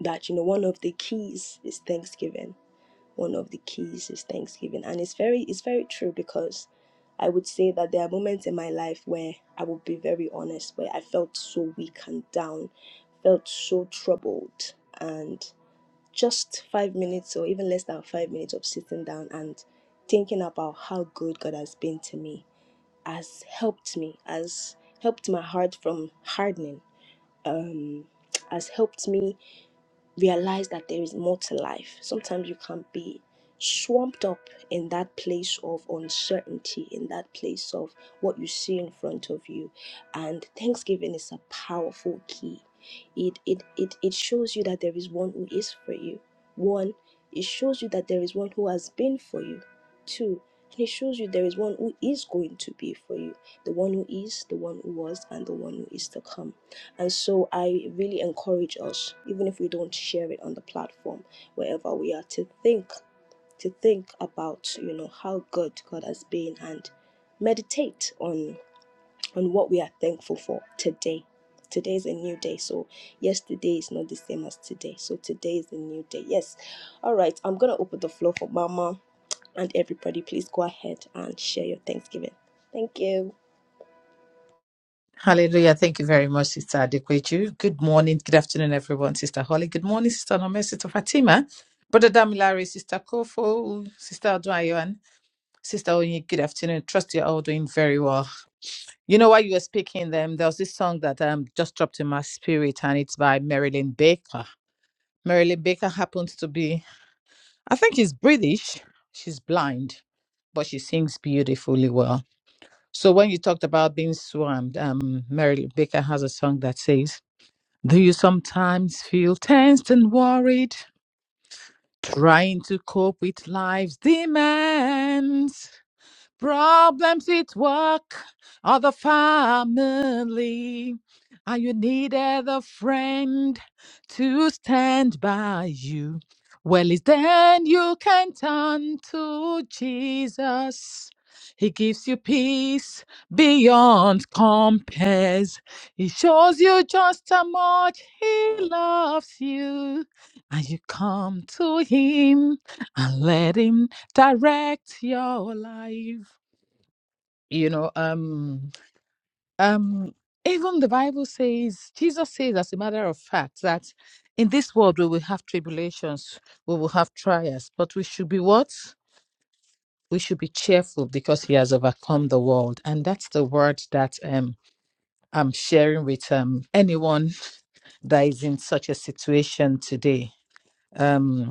[SPEAKER 1] that you know one of the keys is thanksgiving. One of the keys is thanksgiving. And it's very it's very true because I would say that there are moments in my life where I would be very honest, where I felt so weak and down, felt so troubled. And just five minutes or even less than five minutes of sitting down and thinking about how good God has been to me has helped me, has helped my heart from hardening, um, has helped me realize that there is more to life. Sometimes you can be swamped up in that place of uncertainty, in that place of what you see in front of you. And Thanksgiving is a powerful key. It it it, it shows you that there is one who is for you. One, it shows you that there is one who has been for you. Two, and it shows you there is one who is going to be for you. The one who is, the one who was, and the one who is to come and so I really encourage us, even if we don't share it on the platform, wherever we are, to think, to think about, you know, how good God has been and meditate on on what we are thankful for today. Today is a new day. So yesterday is not the same as today. So today is a new day. Yes. All right. I'm gonna open the floor for Mama and everybody. Please go ahead and share your Thanksgiving. Thank you.
[SPEAKER 3] Hallelujah. Thank you very much, Sister Adekweju. Good morning, good afternoon, everyone. Sister Holly. Good morning, Sister Nome, Sister Fatima. Brother Damilare, Sister Kofo, Sister Odwayo, Sister Oyin, good afternoon. Trust you're all doing very well. You know, while you were speaking, them there was this song that um just dropped in my spirit, and it's by Marilyn Baker. Marilyn Baker happens to be, I think, she's British. She's blind, but she sings beautifully well. So when you talked about being swarmed, um, Marilyn Baker has a song that says, "Do you sometimes feel tensed and worried, trying to cope with life's demands?" Problems with work or the family. And you needed a friend to stand by you. Well, it's then you can turn to Jesus. He gives you peace beyond compares. He shows you just how much He loves you. And you come to Him and let Him direct your life you know um um even the bible says jesus says as a matter of fact that in this world we will have tribulations we will have trials but we should be what we should be cheerful because he has overcome the world and that's the word that um i'm sharing with um anyone that is in such a situation today Um.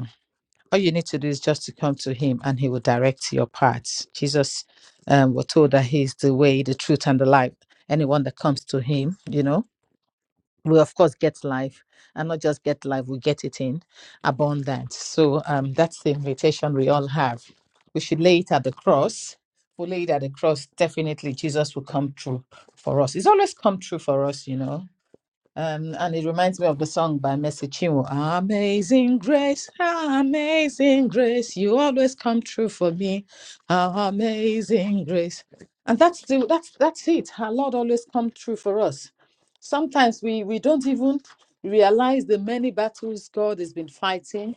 [SPEAKER 3] all you need to do is just to come to him and he will direct your paths jesus um, we told that he is the way the truth and the life anyone that comes to him you know will of course get life and not just get life we get it in abundance so um, that's the invitation we all have we should lay it at the cross we lay it at the cross definitely jesus will come true for us It's always come true for us you know um, and it reminds me of the song by Mercy Chinwo. Amazing grace, amazing grace, you always come true for me. Amazing grace, and that's the that's that's it. Our Lord always come true for us. Sometimes we we don't even realize the many battles God has been fighting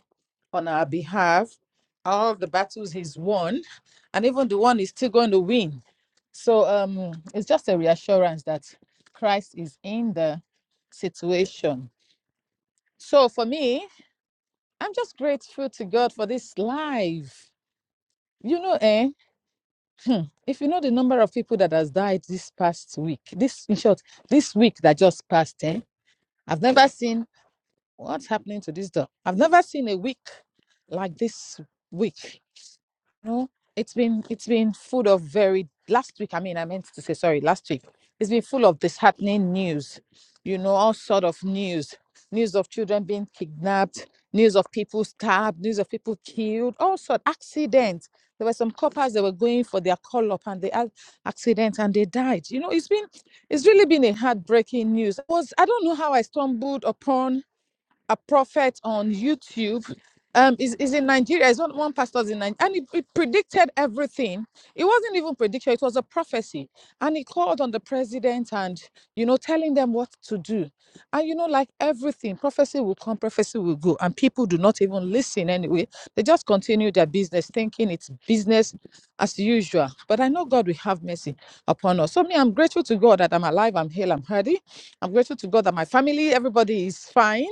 [SPEAKER 3] on our behalf, all the battles He's won, and even the one He's still going to win so um, it's just a reassurance that Christ is in the situation. So for me, I'm just grateful to God for this life. You know, eh? hmm, If you know the number of people that has died this past week, this in short, this week that just passed, eh? I've never seen what's happening to this dog. I've never seen a week like this week. No, it's been it's been full of very last week. I mean, I meant to say sorry. Last week, it's been full of disheartening news. You know, all sort of news, news of children being kidnapped, news of people stabbed, news of people killed, all sort accidents. There were some coppers that were going for their call up and they had accident and they died. You know, it's been it's really been a heartbreaking news. I was I don't know how I stumbled upon a prophet on YouTube. Um, is is in Nigeria. It's not one pastor's in Nigeria, and it, it predicted everything. It wasn't even prediction; it was a prophecy. And he called on the president, and you know, telling them what to do. And you know, like everything, prophecy will come, prophecy will go, and people do not even listen anyway. They just continue their business, thinking it's business as usual. But I know God will have mercy upon us. So me, I'm grateful to God that I'm alive, I'm healed, I'm healthy. I'm grateful to God that my family, everybody is fine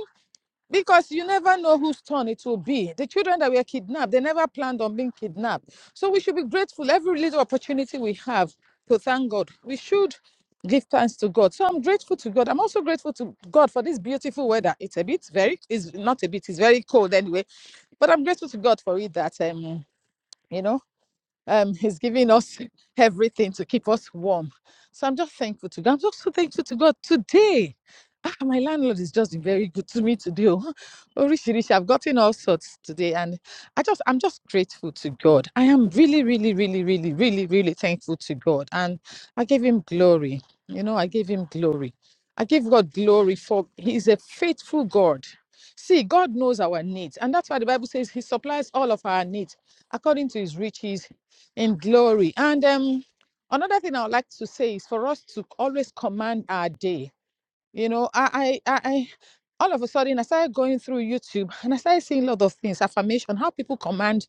[SPEAKER 3] because you never know whose turn it will be. The children that were kidnapped, they never planned on being kidnapped. So we should be grateful every little opportunity we have to thank God. We should give thanks to God. So I'm grateful to God. I'm also grateful to God for this beautiful weather. It's a bit very, it's not a bit, it's very cold anyway. But I'm grateful to God for it that, um, you know um he's giving us <laughs> everything to keep us warm so i'm just thankful to god i'm just so thankful to god today ah, my landlord is just very good to me today oh. <laughs> Orishirishi, i've gotten all sorts today and i just i'm just grateful to god i am really really really really really really thankful to god and i gave him glory you know i gave him glory i give god glory for he's a faithful god see god knows our needs and that's why the bible says he supplies all of our needs according to his riches in glory. And um, another thing I would like to say is for us to always command our day. You know, I, I, I, I all of a sudden I started going through YouTube and I started seeing a lot of things, affirmation, how people command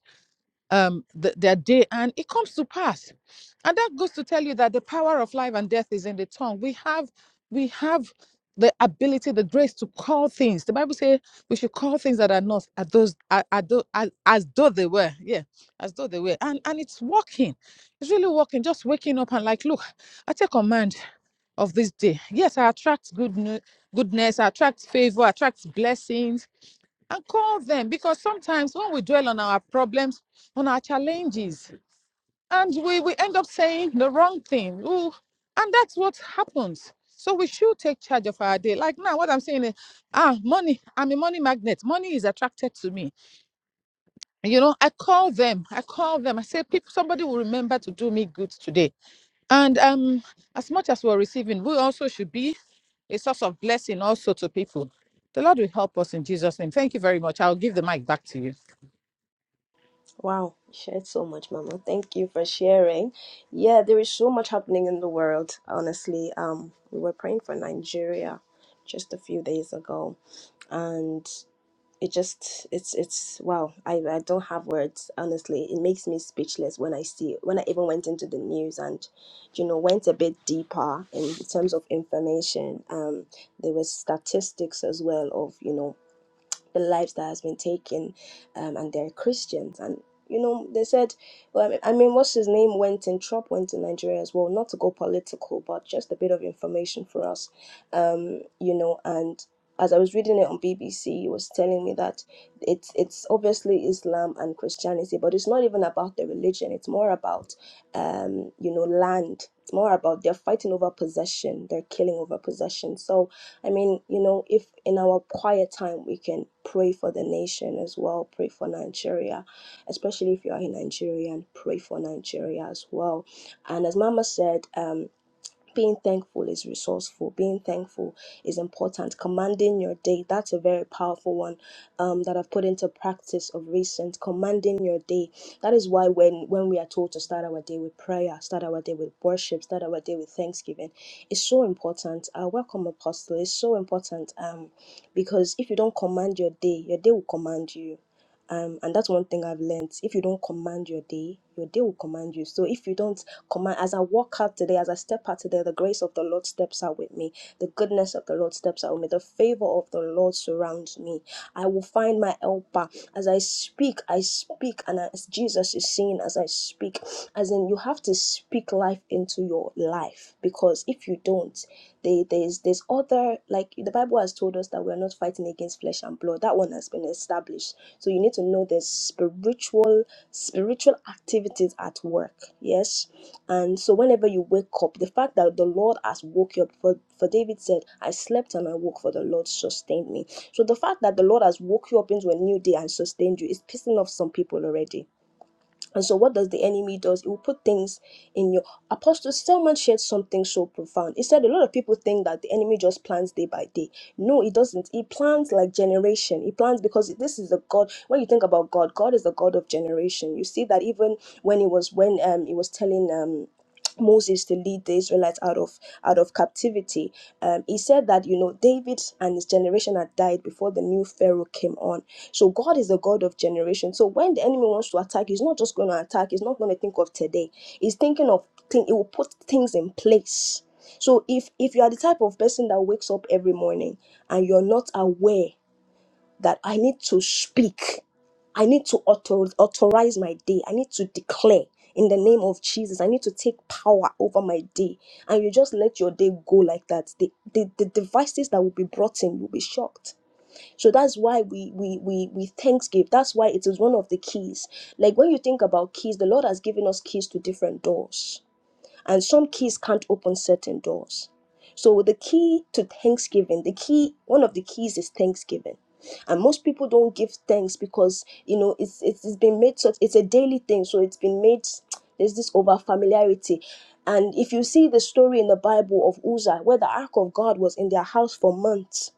[SPEAKER 3] um th- their day and it comes to pass and that goes to tell you that the power of life and death is in the tongue we have we have the ability the grace to call things the bible says we should call things that are not as those are, are tho- as, as though they were yeah as though they were and and it's working it's really working just waking up and like look i take command of this day yes i attract good nu- goodness i attract favor I attract blessings and call them because sometimes when we dwell on our problems, on our challenges, and we, we end up saying the wrong thing. Ooh, and that's what happens. So we should take charge of our day. Like now, what I'm saying is, ah, money. I'm a money magnet. Money is attracted to me. You know, I call them. I call them. I say, people, somebody will remember to do me good today. And um, as much as we're receiving, we also should be a source of blessing also to people. The Lord will help us in Jesus' name. Thank you very much. I'll give the mic back to you.
[SPEAKER 1] Wow, you shared so much, Mama. Thank you for sharing. Yeah, there is so much happening in the world, honestly. Um, we were praying for Nigeria just a few days ago, and it just it's it's wow, I, I don't have words, honestly. It makes me speechless when I see when I even went into the news and you know went a bit deeper in terms of information. Um, there were statistics as well of you know the lives that has been taken, um, and they're Christians. And you know, they said, well, I mean, what's his name went in, Trump went to Nigeria as well, not to go political, but just a bit of information for us, um, you know, and. As I was reading it on BBC, it was telling me that it's it's obviously Islam and Christianity, but it's not even about the religion. It's more about um, you know land. It's more about they're fighting over possession. They're killing over possession. So I mean, you know, if in our quiet time we can pray for the nation as well, pray for Nigeria, especially if you are a Nigerian, pray for Nigeria as well. And as Mama said, um, being thankful is resourceful being thankful is important commanding your day that's a very powerful one um, that i've put into practice of recent commanding your day that is why when when we are told to start our day with prayer start our day with worship start our day with thanksgiving it's so important uh, welcome apostle it's so important um, because if you don't command your day your day will command you um, and that's one thing I've learned. If you don't command your day, your day will command you. So if you don't command. As I walk out today, as I step out today, the grace of the Lord steps out with me. The goodness of the Lord steps out with me. The favor of the Lord surrounds me. I will find my helper. As I speak, I speak, and as Jesus is saying, as I speak, as in you have to speak life into your life because if you don't, they, there's there's other like the Bible has told us that we are not fighting against flesh and blood. That one has been established. So you need to know there's spiritual spiritual activities at work. Yes, and so whenever you wake up, the fact that the Lord has woke you up, for, for David said, I slept and I woke, for the Lord sustained me. So the fact that the Lord has woke you up into a new day and sustained you is pissing off some people already and so, what does the enemy does? It will put things in your. Apostle Selman shared something so profound. He said a lot of people think that the enemy just plans day by day. No, it doesn't. He plans like generation. He plans because this is a God. When you think about God, God is the God of generation. You see that even when he was when um he was telling um. Moses to lead the Israelites out of out of captivity. Um, he said that you know David and his generation had died before the new Pharaoh came on so God is the God of generation. So when the enemy wants to attack, he's not just going to attack. He's not going to think of today. He's thinking of thing. He will put things in place. So if if you are the type of person that wakes up every morning and you're not aware that I need to speak, I need to author, authorize my day. I need to declare in the name of Jesus. I need to take power over my day. And you just let your day go like that. The, the, the devices that will be brought in, you'll be shocked so that's why we we we we thanks That's why it is one of the keys. Like when you think about keys, the Lord has given us keys to different doors, and some keys can't open certain doors. So the key to thanksgiving, the key, one of the keys is thanksgiving. And most people don't give thanks because you know it's it's, it's been made such it's a daily thing, so it's been made there's this over familiarity. And if you see the story in the Bible of Uzzah, where the ark of God was in their house for months,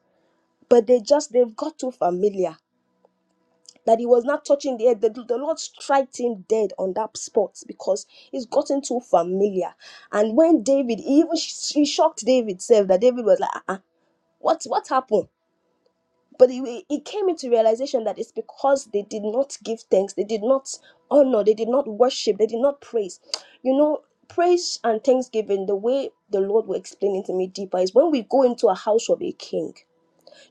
[SPEAKER 1] but they just they've got too familiar that he was not touching the head, The, the Lord strikes him dead on that spot because he's gotten too familiar. And when David, he even sh- he shocked David self that David was like, uh uh what what happened? But he, he came into realization that it's because they did not give thanks, they did not honor, they did not worship, they did not praise. You know, praise and thanksgiving, the way the Lord will explain it to me deeper is when we go into a house of a king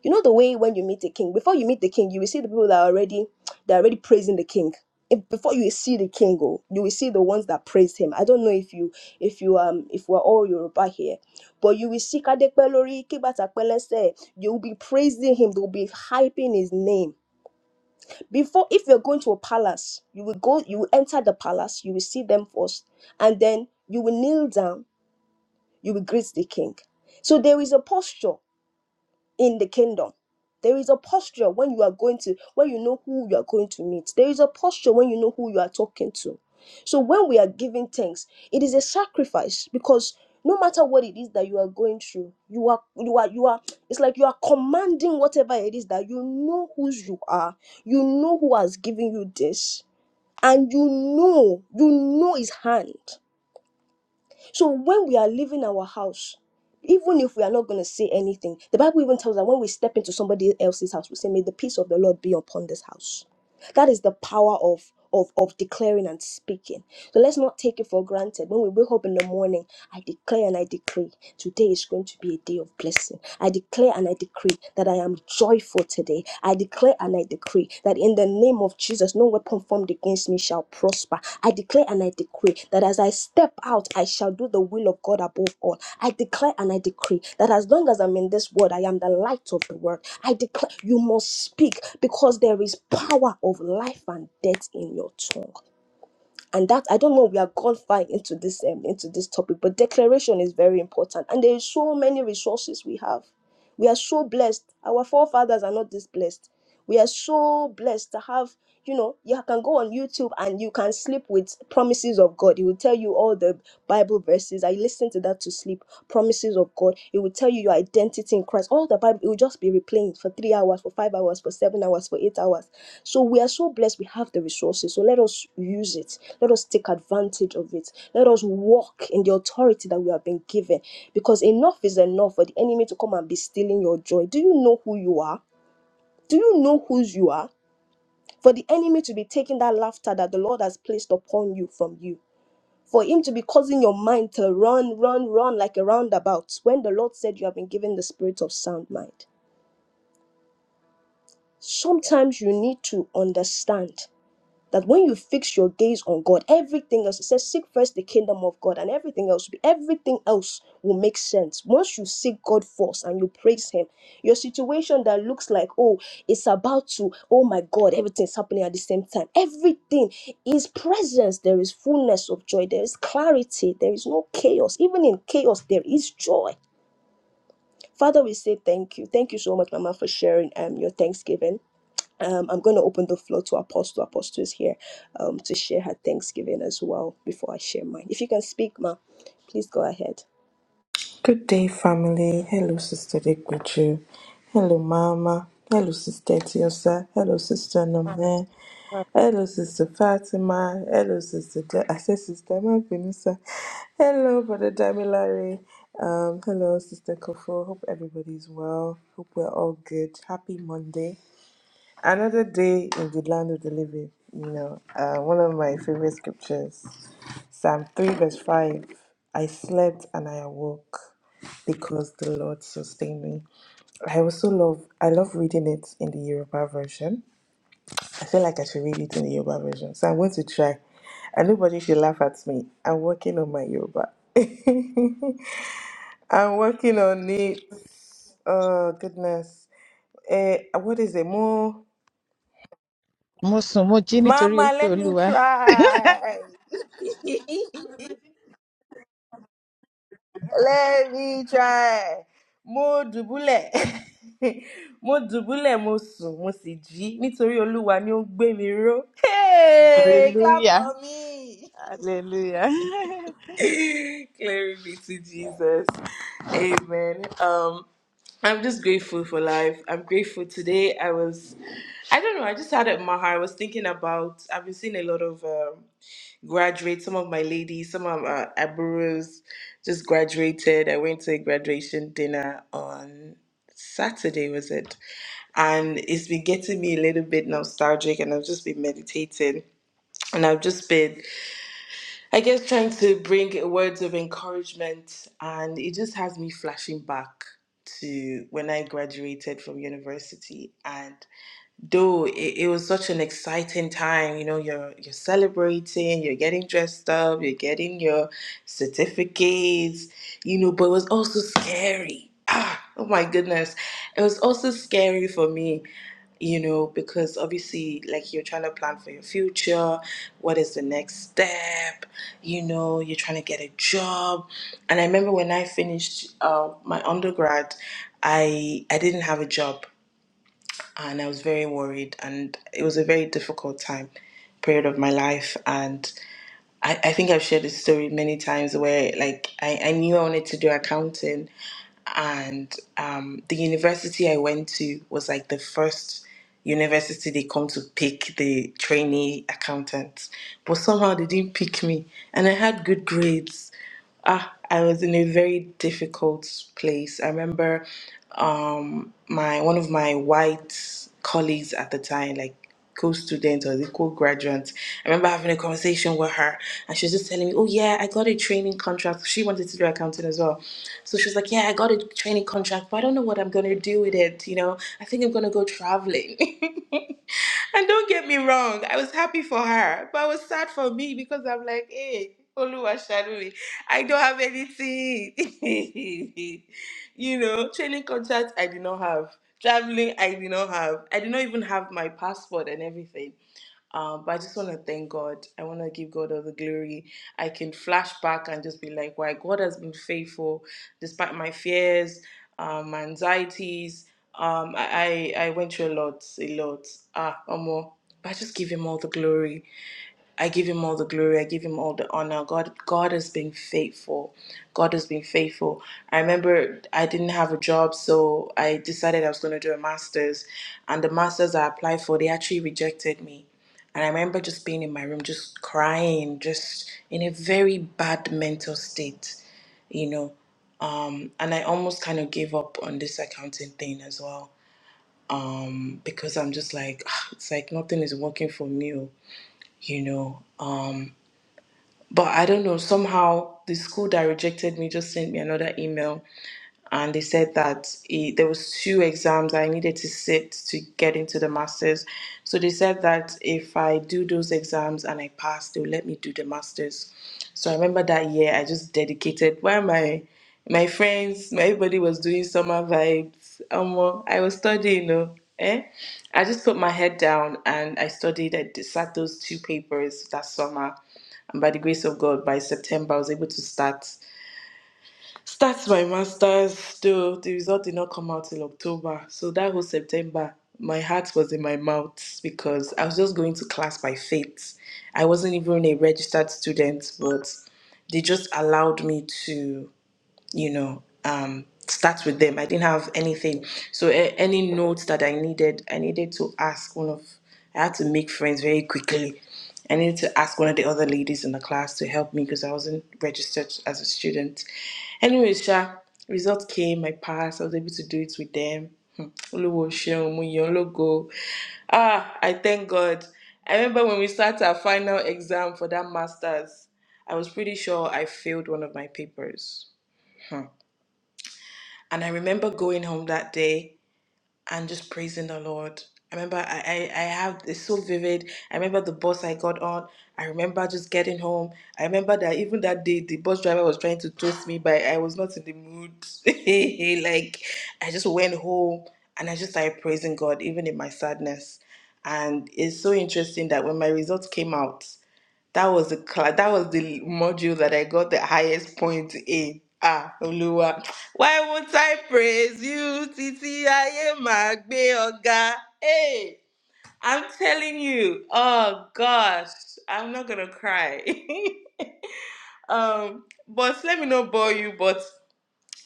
[SPEAKER 1] you know the way when you meet the king, before you meet the king, you will see the people that are already <tsk> that are already praising the king. If, before you see the king, oh, you will see the ones that praise him. I don't know if you if you um if we're all Yoruba here, but you will see Kadekpelori, Kibatakpelese, you will be praising him, they will be hyping his name. Before if you're going to a palace, you will go, you will enter the palace, you will see them first, and then you will kneel down, you will greet the king. So there is a posture in the kingdom. There is a posture when you are going to, when you know who you are going to meet. There is a posture when you know who you are talking to. So when we are giving thanks, it is a sacrifice because no matter what it is that you are going through, you are you are you are it's like you are commanding whatever it is that you know whose you are, you know who has given you this, and you know, you know his hand. So when we are leaving our house, even if we are not going to say anything, the Bible even tells us that when we step into somebody else's house, we say, May the peace of the Lord be upon this house. That is the power of, of, of declaring and speaking. So let's not take it for granted. When we wake up in the morning, I declare and I decree, today is going to be a day of blessing. I declare and I decree that I am joyful today. I declare and I decree that in the name of Jesus, no weapon formed against me shall prosper. I declare and I decree that as I step out, I shall do the will of God above all. I declare and I decree that as long as I'm in this world, I am the light of the world. I declare you must speak because there is power of life and death in your tongue and that I don't know we are gone far into this um, into this topic, but declaration is very important, and there is so many resources we have. We are so blessed. Our forefathers are not this blessed. We are so blessed to have. You know, you can go on YouTube and you can sleep with promises of God. It will tell you all the Bible verses. I listen to that to sleep. Promises of God. It will tell you your identity in Christ. All the Bible. It will just be replaying for three hours, for five hours, for seven hours, for eight hours so we are so blessed we have the resources. So let us use it. Let us take advantage of it. Let us walk in the authority that we have been given because enough is enough for the enemy to come and be stealing your joy. Do you know who you are? Do you know whose you are? For the enemy to be taking that laughter that the Lord has placed upon you from you. For him to be causing your mind to run, run, run like a roundabout when the Lord said you have been given the spirit of sound mind. Sometimes you need to understand that when you fix your gaze on God, everything else, it says, seek first the kingdom of God and everything else, will be- everything else will make sense. Once you seek God first and you praise Him, your situation that looks like, oh, it's about to, oh my God, everything's happening at the same time. Everything is presence. There is fullness of joy. There is clarity. There is no chaos. Even in chaos, there is joy. Father, we say thank you. Thank you so much, Mama, for sharing um, your Thanksgiving. Um, I'm going to open the floor to Apostle. Apostle is here um, to share her thanksgiving as well before I share mine. If you can speak, ma, please go ahead.
[SPEAKER 4] Good day, family. Hello, Sister Dekwechu. Hello, Mama. Hello, Sister Tiosa. Hello, Sister Nome. Hello, Sister Fatima. Hello, Sister. De- I said Sister Mabinisa. Hello, Brother Damilare. Um, hello, Sister Kofo. Hope everybody's well. Hope we're all good. Happy Monday. Another day in the land of the living, you know, uh, one of my favorite scriptures, Psalm 3, verse 5. I slept and I awoke because the Lord sustained me. I also love I love reading it in the Yoruba version. I feel like I should read it in the Yoruba version. So I'm going to try. And nobody should laugh at me. I'm working on my Yoruba. <laughs> I'm working on it. Oh goodness. Uh, what is it? More
[SPEAKER 3] mo sùn mo jí nítorí
[SPEAKER 4] Mama,
[SPEAKER 3] pé
[SPEAKER 4] let me
[SPEAKER 3] olúwa
[SPEAKER 4] try. <laughs> let me try. Mo dùbúlẹ̀. <laughs> mo dùbúlẹ̀, mo sùn, mo sì jí nítorí Olúwa ni ó ń gbé mi ró. Hey, clap
[SPEAKER 3] Hallelujah.
[SPEAKER 4] for me.
[SPEAKER 3] Hallelujah. <laughs>
[SPEAKER 4] <laughs> Glory be to Jesus. Amen. Um, I'm just grateful for life. I'm grateful today. I was, I don't know, I just had it in my heart. I was thinking about, I've been seeing a lot of. um. graduate. Some of my ladies, some of our aburos just graduated. I went to a graduation dinner on Saturday, was it? And it's been getting me a little bit nostalgic, and I've just been meditating. And I've just been, I guess, trying to bring words of encouragement, and it just has me flashing back to when I graduated from university. and dude, it, it was such an exciting time. You know, you're you're celebrating, you're getting dressed up, you're getting your certificates, you know, but it was also scary. Ah, oh my goodness. It was also scary for me, you know, because obviously like you're trying to plan for your future, what is the next step, you know, you're trying to get a job. And I remember when I finished uh, my undergrad, I I didn't have a job and I was very worried. And it was a very difficult time, period of my life. And I, I think I've shared this story many times where, like, I, I knew I wanted to do accounting, and um, the university I went to was like the first university they come to pick the trainee accountants, but somehow they didn't pick me, and I had good grades. Ah, I was in a very difficult place. I remember um my one of my white colleagues at the time like co-student or the co-graduate i remember having a conversation with her and she was just telling me oh yeah i got a training contract she wanted to do accounting as well so she was like yeah i got a training contract but i don't know what i'm going to do with it you know i think i'm going to go traveling <laughs> <laughs> And don't get me wrong, I was happy for her, but I was sad for me because I'm like, hey, Oluwa Shaduri, I don't have anything. <laughs> you know, training contract I did not have. Traveling I did not have. I did not even have my passport and everything. Um, but I just want to thank God. I want to give God all the glory. I can flash back and just be like, why God has been faithful despite my fears, um, my anxieties. Um, I, I I went through a lot, a lot. Ah, Omo. But I just give Him all the glory. I give him all the glory. I give him all the honor. God, God has been faithful. God has been faithful. I remember I didn't have a job, so I decided I was going to do a master's, and the masters I applied for, they actually rejected me. And I remember just being in my room, just crying, just in a very bad mental state, you know. Um, and I almost kind of gave up on this accounting thing as well, um, because I'm just like, "Ah, it's like nothing is working for me, oh," you know. Um, but I don't know, somehow the school that rejected me just sent me another email and they said that it, there was two exams I needed to sit to get into the masters. So they said that if I do those exams and I pass, they'll let me do the masters. So I remember that year I just dedicated while my my friends, my everybody was doing summer vibes. Um, I was studying, you know. Eh? I just put my head down and I studied. I d- sat those two papers that summer, and by the grace of God, by September I was able to start start my master's still the result did not come out till october so that whole september my heart was in my mouth because i was just going to class by faith i wasn't even a registered student but they just allowed me to you know, um, start with them. I didn't have anything. So a- any notes that I needed, I needed to ask one of, I had to make friends very quickly. I needed to ask one of the other ladies in the class to help me because I wasn't registered as a student. Anyway, Sha, results came, I passed, I was able to do it with them. Hmm. Olúwo ṣeun, mo yìn ọ́ lógo. Ah, I thank God. I remember when we sat our final exam for that master's, I was pretty sure I failed one of my papers. Hmm. And I remember going home that day and just praising the Lord. I remember I, I, I have it's so vivid. I remember the bus I got on. I remember just getting home. I remember that even that day the bus driver was trying to toast me, but I was not in the mood. <laughs> like I just went home and I just started praising God, even in my sadness. And it's so interesting that when my results came out, that was the class. That was the module that I got the highest point in. Ah, Oluwa. Why won't I praise you? Titi aye magbe oga. Hey, I'm telling you. Oh gosh, I'm not gonna cry. <laughs> um, but let me not bore you. But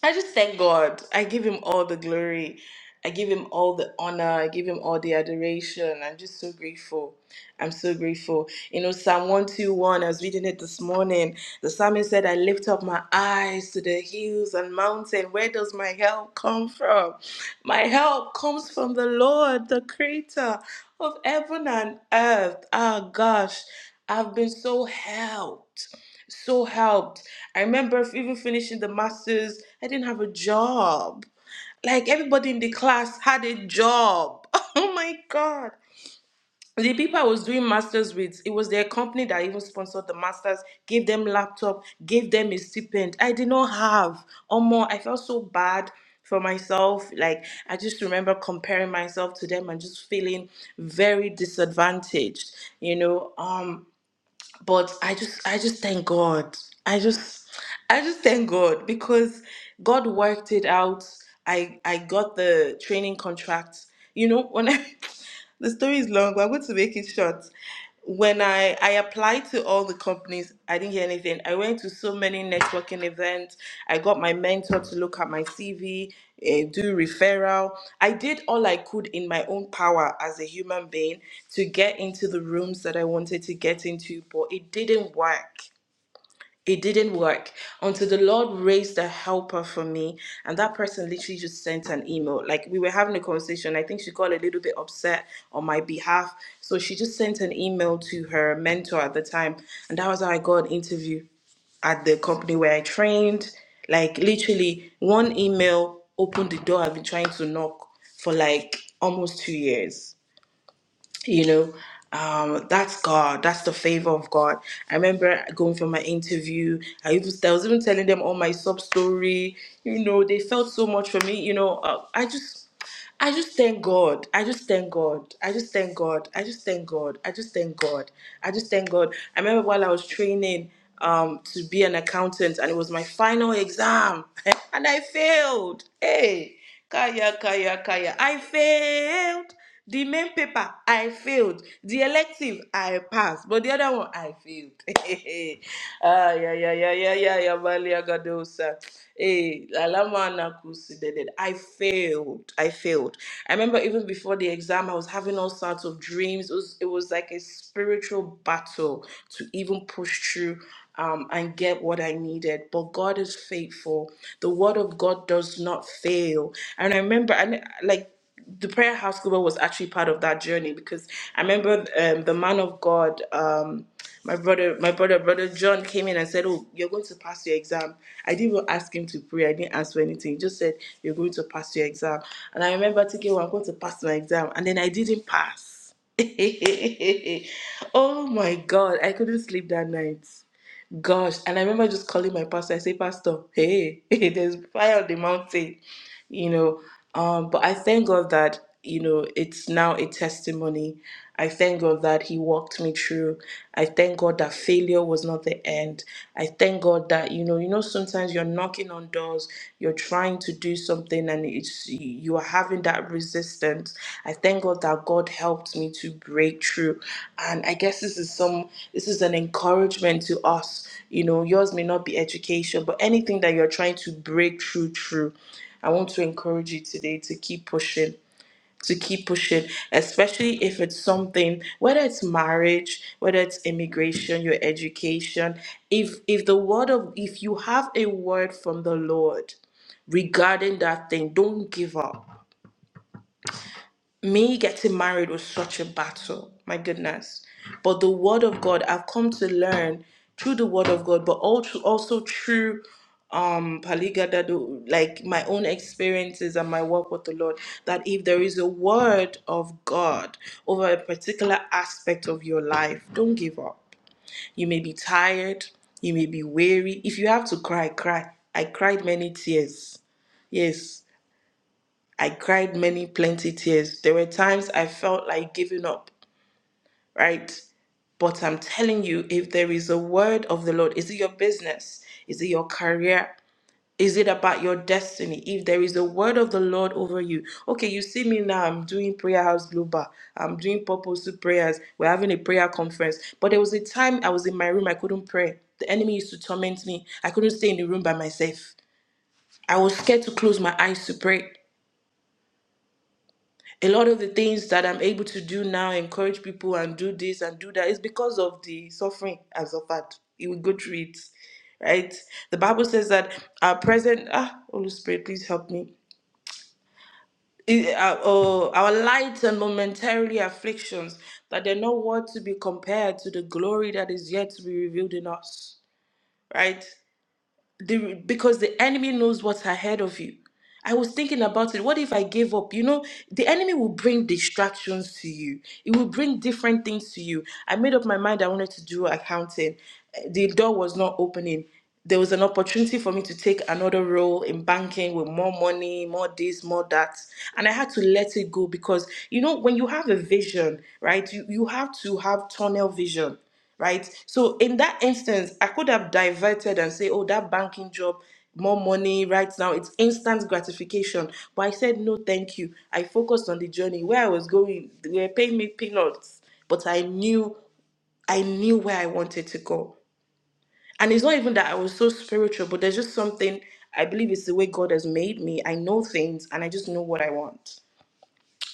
[SPEAKER 4] I just thank God. I give him all the glory. I give him all the honor. I give him all the adoration. I'm just so grateful. I'm so grateful. You know, Psalm 121, I was reading it this morning. The psalmist said, I lift up my eyes to the hills and mountain. Where does my help come from? My help comes from the Lord, the creator of heaven and earth. Ah, gosh, I've been so helped so helped. I remember f- even finishing the masters, I didn't have a job. Like everybody in the class had a job. <laughs> Oh my god. The people I was doing masters with, it was their company that even sponsored the masters, gave them laptop, gave them a stipend. I did not have. Or more, I felt so bad for myself. Like I just remember comparing myself to them and just feeling very disadvantaged. You know, um, but i just i just thank god i just i just thank god because god worked it out i i got the training contract you know when i <laughs> the story is long but i'm going to make it short when i i applied to all the companies i didn't hear anything i went to so many networking events i got my mentor to look at my cv eh, do referral. I did all I could in my own power as a human being to get into the rooms that I wanted to get into, but it didn't work it didn't work until the Lord raised a helper for me. And that person literally just sent an email. Like we were having a conversation. I think she got a little bit upset on my behalf. So she just sent an email to her mentor at the time. And that was how I got an interview at the company where I trained. Like literally one email opened the door I've been trying to knock for like almost two years you know um that's god that's the favor of god i remember going for my interview i even i was even telling them all my sub story you know they felt so much for me you know uh, i just i just thank god i just thank god i just thank god i just thank god i just thank god i just thank god i remember while i was training um to be an accountant and it was my final exam <laughs> and i failed hey kaya kaya kaya i failed the main paper, I failed. The elective, I passed. But the other one, I failed. <laughs> ah, yeah, yeah, yeah, yeah, yeah, yeah, Malia Gadosa. Hey, Lalama Nakusi did it. I failed. I failed. I remember even before the exam, I was having all sorts of dreams. It was, it was like a spiritual battle to even push through um, and get what I needed. But God is faithful. The word of God does not fail. And I remember, and like, the prayer house group was actually part of that journey because I remember um, the man of God, um, my brother, my brother, brother John came in and said, "Oh, you're going to pass your exam." I didn't even ask him to pray. I didn't ask for anything. He just said, "You're going to pass your exam." And I remember thinking, "Well, I'm going to pass my exam," and then I didn't pass. <laughs> oh my God! I couldn't sleep that night. Gosh, and I remember just calling my pastor. I say, Pastor, hey, <laughs> hey, there's fire on the mountain, you know. Um, but I thank God that you know it's now a testimony. I thank God that He walked me through. I thank God that failure was not the end. I thank God that you know, you know, sometimes you're knocking on doors, you're trying to do something, and it's you are having that resistance. I thank God that God helped me to break through, and I guess this is some, this is an encouragement to us. You know, yours may not be education, but anything that you're trying to break through through. I want to encourage you today to keep pushing to keep pushing, especially if it's something, whether it's marriage, whether it's immigration, your education, if if the word of if you have a word from the Lord regarding that thing, don't give up me getting married was such a battle my goodness but the word of god i've come to learn through the word of god but also also through um paligadado like my own experiences and my work with the lord that if there is a word of god over a particular aspect of your life don't give up you may be tired you may be weary if you have to cry cry i cried many tears yes I cried many plenty tears. There were times I felt like giving up, right? But I'm telling you, if there is a word of the Lord, is it your business? Is it your career? Is it about your destiny? If there is a word of the Lord over you, okay, you see me now, I'm doing Prayer House Global, I'm doing purposeful prayers, we're having a prayer conference. But there was a time I was in my room, I couldn't pray. The enemy used to torment me, I couldn't stay in the room by myself. I was scared to close my eyes to pray. a lot of the things that I'm able to do now, encourage people and do this and do that, is because of the suffering I've suffered. You will go through it, right? The Bible says that our present, ah, Holy Spirit, please help me. I- Our, oh, our light and momentarily afflictions, that they're not what to be compared to the glory that is yet to be revealed in us, right? the because the enemy knows what's ahead of you. I was thinking about it. What if I gave up? You know, the enemy will bring distractions to you. It will bring different things to you. I made up my mind I wanted to do accounting. Uh, The door was not opening. There was an opportunity for me to take another role in banking with more money, more this, more that. And I had to let it go because, you know, when you have a vision, right, you, you have to have tunnel vision right? So in that instance, I could have diverted and say, oh, that banking job, more money right now, it's instant gratification. But I said, no, thank you. I focused on the journey where I was going. They were paying me peanuts, but I knew, I knew where I wanted to go. And it's not even that I was so spiritual, but there's just something I believe it's the way God has made me. I know things and I just know what I want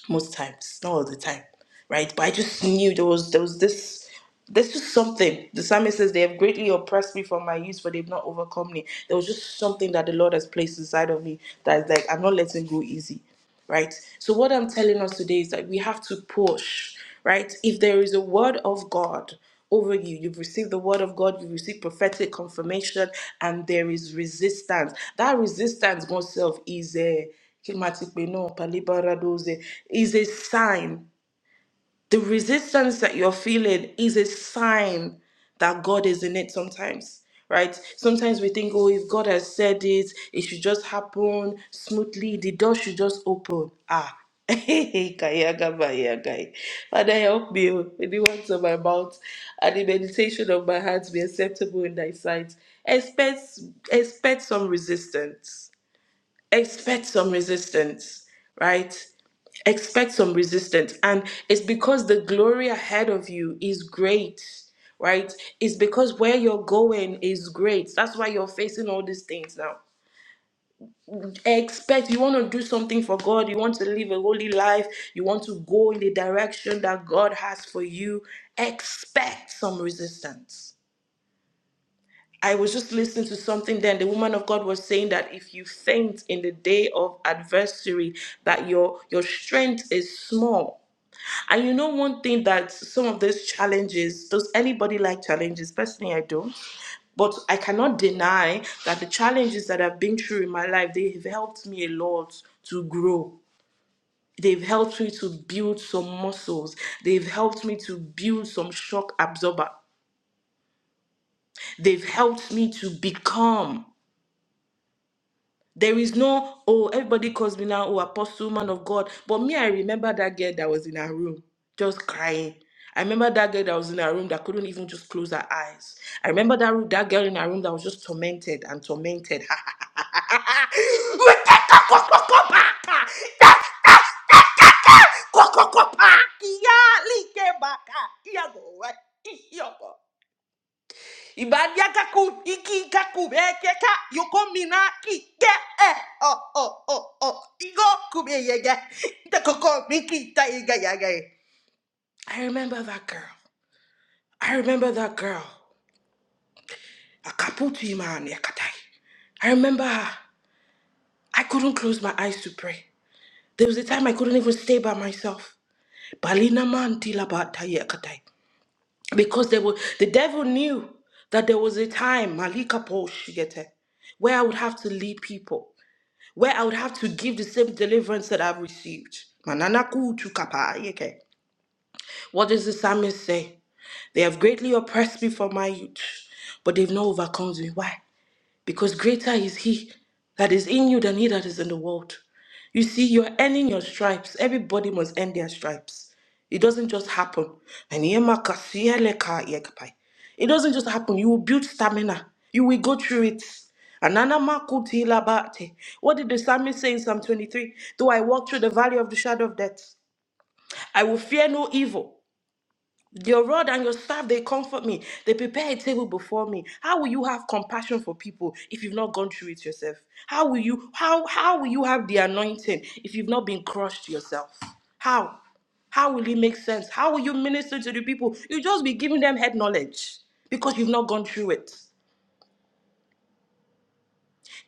[SPEAKER 4] most times, not all the time, right? But I just knew there was there was this there's just something. The psalmist says they have greatly oppressed me from my youth, for they've not overcome me. There was just something that the Lord has placed inside of me that's like I'm not letting go easy. Right? So what I'm telling us today is that we have to push right? If there is a word of God over you, you've received the word of God, you've received prophetic confirmation, and there is resistance. That resistance, God is a is a sign the resistance that you're feeling is a sign that God is in it sometimes, right? Sometimes we think, oh, if God has said it, it should just happen smoothly, the door should just open. Ah. <laughs> Kayagabayagai. Father, help me oh, with the words of my mouth and the meditation of my heart be acceptable in thy sight. Expect, expect some resistance expect some resistance, right? Expect some resistance. And it's because the glory ahead of you is great, right? It's because where you're going is great. That's why you're facing all these things now. Expect you want to do something for God, you want to live a holy life, you want to go in the direction that God has for you. Expect some resistance I was just listening to something then. The woman of God was saying that if you faint in the day of adversary, that your your strength is small. And you know one thing that some of those challenges, does anybody like challenges? Personally, I don't. But I cannot deny that the challenges that I've been through in my life, they've helped me a lot to grow. They've helped me to build some muscles. They've helped me to build some shock absorber. They've helped me to become. There is no, oh, everybody calls me now, oh, apostle, man of God. But me, I remember that girl that was in her room just crying. I remember that girl that was in her room that couldn't even just close her eyes. I remember that, ro- that girl in her room that was just tormented and tormented. <laughs> Ibadiakaku, iki kaku, ekeka, yokomina, kike, eh, oh, oh, oh, oh, igo, kube, yega, itakoko, miki, ta, iga, yaga. I remember that girl. I remember that girl. Akaputi, man, yakatai. I remember her. I couldn't close my eyes to pray. There was a time I couldn't even stay by myself. Balina man tilabata yakatai. Because there were, the devil knew that there was a time, Malika Paul Shigete, where I would have to lead people. where I would have to give the same deliverance that I've received. Mananaku tu kapa, yeke. What does the psalmist say? They have greatly oppressed me from my youth, but they've not overcome me. Why? because greater is he that is in you than he that is in the world. You see, you're ending your stripes. Everybody must end their stripes. It doesn't just happen. And yema kasiye leka yekapai. It doesn't just happen. You will build stamina. You will go through it. Anana makuti labate. What did the psalmist say in Psalm 23? Though I walk through the valley of the shadow of death, I will fear no evil your rod and your staff, they comfort me. They prepare a table before me. How will you have compassion for people if you've not gone through it yourself? How will you how how will you have the anointing if you've not been crushed yourself? How? How will it make sense? How will you minister to the people? You'll just be giving them head knowledge because you've not gone through it.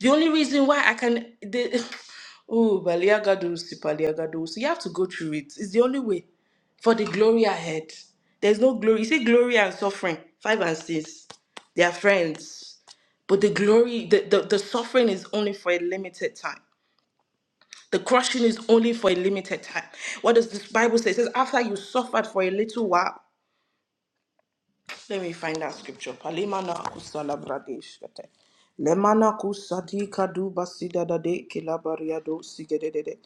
[SPEAKER 4] The only reason why I can the <laughs> oh baliagadusi baliagadusi you have to go through it. It's the only way for the glory ahead. There's no glory. You see, glory and suffering, five and six, they are friends. But the glory, the, the, the suffering is only for a limited time. The crushing is only for a limited time. What does this Bible say? It says, after you suffered for a little while. Let me find that scripture. Palimana kusala bradeshkate. Lemana kusati kadu basida da de kilabaria do sigedede.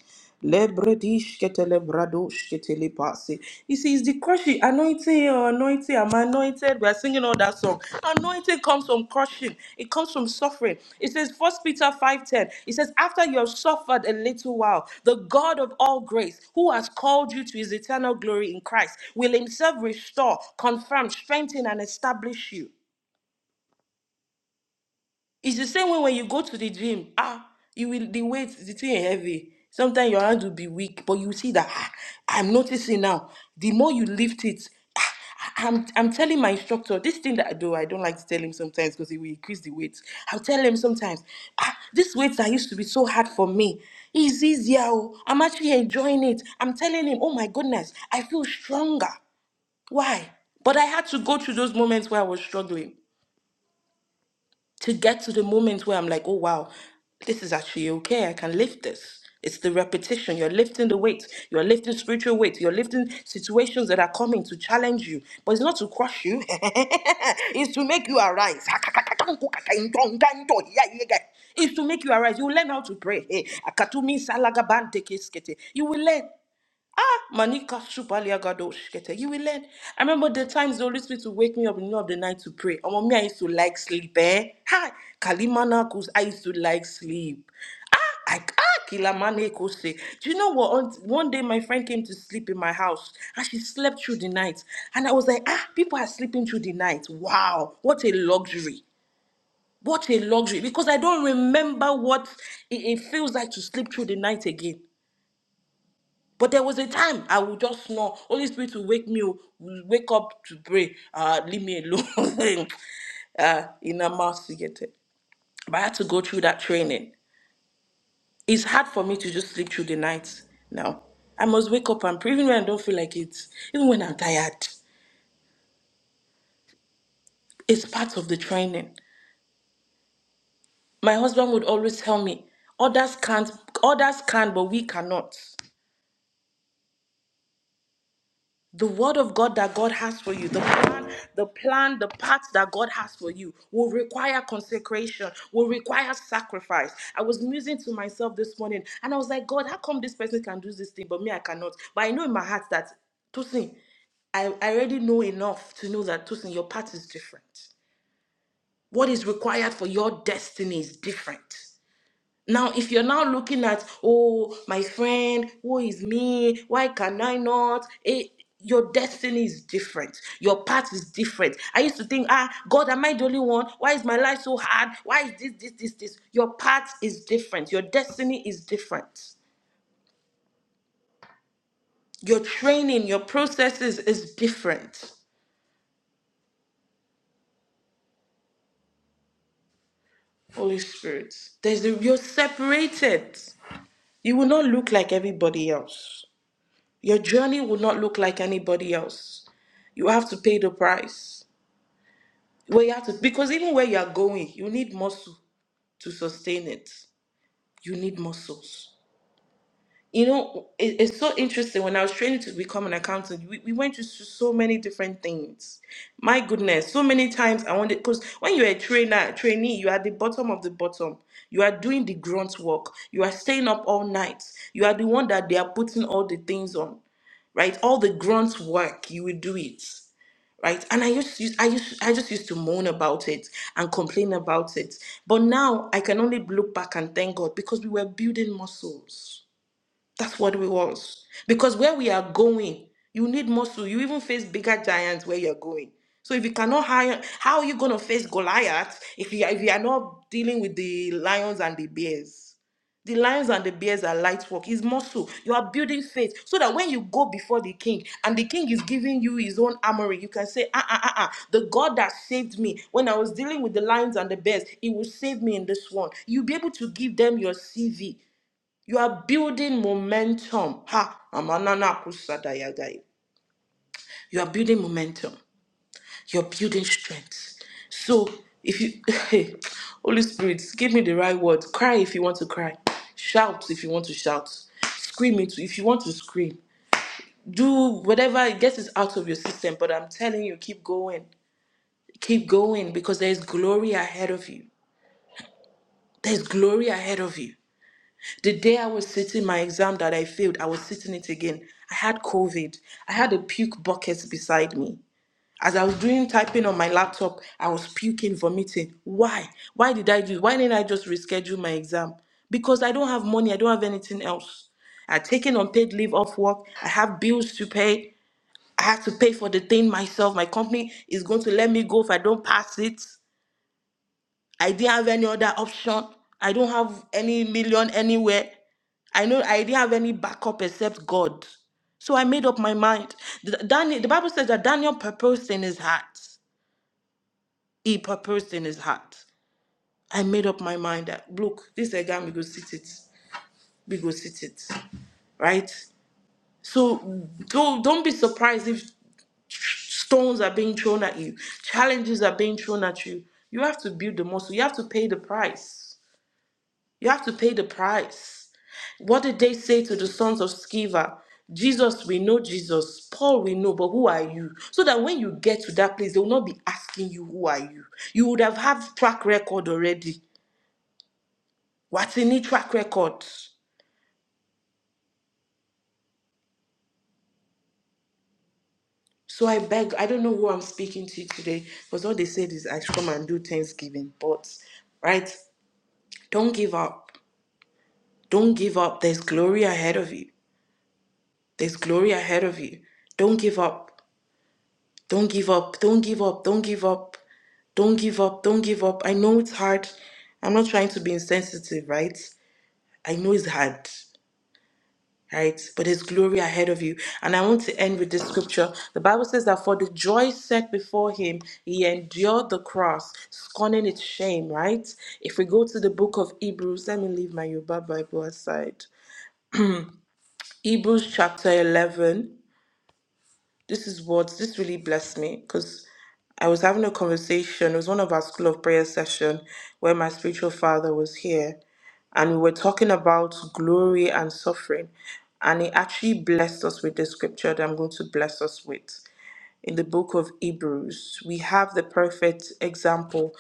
[SPEAKER 4] Le bredishkete le bradoshkete le pasi. You see, it's the crushing anointing, oh, anointed, I'm anointed. We are singing know that song. Anointing comes from crushing. It comes from suffering. It says First Peter 5:10. It says, after you have suffered a little while, the God of all grace, who has called you to his eternal glory in Christ, will himself restore, confirm, strengthen, and establish you. It's the same way when you go to the gym. Ah, you will the weight, the thing heavy. Sometimes your hand will be weak, but you see that ah, I'm noticing now. The more you lift it, ah, I- I'm I'm telling my instructor this thing that I do. I don't like to tell him sometimes because it will increase the weight. I'll tell him sometimes. Ah, this weight that used to be so hard for me is easier. oh. I'm actually enjoying it. I'm telling him, oh my goodness, I feel stronger. Why? But I had to go through those moments where I was struggling to get to the moment where I'm like, oh wow, this is actually okay. I can lift this. It's the repetition. You're lifting the weight. You're lifting spiritual weight. You're lifting situations that are coming to challenge you. But it's not to crush you, <laughs> it's to make you arise. It's to make you arise. You learn how to pray. <laughs> You will learn. Manika Shupalia Gadosh Kete. You will learn. I remember the times the Holy Spirit would wake me up in the middle of the night to pray. Oh, mommy, I used to like sleep, eh? Hi. Kalimana Kus, I used to like sleep. Ah, I ah, Kilamane Kose. Do you know what? On, one day my friend came to sleep in my house and she slept through the night. And I was like, ah, people are sleeping through the night. Wow, what a luxury. What a luxury. Because I don't remember what it, it feels like to sleep through the night again. But there was a time I would just snore. Holy Spirit will wake me, will wake up to pray. Uh, leave me alone. <laughs> uh, in a mouth to get it. But I had to go through that training. It's hard for me to just sleep through the night now. I must wake up and pray, even when I don't feel like it, even when I'm tired. It's part of the training. My husband would always tell me, others can't, others can, but we cannot. the word of God that God has for you, the plan, the plan, the path that God has for you will require consecration, will require sacrifice. I was musing to myself this morning and I was like, God, how come this person can do this thing, but me, I cannot? But I know in my heart that, Tosin, I, I already know enough to know that, Tosin, your path is different. What is required for your destiny is different. Now, if you're now looking at, oh, my friend, who is me? Why can I not? It, your destiny is different. Your path is different. I used to think, ah, God, am I the only one? Why is my life so hard? Why is this, this, this, this? Your path is different. Your destiny is different. Your training, your processes is different. Holy Spirit, there's a, you're separated. You will not look like everybody else. Your journey will not look like anybody else. You have to pay the price. Where you have to, because even where you are going, you need muscle to sustain it. You need muscles. You know, it- it's so interesting. When I was training to become an accountant, we, we went through so many different things. My goodness, so many times I wanted, because when you're a trainer, trainee, you are at the bottom of the bottom. You are doing the grunt work. You are staying up all night. You are the one that they are putting all the things on. right? All the grunt work, you would do it, right? And I used, to, I used, I just used to moan about it and complain about it. But now I can only look back and thank God because we were building muscles that's what we want. Because where we are going, you need muscle. You even face bigger giants where you're going. So if you cannot hire, how are you going to face Goliath if you, are- if you are not dealing with the lions and the bears? The lions and the bears are light work. It's muscle. You are building faith so that when you go before the king and the king is giving you his own armory, you can say, ah, ah, ah, ah, the God that saved me when I was dealing with the lions and the bears, he will save me in this one. You'll be able to give them your CV. You are building momentum. Ha! Amanana kusada yagai. You are building momentum. You're building strength. So if you <laughs> hey, Holy Spirit, give me the right words. Cry if you want to cry. Shout if you want to shout. Scream it if you want to scream. Do whatever gets it out of your system. But I'm telling you, keep going. Keep going because there is glory ahead of you. There's glory ahead of you. The day I was sitting my exam that I failed, I was sitting it again. I had COVID. I had a puke bucket beside me. As I was doing typing on my laptop, I was puking, vomiting. Why? Why did I do? Why didn't I just reschedule my exam? Because I don't have money. I don't have anything else. I taken unpaid leave off work. I have bills to pay. I have to pay for the thing myself. My company is going to let me go if I don't pass it. I didn't have any other option. I don't have any million anywhere. I know I didn't have any backup except God. So I made up my mind. The- Daniel, the Bible says that Daniel purposed in his heart. He purposed in his heart. I made up my mind that look, this exam we go sit it. We go sit it. Right? So don't don't be surprised if stones are being thrown at you, challenges are being thrown at you. You have to build the muscle. You have to pay the price. You have to pay the price. What did they say to the sons of Sceva? Jesus, we know Jesus. Paul, we know, but who are you? So that when you get to that place, they will not be asking you, who are you? You would have had track record already. What's in it track record? So I beg, I don't know who I'm speaking to today, because all they said is I should come and do Thanksgiving. But, right, don't give up. Don't give up. There's glory ahead of you. There's glory ahead of you. Don't give up. Don't give up. Don't give up. Don't give up. Don't give up. Don't give up. I know it's hard. I'm not trying to be insensitive, right? I know it's hard, right? But there's glory ahead of you. And I want to end with this scripture. The Bible says that for the joy set before him, he endured the cross, scorning its shame, right? If we go to the book of Hebrews, let me leave my Yoruba Bible aside. Hebrews chapter 11. This is what this really blessed me because I was having a conversation. It was one of our school of prayer session where my spiritual father was here, and we were talking about glory and suffering, and he actually blessed us with the scripture that I'm going to bless us with in the book of Hebrews. We have the perfect example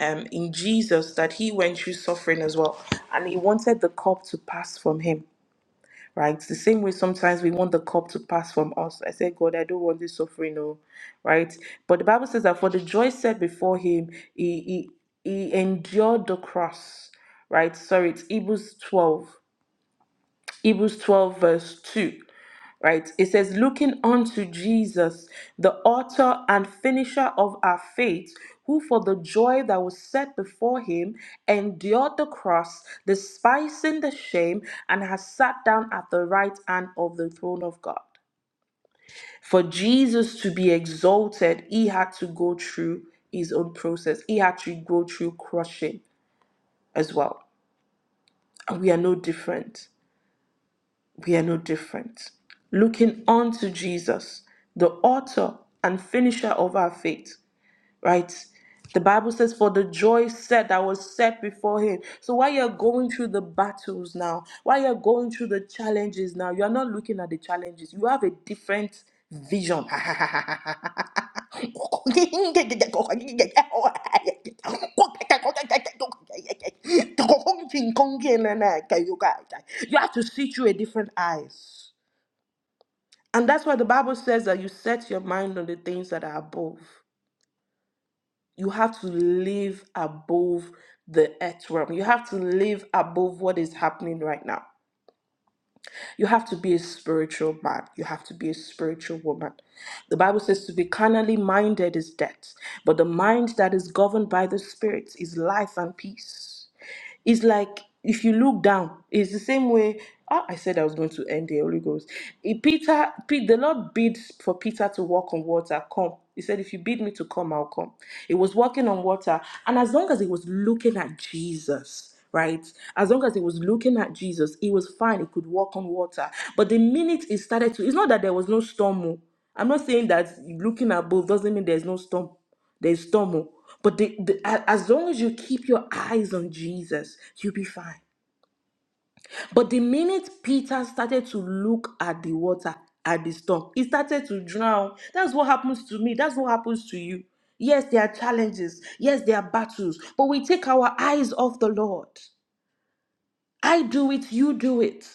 [SPEAKER 4] um, in Jesus that he went through suffering as well, and he wanted the cup to pass from him right? The same way sometimes we want the cup to pass from us. I said, God, I don't want this suffering, no, right? But the Bible says that for the joy set before him, he he, he endured the cross, right? Sorry, it's Hebrews 12, Hebrews 12, verse 2 right? It says, looking unto Jesus, the author and finisher of our faith, who for the joy that was set before him endured the cross, despising the shame, and has sat down at the right hand of the throne of God. For Jesus to be exalted, he had to go through his own process, he had to go through crushing as well. And we are no different. we are no different. Looking unto Jesus, the author and finisher of our faith, right? The Bible says, for the joy set that was set before him. So while you're going through the battles now, while you're going through the challenges now, you're not looking at the challenges. You have a different vision. <laughs> You have to see through a different eyes. And that's why the Bible says that you set your mind on the things that are above you have to live above the earth realm. You have to live above what is happening right now. You have to be a spiritual man. You have to be a spiritual woman. The Bible says to be carnally minded is death, but the mind that is governed by the Spirit is life and peace. It's like if you look down, it's the same way. Ah, I said I was going to end the Holy Ghost. If Peter, Pe- the Lord bid for Peter to walk on water. Come, he said, if you bid me to come, I'll come. He was walking on water, and as long as he was looking at Jesus, right? As long as he was looking at Jesus, he was fine. He could walk on water. But the minute he started to, it's not that there was no storm. oh. I'm not saying that looking above doesn't mean there's no storm. There's turmoil. But the, the, a- as long as you keep your eyes on Jesus, you'll be fine. But the minute Peter started to look at the water, at the storm, he started to drown. That's what happens to me. That's what happens to you. Yes, there are challenges. Yes, there are battles. But we take our eyes off the Lord. I do it, you do it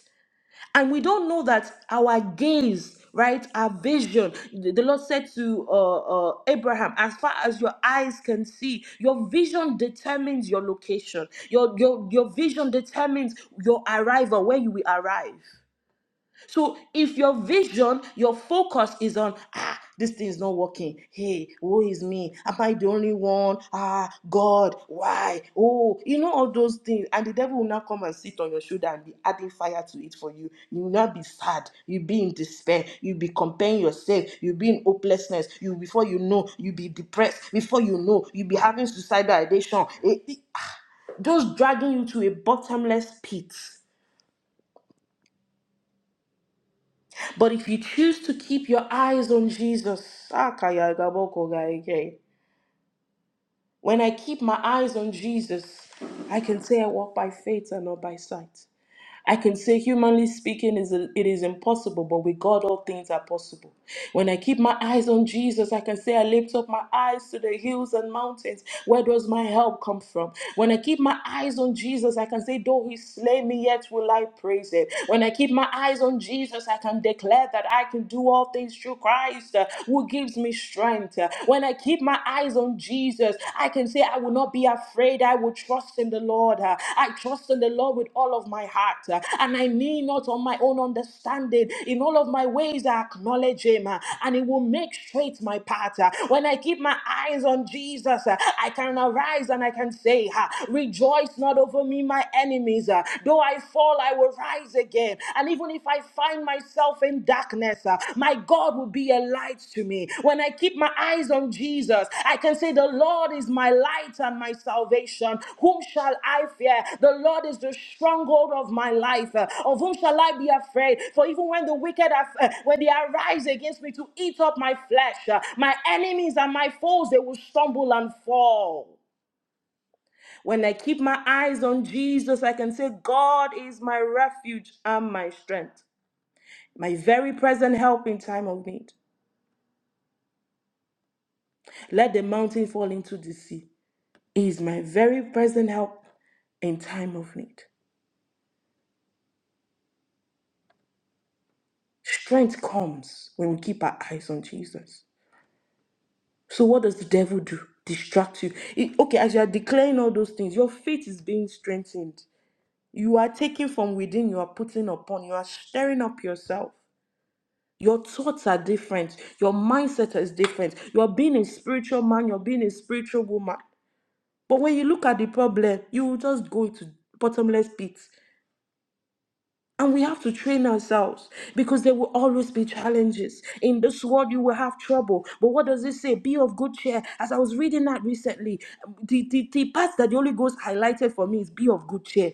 [SPEAKER 4] and we don't know that our gaze right our vision the the lord said to uh, uh, abraham as far as your eyes can see your vision determines your location your, your your vision determines your arrival where you will arrive so if your vision, your focus is on ah, this thing is not working. Hey, woe is me. Am I the only one? Ah, God, why? Oh, you know all those things. And the devil will now come and sit on your shoulder and be adding fire to it for you. You will not be sad. You'll be in despair. You'll be comparing yourself. You'll be in hopelessness. You before you know, you'll be depressed. Before you know, you'll be having suicidal ideation. It, it- just dragging you to a bottomless pit But if you choose to keep your eyes on Jesus, Akaya when I keep my eyes on Jesus, I can say I walk by faith and not by sight. I can say, humanly speaking, is it is impossible, but with God, all things are possible. When I keep my eyes on Jesus, I can say, I lift up my eyes to the hills and mountains. Where does my help come from? When I keep my eyes on Jesus, I can say, though he slay me, yet will I praise him. When I keep my eyes on Jesus, I can declare that I can do all things through Christ uh, who gives me strength. Uh, When I keep my eyes eyes on Jesus, I can say, I will not be afraid. I will trust in the Lord. Uh, I trust in the Lord with all of my heart. uh, And I lean not on my own understanding. In all of my ways, I acknowledge Him, uh, and He will make straight my path. uh. When I keep my eyes on Jesus, uh, I can arise and I can say, uh, Rejoice not over me, my enemies. uh, Though I fall, I will rise again. And even if I find myself in darkness, uh, my God will be a light to me. When I keep my eyes on Jesus, I can say, The Lord is my light and my salvation. Whom shall I fear? The Lord is the stronghold of my life. Uh, Of whom shall I be afraid? For even when the wicked, are, uh, when they arise against me to eat up my flesh, uh, my enemies and my foes, they will stumble and fall. When I keep my eyes on Jesus, I can say, God is my refuge and my strength my very present help in time of need. Let the mountain fall into the sea. He is my very present help in time of need. Strength comes when we keep our eyes on Jesus. So what does the devil do? Distract you. It- okay, as you are declaring all those things, your faith is being strengthened. You are taking from within, you are putting upon, you are stirring up yourself. Your thoughts are different. Your mindset is different. You are being a spiritual man. You're being a spiritual woman. But when you look at the problem, you will just go into bottomless pits. And we have to train ourselves because there will always be challenges. In this world, you will have trouble. But what does it say? Be of good cheer. As I was reading that recently, the, the, the part that the Holy Ghost highlighted for me is be of good cheer.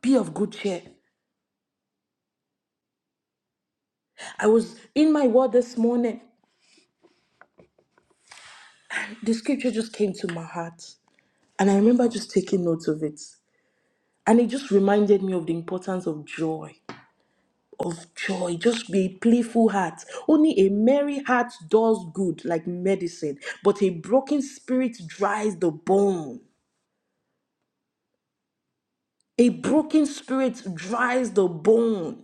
[SPEAKER 4] Be of good cheer. I was in my word this morning. The scripture just came to my heart. And I remember just taking notes of it. And it just reminded me of the importance of joy of joy. Just be a playful heart. Only a merry heart does good, like medicine, but a broken spirit dries the bone. A broken spirit dries the bone.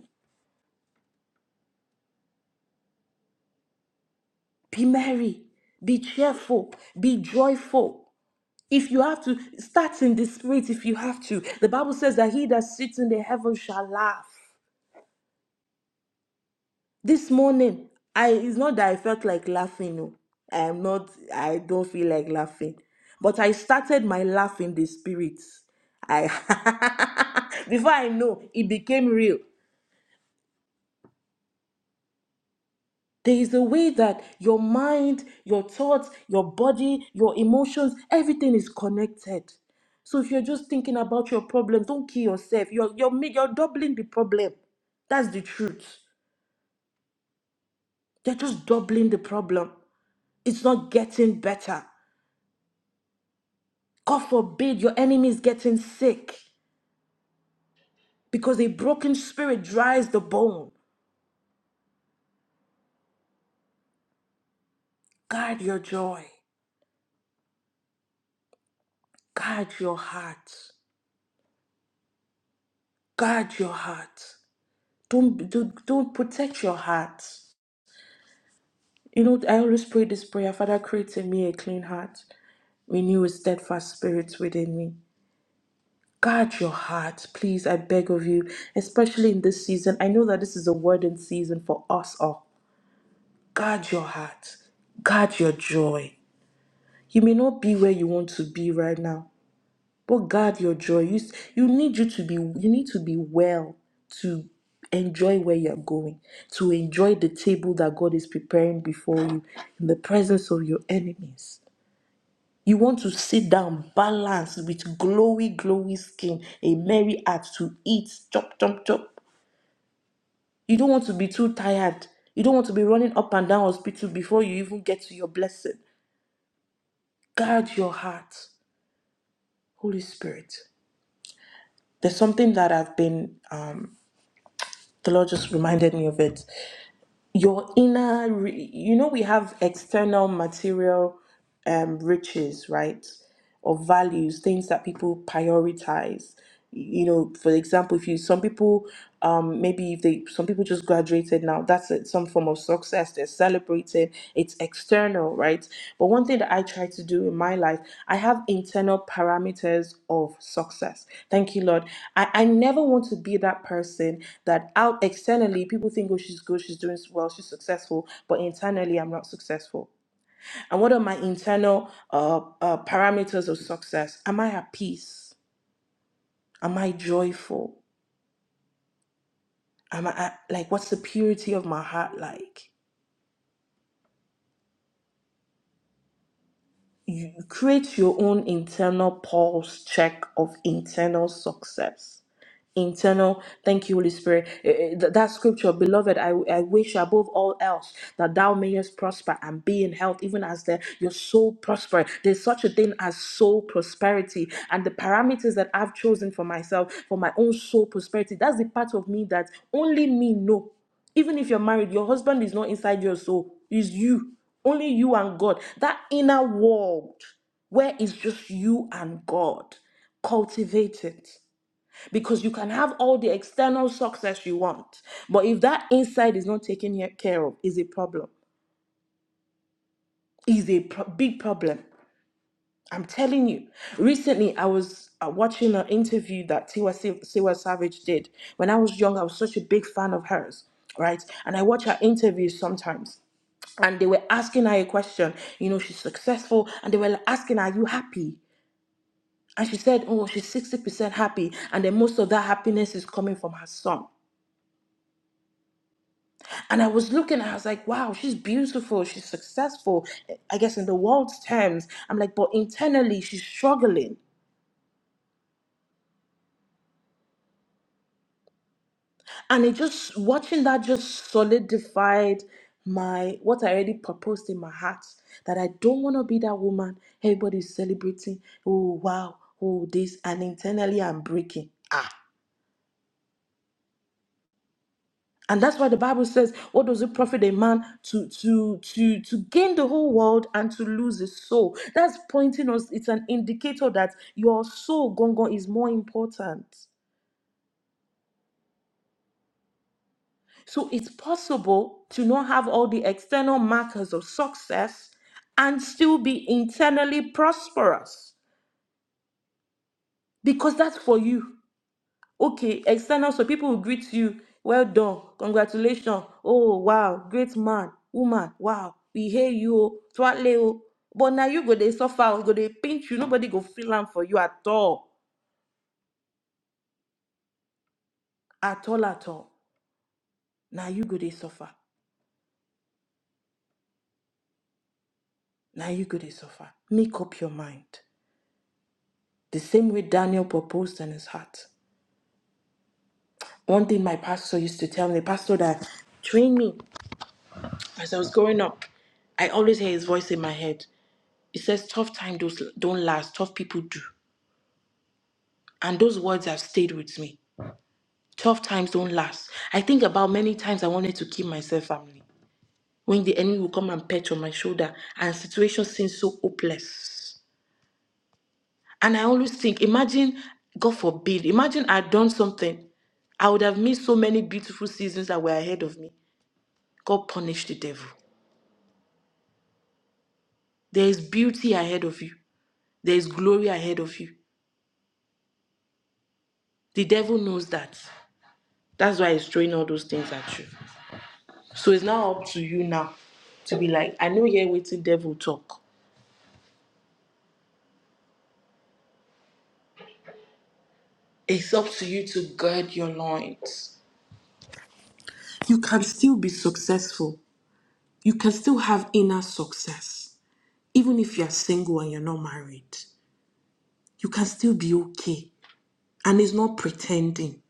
[SPEAKER 4] Be merry, be cheerful, be joyful. If you have to, start in the spirit if you have to. The Bible says that he that sits in the heaven shall laugh. this morning i it's not that i felt like laughing no i'm not i don't feel like laughing but i started my laugh in the spirit i <laughs> before i know it became real there is a way that your mind your thoughts your body your emotions everything is connected so if you're just thinking about your problem don't kill yourself you're you're, ma- you're doubling the problem that's the truth you are just doubling the problem it's not getting better God forbid your enemy is getting sick because a broken spirit dries the bone. Guard your joy. Guard your heart. Guard your heart. Don't, don't, don't protect your heart. You know, I always pray this prayer Father, create in me a clean heart, renew a steadfast spirit within me. Guard your heart, please, I beg of you, especially in this season. I know that this is a word in season for us all. Guard your heart, guard your joy, You may not be where you want to be right now, but guard your joy. You, s- you need you to be you need to be well to enjoy where you're going, to enjoy the table that God is preparing before you in the presence of your enemies. You want to sit down balanced with glowy, glowy skin, a merry heart to eat, chop, chop, chop. You don't want to be too tired. You don't want to be running up and down hospital before you even get to your blessing. Guard your heart, Holy Spirit. There's something that I've been, um, the Lord just reminded me of it. Your inner, re- you know, we have external material um, riches, right? or values, things that people prioritize. You know, for example, if you some people um maybe if they some people just graduated now, that's it, some form of success. They're celebrating, it's external, right? But one thing that I try to do in my life, I have internal parameters of success. Thank you, Lord. I, I never want to be that person that out externally people think, oh, she's good, she's doing well, she's successful, but internally I'm not successful. And what are my internal uh, uh, parameters of success? Am I at peace? Am I joyful? Am I at- like what's the purity of my heart like? You create your own internal pulse check of internal success. internal. Thank you, Holy Spirit. Eh, eh, th- That scripture, beloved, I, I wish above all else that thou mayest prosper and be in health, even as the, your soul prosper. There's such a thing as soul prosperity, and the parameters that I've chosen for myself for my own soul prosperity. That's the part of me that only me know. Even if you're married, your husband is not inside your soul; It's you. Only you and God. That inner world where it's just you and God. Cultivate it because you can have all the external success you want, but if that inside is not taken he- care of, is a problem. Is a pro- big problem. I'm telling you. Recently, I was uh, watching an interview that Tiwa, Sa- Tiwa Savage did. When I was young, I was such a big fan of hers, right? And I watch her interviews sometimes and they were asking her a question. You know, she's successful, and they were asking, her, "Are you happy?" And she said, "Oh, she's sixty percent happy," and then most of that happiness is coming from her son. And I was looking at her, I was like, wow, she's beautiful, she's successful, I guess in the world's terms. I'm like, but internally, she's struggling. And it just, watching that just solidified my, what I already proposed in my heart, that I don't want to be that woman everybody's celebrating. Oh, wow, oh, this. And internally, I'm breaking. And that's why the Bible says, "What does it profit a man to to to to gain the whole world and to lose his soul?" That's pointing us. It's an indicator that your soul, gongon, is more important. So it's possible to not have all the external markers of success and still be internally prosperous because that's for you. Okay, external, so people will greet you. Well done. Congratulations. Oh, wow. Great man, woman. Wow. We hear you. oh. Twatle. oh. But now you go, they suffer. Go, they pinch you. Nobody go feel am for you at all. At all, at all. Now you go, they suffer. Now you go, they suffer. Make up your mind. The same way Daniel proposed in his heart. One thing my pastor used to tell me, pastor that trained me as I was growing up. I always hear his voice in my head. It says, tough times don't don't last, tough people do. And those words have stayed with me. Tough times don't last. I think about many times I wanted to kill myself, family. When the enemy will come and pat on my shoulder and situation seems so hopeless. And I always think, imagine, God forbid, imagine I'd done something. I would have missed so many beautiful seasons that were ahead of me. God punished the devil. There is beauty ahead of you. There is glory ahead of you. The devil knows that. That's why he's throwing all those things at you. So it's now up to you now to be like, I know you're waiting devil talk. It's up to you to gird your loins. You can still be successful. You can still have inner success. Even if you're single and you're not married, you can still be okay. And it's not pretending.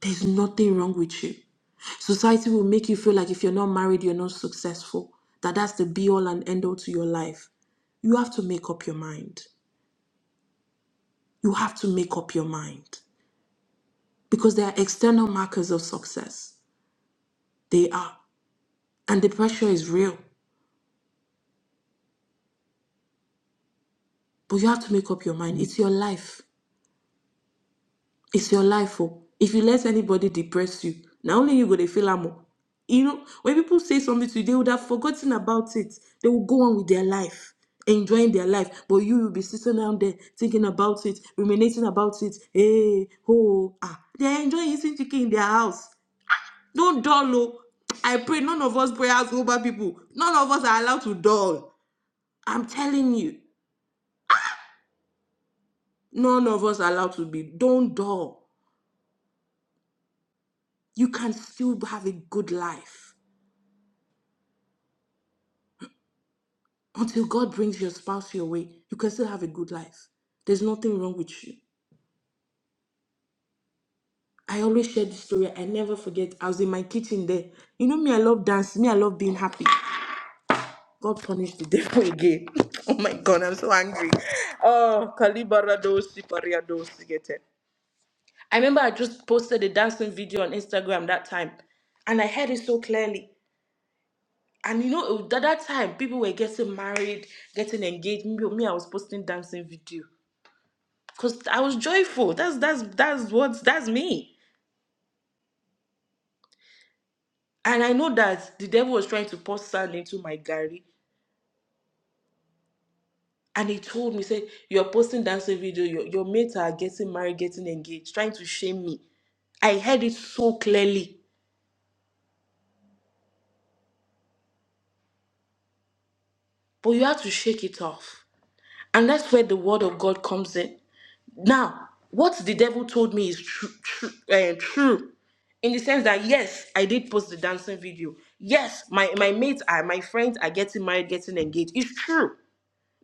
[SPEAKER 4] There's nothing wrong with you. Society will make you feel like if you're not married, you're not successful, that that's the be all and end all to your life. You have to make up your mind. You have to make up your mind. because they are external markers of success. They are. And the pressure is real. But you have to make up your mind. It's your life. It's your life. Oh. If you let anybody depress you, not only you go to feel am oh. You know, when people say something to you, they would have forgotten about it. They will go on with their life, enjoying their life. But you will be sitting down there thinking about it, ruminating about it. Hey, oh, ah. They're enjoying eating chicken in their house. No dull. oh. I pray none of us prayers over people. None of us are allowed to dull. I'm telling you, none of us are allowed to be. Don't dull. You can still have a good life. Until God brings your spouse your way, you can still have a good life. There's nothing wrong with you. I always share this story. I never forget. I was in my kitchen there. You know me, I love dance. Me, I love being happy. God punished the devil <laughs> again. <laughs> oh my God, I'm so angry. Oh, kalibarado, sipariado, paria I remember I just posted a dancing video on Instagram that time, and I heard it so clearly. And you know, it- at that time, people were getting married, getting engaged. Me, me I was posting dancing video because I was joyful. That's that's that's what that's me. And I know that the devil was trying to pour sand into my gary, and he told me, said, "You're posting dancing video. Your your mates are getting married, getting engaged, trying to shame me." I heard it so clearly, but you have to shake it off. And that's where the word of God comes in. Now, what the devil told me is true, true, eh, true, in the sense that yes, I did post the dancing video. Yes, my my mates are my friends are getting married, getting engaged. It's true,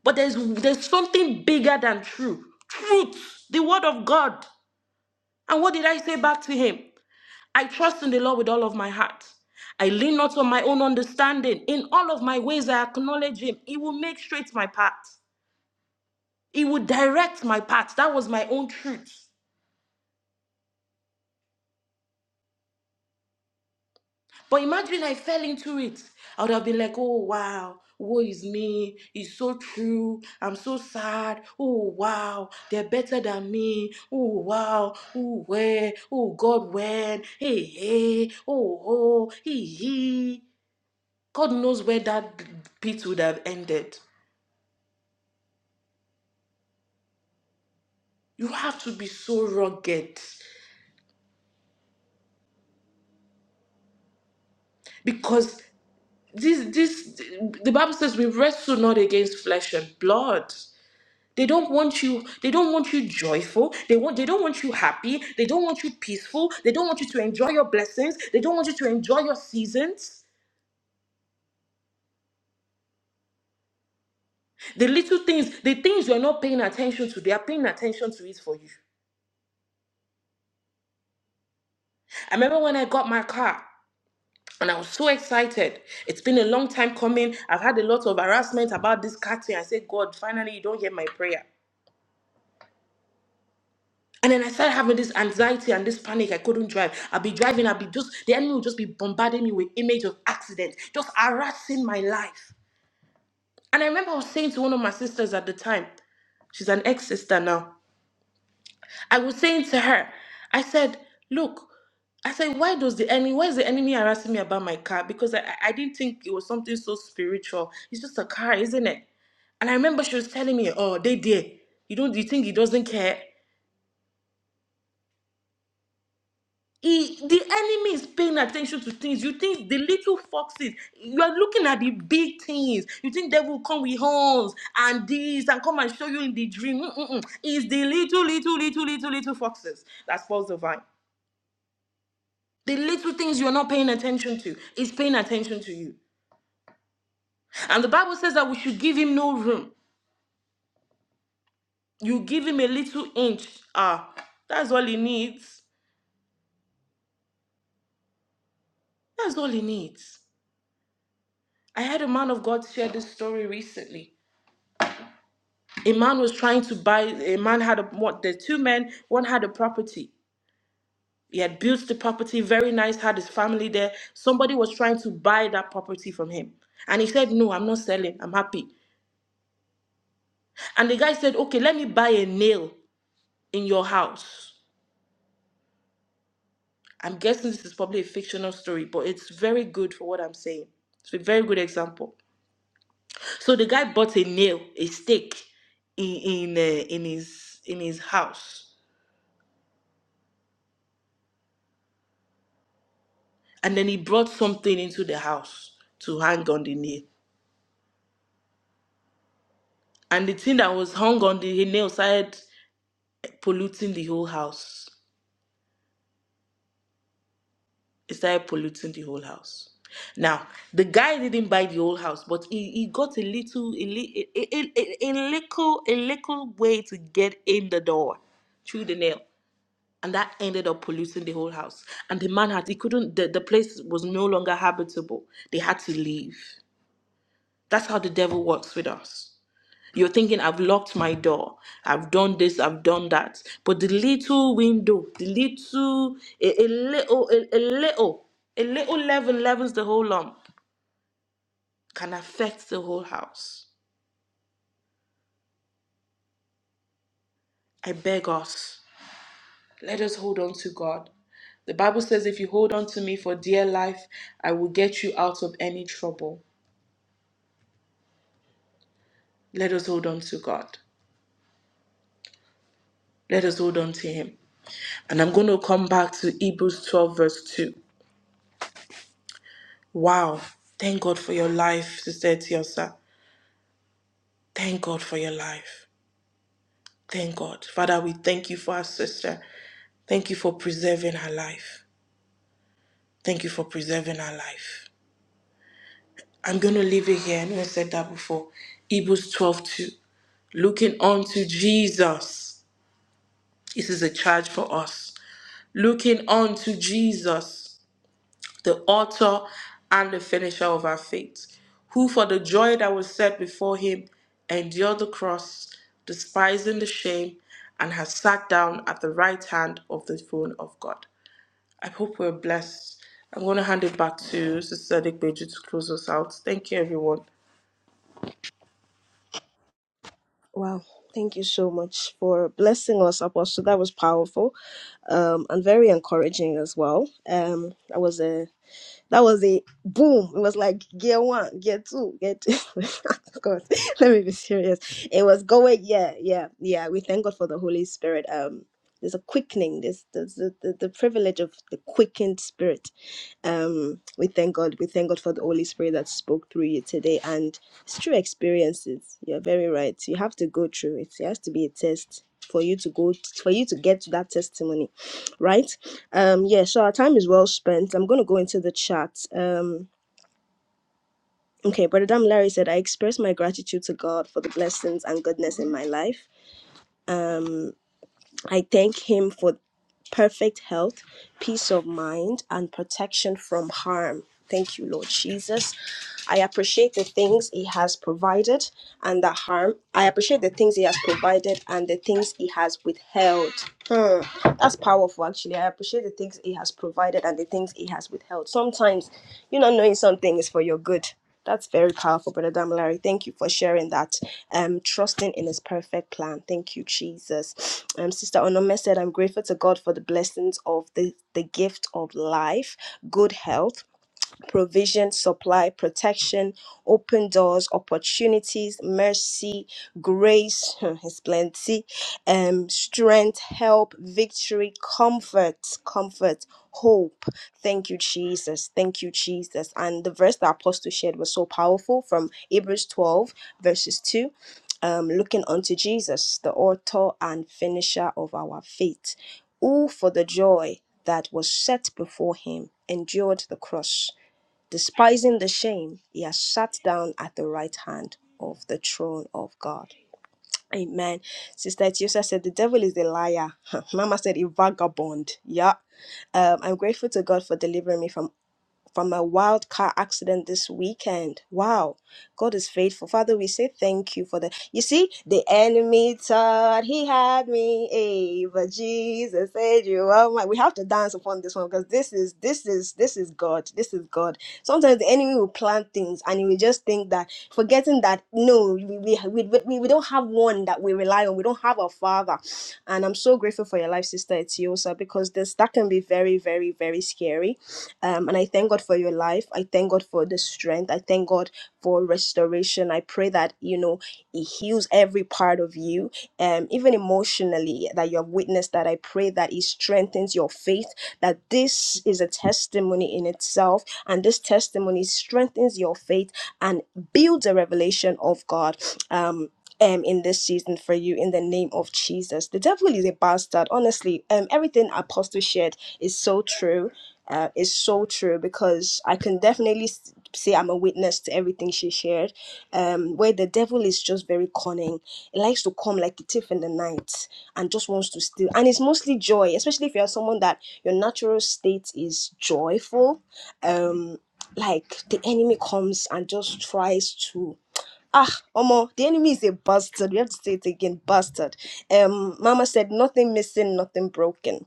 [SPEAKER 4] but there's there's something bigger than true. Truth, the word of God. And what did I say back to him? I trust in the Lord with all of my heart. I lean not on my own understanding. In all of my ways, I acknowledge Him. He will make straight my path. He will direct my path. That was my own truth. But imagine I fell into it. I would have been like, oh wow, woe is me. It's so true. I'm so sad. Oh wow, they're better than me. Oh wow. Oh where? Oh God, when? Hey, hey, oh, oh, he, he. God knows where that pit would have ended. You have to be so rugged because this this the Bible says we wrestle not against flesh and blood. They don't want you, they don't want you joyful. They want they don't want you happy. They don't want you peaceful. They don't want you to enjoy your blessings. They don't want you to enjoy your seasons. The little things, the things you're not paying attention to, they are paying attention to it for you. I remember when I got my car and I was so excited. It's been a long time coming. I've had a lot of harassment about this car thing. I said, God, finally you don't hear my prayer. And then I started having this anxiety and this panic. I couldn't drive. I'll be driving. I'll be just, the enemy will just be bombarding me with image of accidents, just harassing my life. And I remember I was saying to one of my sisters at the time, she's an ex sister now. I was saying to her, I said, look, I said, why does the enemy, why is the enemy harassing me about my car? Because I, I I didn't think it was something so spiritual. It's just a car, isn't it? And I remember she was telling me, oh, they did. You don't, you think he doesn't care? He, the enemy is paying attention to things. You think the little foxes, you are looking at the big things. You think they will come with horns and this and come and show you in the dream. Mm-mm-mm. It's the little, little, little, little, little foxes that spoils the vine. The little things you're not paying attention to is paying attention to you. And the Bible says that we should give him no room. You give him a little inch. Ah, that's all he needs. That's all he needs. I had a man of God share this story recently a man was trying to buy a man had a what the two men one had a property he had built the property very nice had his family there somebody was trying to buy that property from him and he said no i'm not selling i'm happy and the guy said okay let me buy a nail in your house i'm guessing this is probably a fictional story but it's very good for what i'm saying it's a very good example so the guy bought a nail a stake in in, uh, in his in his house and then he brought something into the house to hang on the nail. And the thing that was hung on the nail started polluting the whole house. It started polluting the whole house. Now, the guy didn't buy the whole house, but he, he got a little a, li- a, a, a, a little a little way to get in the door through the nail. And that ended up polluting the whole house. And the man had he couldn't the, the place was no longer habitable. They had to leave. That's how the devil works with us. You're thinking, I've locked my door, I've done this, I've done that. But the little window, the little, a, a little, a, a little, a little level levels the whole lump can affect the whole house. I beg us, let us hold on to God. The Bible says, if you hold on to me for dear life, I will get you out of any trouble. Let us hold on to God. Let us hold on to Him. And I'm going to come back to Hebrews 12, verse 2. Wow. Thank God for your life, Sister Tiosa. Thank God for your life. Thank God. Father, we thank you for our sister. Thank you for preserving her life. Thank you for preserving her life. I'm going to leave it here. I know I said that before. Hebrews twelve two, 2. Looking unto Jesus. This is a charge for us. Looking unto Jesus the author and the finisher of our faith, who for the joy that was set before him endured the cross, despising the shame, and has sat down at the right hand of the throne of God. I hope we're blessed. I'm going to hand it back to Sister Dikbeju to close us out. Thank you, everyone.
[SPEAKER 1] Wow. Thank you so much for blessing us, Apostle. That was powerful um, and very encouraging as well. Um, that was a That was a boom. It was like gear one, gear two, gear two. <laughs> Of course, let me be serious. It was going, yeah, yeah, yeah. We thank God for the Holy Spirit. Um, there's a quickening. There's, there's the, the, the privilege of the quickened spirit. Um, we thank God. We thank God for the Holy Spirit that spoke through you today. And it's true experiences. You're very right. You have to go through it. It has to be a test for you to go for you to get to that testimony, right? Um, yeah, so our time is well spent. I'm going to go into the chat. Um, okay, Brother Dam Larry said, I express my gratitude to God for the blessings and goodness in my life. Um, I thank Him for perfect health, peace of mind, and protection from harm. Thank you, Lord Jesus. I appreciate the things He has provided and the harm. I appreciate the things He has provided and the things He has withheld. Hmm. That's powerful, actually. I appreciate the things He has provided and the things He has withheld. Sometimes, you know, knowing something is for your good. That's very powerful, Brother Damilare. Thank you for sharing that. Um, trusting in His perfect plan. Thank you, Jesus. Um, Sister Onome said, "I'm grateful to God for the blessings of the the gift of life, good health." provision, supply, protection, open doors, opportunities, mercy, grace, <laughs> his plenty, um, strength, help, victory, comfort, comfort, hope. Thank you, Jesus. Thank you, Jesus. And the verse that Apostle shared was so powerful from Hebrews 12, verses 2. Um, looking unto Jesus, the author and finisher of our faith, who for the joy that was set before him endured the cross Despising the shame, he has sat down at the right hand of the throne of God. Amen. Sister Etiosa said, The devil is a liar. <laughs> Mama said, A vagabond. Yeah. Um, I'm grateful to God for delivering me from from a wild car accident this weekend. Wow. God is faithful. Father, we say thank you for the. You see, the enemy thought he had me, hey, but Jesus said you are my. We have to dance upon this one because this is this is this is God. This is God. Sometimes the enemy will plan things and he will just think that forgetting that no, we we we, we, we don't have one that we rely on. We don't have a father. And I'm so grateful for your life, sister Etiosa, because this that can be very, very, very scary um, and I thank God for your life. I thank God for the strength. I thank God for restoration. I pray that, you know, it heals every part of you, um, even emotionally, that you have witnessed that. I pray that it strengthens your faith, that this is a testimony in itself. And this testimony strengthens your faith and builds a revelation of God. Um, um, in this season for you in the name of Jesus. The devil is a bastard. Honestly, um, everything Apostle shared is so true uh, is so true because I can definitely s- say I'm a witness to everything she shared. Um, where the devil is just very cunning, it likes to come like a thief in the night and just wants to steal. And it's mostly joy, especially if you're someone that your natural state is joyful. Um, like the enemy comes and just tries to. Ah, Omo, the enemy is a bastard. We have to say it again, bastard. Um, Mama said, nothing missing, nothing broken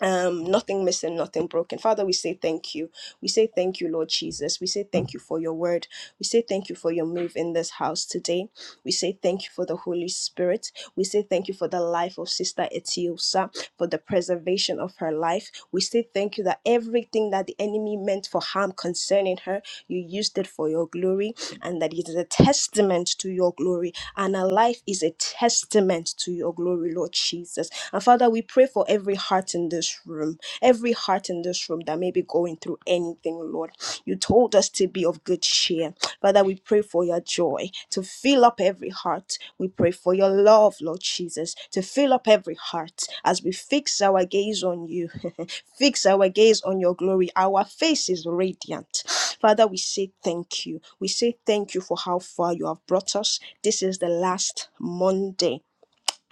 [SPEAKER 1] um nothing missing nothing broken father we say thank you we say thank you lord jesus we say thank you for your word we say thank you for your move in this house today we say thank you for the holy spirit we say thank you for the life of sister etiosa for the preservation of her life we say thank you that everything that the enemy meant for harm concerning her you used it for your glory and that it is a testament to your glory and her life is a testament to your glory lord jesus and Father, we pray for every heart in this room, every heart in this room that may be going through anything, Lord. You told us to be of good cheer. Father, we pray for your joy to fill up every heart. We pray for your love, Lord Jesus, to fill up every heart as we fix our gaze on you, <laughs> fix our gaze on your glory. Our face is radiant. Father, we say thank you. We say thank you for how far you have brought us. This is the last Monday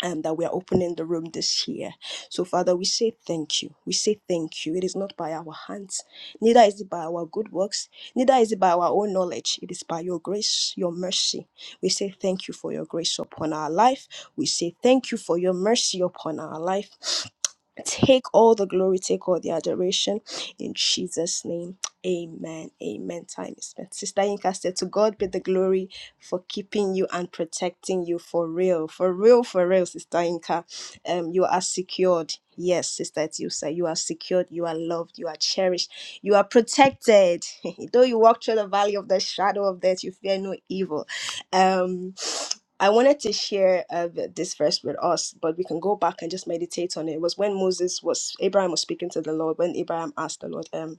[SPEAKER 1] um, that we are opening the room this year. So, Father, we say thank you. We say thank you. It is not by our hands, neither is it by our good works, neither is it by our own knowledge. It is by your grace, your mercy. We say thank you for your grace upon our life. We say thank you for your mercy upon our life. Take all the glory, take all the adoration in Jesus' name. Amen. Amen. Time is spent. Sister Inca said, To God be the glory for keeping you and protecting you for real. For real, for real, Sister Inka. Um, you are secured. Yes, Sister Etiusa, you are secured, you are loved, you are cherished, you are protected. <laughs> Though you walk through the valley of the shadow of death, you fear no evil. Um, I wanted to share uh, th- this verse with us, but we can go back and just meditate on it. It was when Moses was, Abraham was speaking to the Lord, when Abraham asked the Lord, um,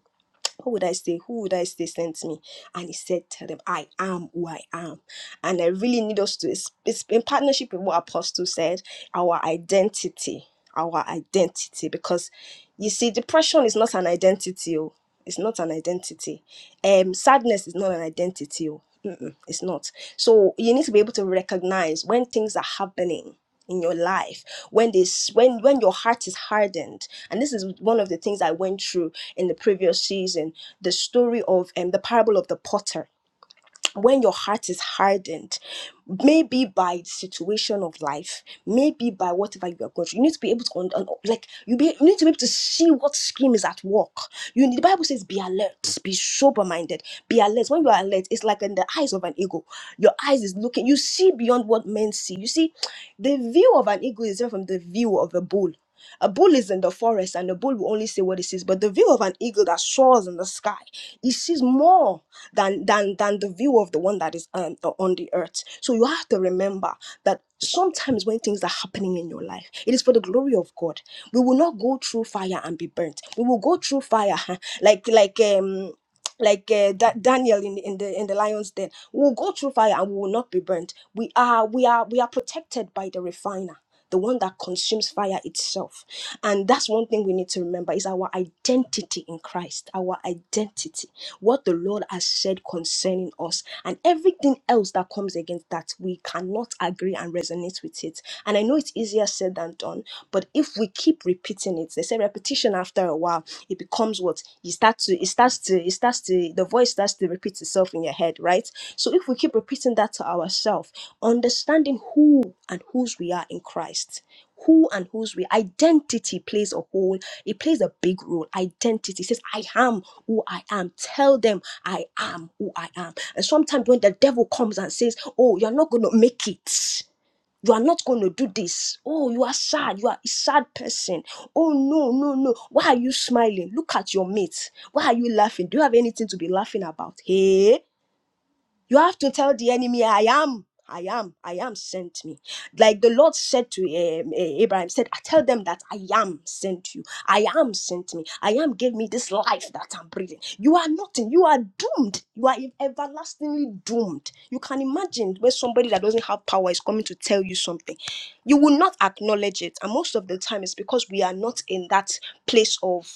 [SPEAKER 1] what would I say? Who would I say sent me? And he said, Tell them, I am who I am. And I really need us to, it's, it's in partnership with what Apostle said, our identity, our identity. Because you see, depression is not an identity. Oh. It's not an identity. Um, sadness is not an identity. Oh. Mm-mm, it's not. So you need to be able to recognize when things are happening in your life when this when when your heart is hardened and this is one of the things i went through in the previous season the story of um, the parable of the potter when your heart is hardened, maybe by the situation of life, maybe by whatever you are going through, you need to be able to un- un- like you be you need to be able to see what scheme is at work. You the Bible says, be alert, be sober minded, be alert. When you are alert, it's like in the eyes of an eagle. Your eyes is looking. You see beyond what men see. You see, the view of an eagle is different from the view of a bull. A bull is in the forest, and the bull will only see what it sees. But the view of an eagle that soars in the sky, it sees more than than than the view of the one that is um, on the earth. So you have to remember that sometimes when things are happening in your life, it is for the glory of God. We will not go through fire and be burnt. We will go through fire, huh, like like um like uh, da- Daniel in in the in the lion's den. We will go through fire and we will not be burnt. We are we are we are protected by the refiner. The one that consumes fire itself. And that's one thing we need to remember is our identity in Christ. Our identity what the Lord has said concerning us, and everything else that comes against that, we cannot agree and resonate with it. And I know it's easier said than done, but if we keep repeating it, they say repetition after a while, it becomes what you start to, it starts to, it starts to, the voice starts to repeat itself in your head, right? So if we keep repeating that to ourselves, understanding who and whose we are in Christ. Who and whose we identity plays a whole, it plays a big role. Identity says, I am who I am. Tell them I am who I am. And sometimes when the devil comes and says, Oh, you're not going to make it. You are not going to do this. Oh, you are sad. You are a sad person. Oh, no, no, no. Why are you smiling? Look at your mate. Why are you laughing? Do you have anything to be laughing about? Hey, you have to tell the enemy, I am, I am, I am sent me. Like the Lord said to um, eh, Abraham, said, I tell them that I am sent you. I am sent me. I am gave me this life that I'm breathing. You are nothing. You are doomed. You are everlastingly doomed. You can imagine where somebody that doesn't have power is coming to tell you something. You will not acknowledge it. And most of the time it's because we are not in that place of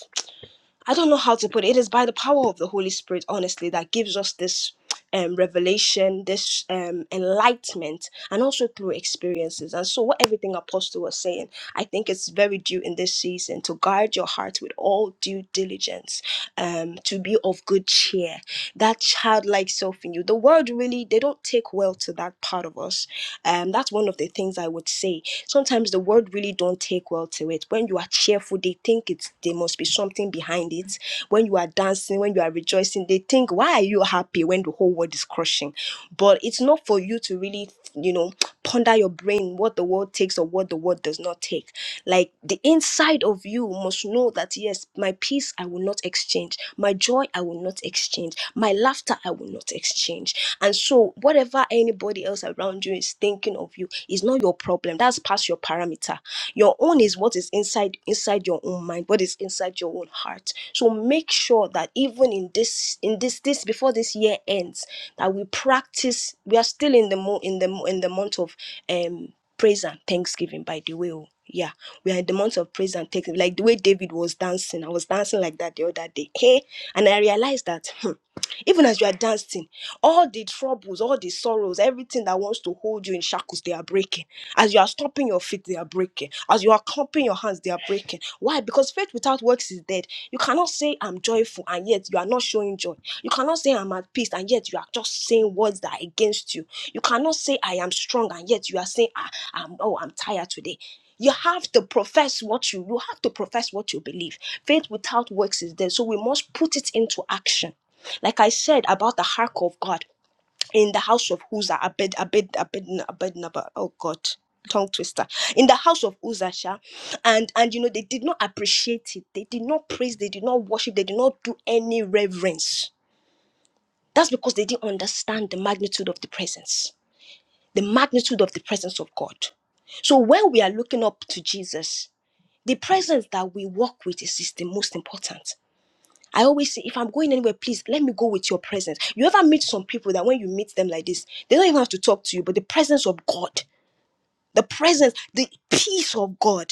[SPEAKER 1] I don't know how to put it. It is by the power of the Holy Spirit, honestly, that gives us this um, revelation, this um, enlightenment, and also through experiences. And so, what everything Apostle was saying, I think it's very due in this season to guard your heart with all due diligence, um, to be of good cheer. That childlike self in you. The world really, they don't take well to that part of us. Um, that's one of the things I would say sometimes the world really don't take well to it when you are cheerful they think it's there must be something behind it when you are dancing when you are rejoicing they think why are you happy when the whole world is crushing but it's not for you to really you know ponder your brain what the world takes or what the world does not take like the inside of you must know that yes my peace i will not exchange my joy i will not exchange my laughter i will not exchange and so, whatever anybody else around you is thinking of you is not your problem. That's past your parameter. Your own is what is inside inside your own mind, what is inside your own heart. So make sure that even in this in this this before this year ends, that we practice. We are still in the mo- in the mo- in the month of um praise and thanksgiving. By the way, oh. yeah, we are in the month of praise and thanksgiving. Like the way David was dancing, I was dancing like that the other day. Hey, and I realized that. <laughs> Even as you are dancing, all the troubles, all the sorrows, everything that wants to hold you in shackles, they are breaking. As you are stomping your feet, they are breaking. As you are clapping your hands, they are breaking. Why? Because faith without works is dead. You cannot say I'm joyful and yet you are not showing joy. You cannot say I'm at peace and yet you are just saying words that are against you. You cannot say I am strong and yet you are saying "Ah, I'm oh I'm tired today. You have to profess what you you have to profess what you believe. Faith without works is dead. So we must put it into action. Like I said about the ark of God in the house of Uzzah, Abed, Abed, Abed, Abednabo. Oh God, tongue twister. In the house of Uzzah, sha, and and you know they did not appreciate it. They did not praise. They did not worship. They did not do any reverence. That's because they didn't understand the magnitude of the presence, the magnitude of the presence of God. So when we are looking up to Jesus, the presence that we walk with is, is the most important. I always say, if I'm going anywhere, please let me go with your presence. You ever meet some people that when you meet them like this, they don't even have to talk to you, but the presence of God, the presence, the peace of God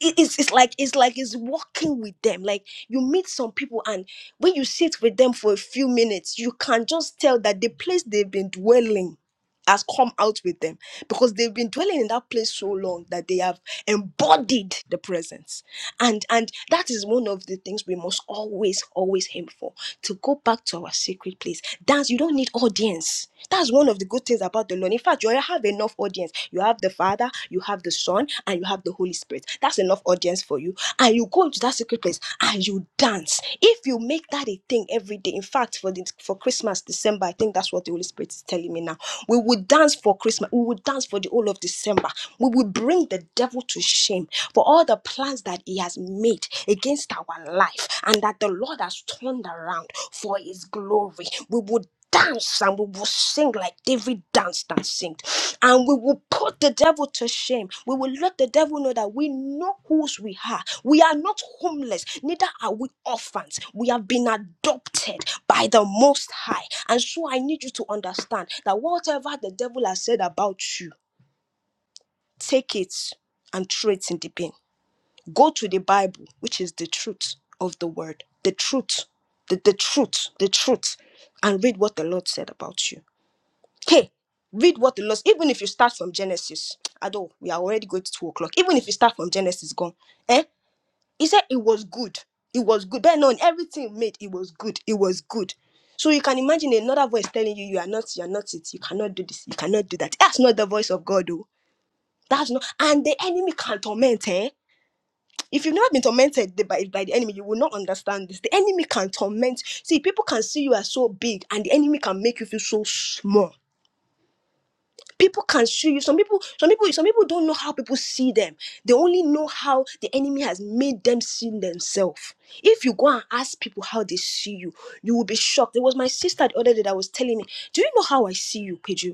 [SPEAKER 1] it- it's, it's like it's like it's walking with them like you meet some people and when you sit with them for a few minutes you can just tell that the place they've been dwelling has come out with them because they've been dwelling in that place so long that they have embodied the presence and and that is one of the things we must always always aim for to go back to our secret place dance you don't need audience that's one of the good things about the Lord. In fact, you already have enough audience. You have the Father, you have the Son, and you have the Holy Spirit. That's enough audience for you. And you go into that secret place and you dance. If you make that a thing every day, in fact, for the, for Christmas, December, I think that's what the Holy Spirit is telling me now. We will dance for Christmas. We will dance for the whole of December. We will bring the devil to shame for all the plans that he has made against our life and that the Lord has turned around for his glory. We would dance and we will sing like David danced and sing. And we will put the devil to shame. We will let the devil know that we know whose we are. We are not homeless, neither are we orphans. We have been adopted by the Most High. And so I need you to understand that whatever the devil has said about you, take it and throw it in the bin. Go to the Bible, which is the truth of the word, the truth, the, the truth, the truth, and read what the Lord said about you Hey, read what the Lord, even if you start from Genesis, although we are already going to two o'clock, even if you start from Genesis, gone. Eh? He said it was good. It was good. Then on everything he made, it was good. It was good. So you can imagine another voice telling you, you are not, you are not it. You cannot do this. You cannot do that. That's not the voice of God, though. That's not. And the enemy can torment, eh? If you've never been tormented by, by the enemy, you will not understand this. The enemy can torment. See, people can see you as so big, and the enemy can make you feel so small people can see you some people some people some people don't know how people see them they only know how the enemy has made them see themselves if you go and ask people how they see you you will be shocked There was my sister the other day that was telling me do you know how i see you Peju?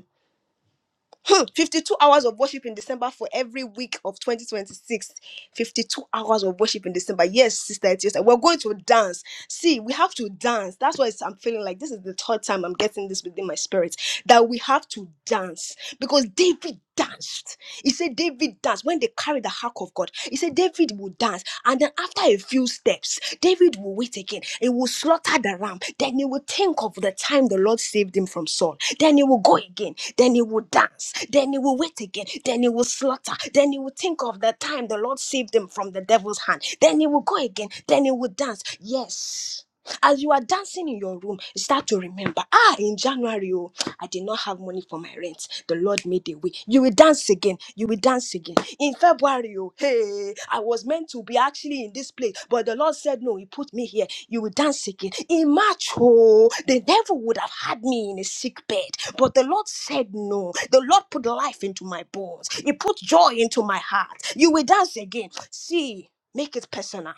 [SPEAKER 1] Hmm, 52 hours of worship in December for every week of 2026. 52 hours of worship in December. Yes, sister, it is. like We're going to dance. See, we have to dance. That's why it's- I'm feeling like this is the third time I'm getting this within my spirit that we have to dance because David danced. He said David danced when they carried the ark of God. He said David will dance, and then after a few steps, David will wait again. He will slaughter the ram. Then he will think of the time the Lord saved him from Saul. Then he will go again. Then he will dance. Then he will wait again. Then he will slaughter. Then he will think of the time the Lord saved him from the devil's hand. Then he will go again. Then he will dance. Yes. As you are dancing in your room, start to remember. Ah, in January, oh, I did not have money for my rent. The Lord made a way. You will dance again. You will dance again. In February, oh, hey, I was meant to be actually in this place, but the Lord said, No, He put me here. You will dance again. In March, oh, the devil would have had me in a sick bed, but the Lord said, No. The Lord put life into my bones, He put joy into my heart. You will dance again. See, make it personal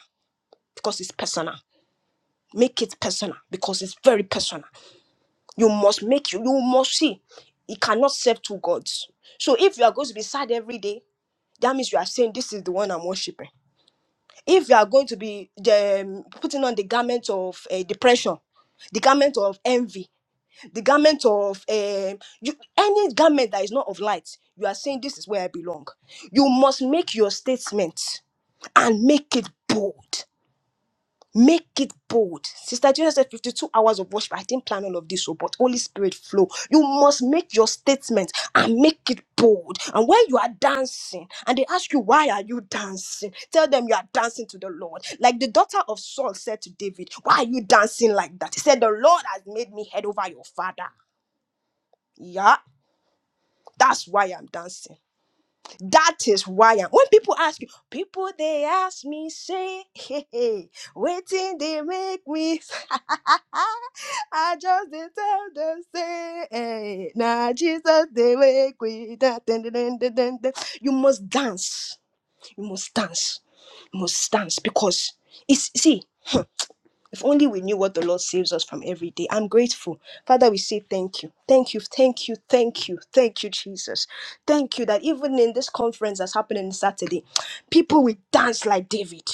[SPEAKER 1] because it's personal. Make it personal because it's very personal. You must make you, you must see. it cannot serve two gods. So if you are going to be sad every day, that means you are saying this is the one I'm worshiping. If you are going to be the, um, putting on the garment of uh, depression, the garment of envy, the garment of um, you, any garment that is not of light, you are saying this is where I belong. You must make your statement and make it bold. Make it bold. Sister Gina said 52 hours of worship. I didn't plan all of this, so but Holy Spirit flow. You must make your statement and make it bold. And when you are dancing and they ask you, why are you dancing? Tell them you are dancing to the Lord. Like the daughter of Saul said to David, why are you dancing like that? He said, the Lord has made me head over your father. Yeah, that's why I'm dancing. That is why i when people ask you, people they ask me, say, <laughs> hey, hey, waiting they make me. <laughs> I just dey tell them, say, hey, now Jesus they make me. da, dun, dun, dun, dun, dun, dun." You must dance. You must dance. You must dance because it's see. If only we knew what the Lord saves us from every day. I'm grateful. Father, we say thank you. Thank you. Thank you. Thank you. Thank you, Jesus. Thank you that even in this conference that's happening Saturday, people will dance like David.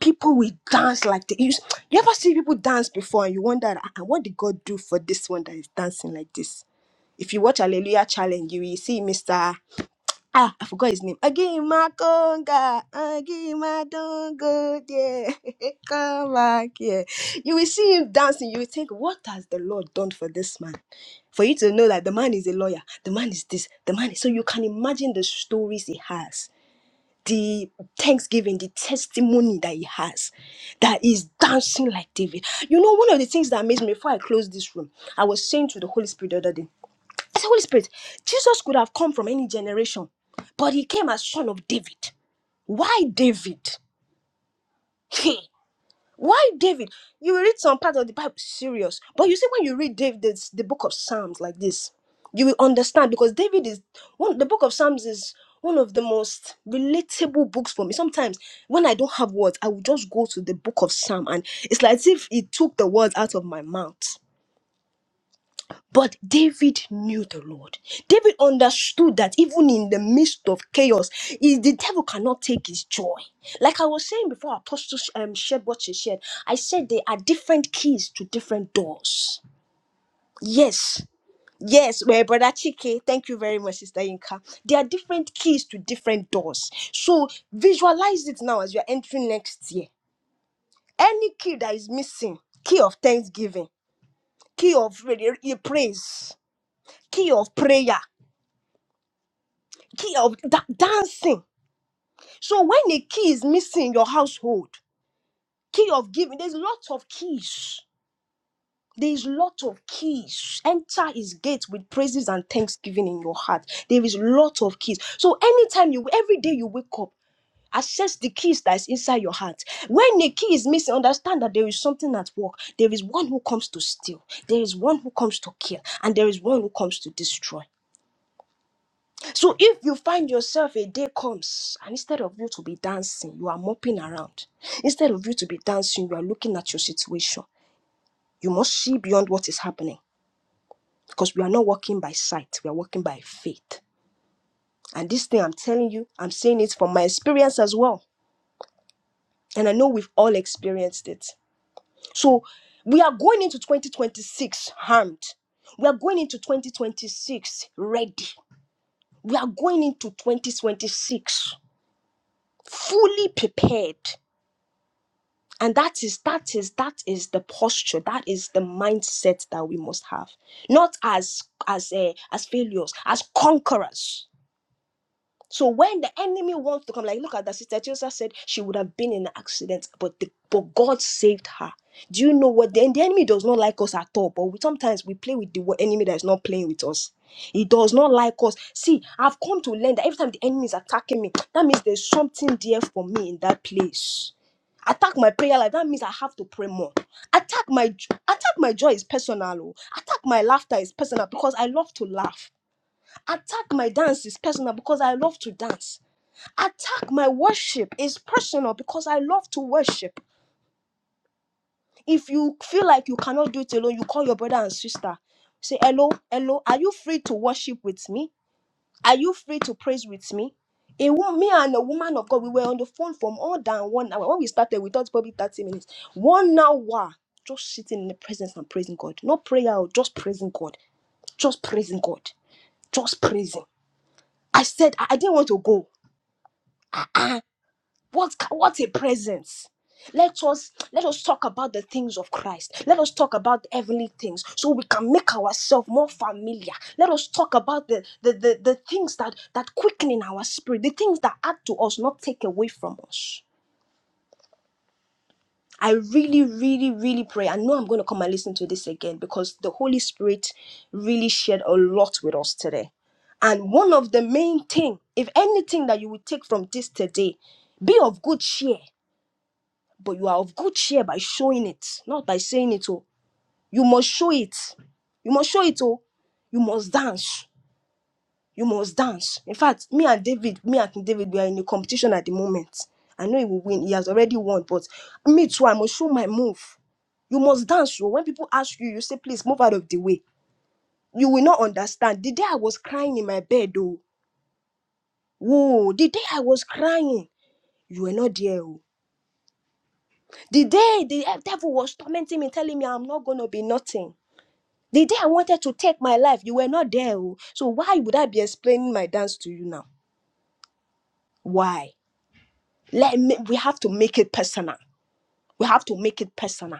[SPEAKER 1] People will dance like the you, you ever see people dance before and you wonder "Ah, ah, what did God do for this one that is dancing like this? If you watch Hallelujah Challenge, you will see Mr. Ah, I forgot his name. Again, my conga, again, my dongo, yeah, <laughs> come back here. You will see him dancing. You will think, what has the Lord done for this man? For you to know that the man is a lawyer, the man is this, the man is. So you can imagine the stories he has, the thanksgiving, the testimony that he has, that is dancing like David. You know, one of the things that amazed me before I closed this room, I was saying to the Holy Spirit the other day. I the Holy Spirit, Jesus could have come from any generation, but he came as son of David. Why David? Hey, Why David? You will read some part of the Bible serious, but you see when you read David, it's the book of Psalms like this, you will understand because David is one. The book of Psalms is one of the most relatable books for me. Sometimes when I don't have words, I will just go to the book of Psalm, and it's like as if it took the words out of my mouth. But David knew the Lord. David understood that even in the midst of chaos, is the devil cannot take his joy. Like I was saying before, Apostle um, shared what she shared. I said there are different keys to different doors. Yes. Yes, well, brother Chike, thank you very much, Sister Inka. There are different keys to different doors. So visualize it now as you're entering next year. Any key that is missing, key of thanksgiving, key of re- re- praise, key of prayer. key of da- dancing. So when a key is missing in your household, key of giving, there's lots of keys. There's lot of keys. Enter his gate with praises and thanksgiving in your heart. There is lot of keys. So anytime you, every day you wake up, access the keys that is inside your heart. When a key is missing, understand that there is something at work. There is one who comes to steal. There is one who comes to kill, and there is one who comes to destroy. So if you find yourself a day comes and instead of you to be dancing, you are moping around. Instead of you to be dancing, you are looking at your situation. You must see beyond what is happening because we are not walking by sight, we are walking by faith. And this thing I'm telling you, I'm saying it from my experience as well. And I know we've all experienced it. So we are going into 2026 harmed. We are going into 2026 ready. We are going into 2026 fully prepared and that is that is that is the posture that is the mindset that we must have not as as a as failures as conquerors so when the enemy wants to come, like look at that sister Chelsea said she would have been in an accident, but the, but God saved her. Do you know what? The, the enemy does not like us at all, but we, sometimes we play with the enemy that is not playing with us. He does not like us. See, I've come to learn that every time the enemy is attacking me, that means there's something there for me in that place. Attack my prayer life. That means I have to pray more. Attack my attack my joy is personal. oh. Attack my laughter is personal because I love to laugh. Attack my dance is personal because I love to dance. Attack my worship is personal because I love to worship. If you feel like you cannot do it alone, you call your brother and sister. Say, hello, hello, are you free to worship with me? Are you free to praise with me? A woman, me and a woman of God, we were on the phone for more than one hour. When we started, we thought probably 30 minutes. One hour just sitting in the presence and praising God. Not prayer, oh, just praising God. Just praising God. Just praising. I said, I I didn't want to go. Uh-uh. What what a presence. Let us let us talk about the things of Christ. Let us talk about the heavenly things so we can make ourselves more familiar. Let us talk about the the, the, the things that that quicken in our spirit, the things that add to us, not take away from us. I really, really, really pray. I know I'm going to come and listen to this again because the Holy Spirit really shared a lot with us today. And one of the main thing, if anything that you will take from this today, be of good cheer. But you are of good cheer by showing it, not by saying it. Oh, you must show it. You must show it. Oh, you must dance. You must dance. In fact, me and David, me and King David, we are in a competition at the moment. I know he will win. He has already won, but me too. I must show my move. You must dance. So when people ask you, you say, please move out of the way. You will not understand. The day I was crying in my bed, oh, whoa, the day I was crying, you were not there. Oh. The day the devil was tormenting me, telling me I'm not gonna be nothing. The day I wanted to take my life, you were not there. oh. So why would I be explaining my dance to you now? Why? Let me, we have to make it personal. We have to make it personal.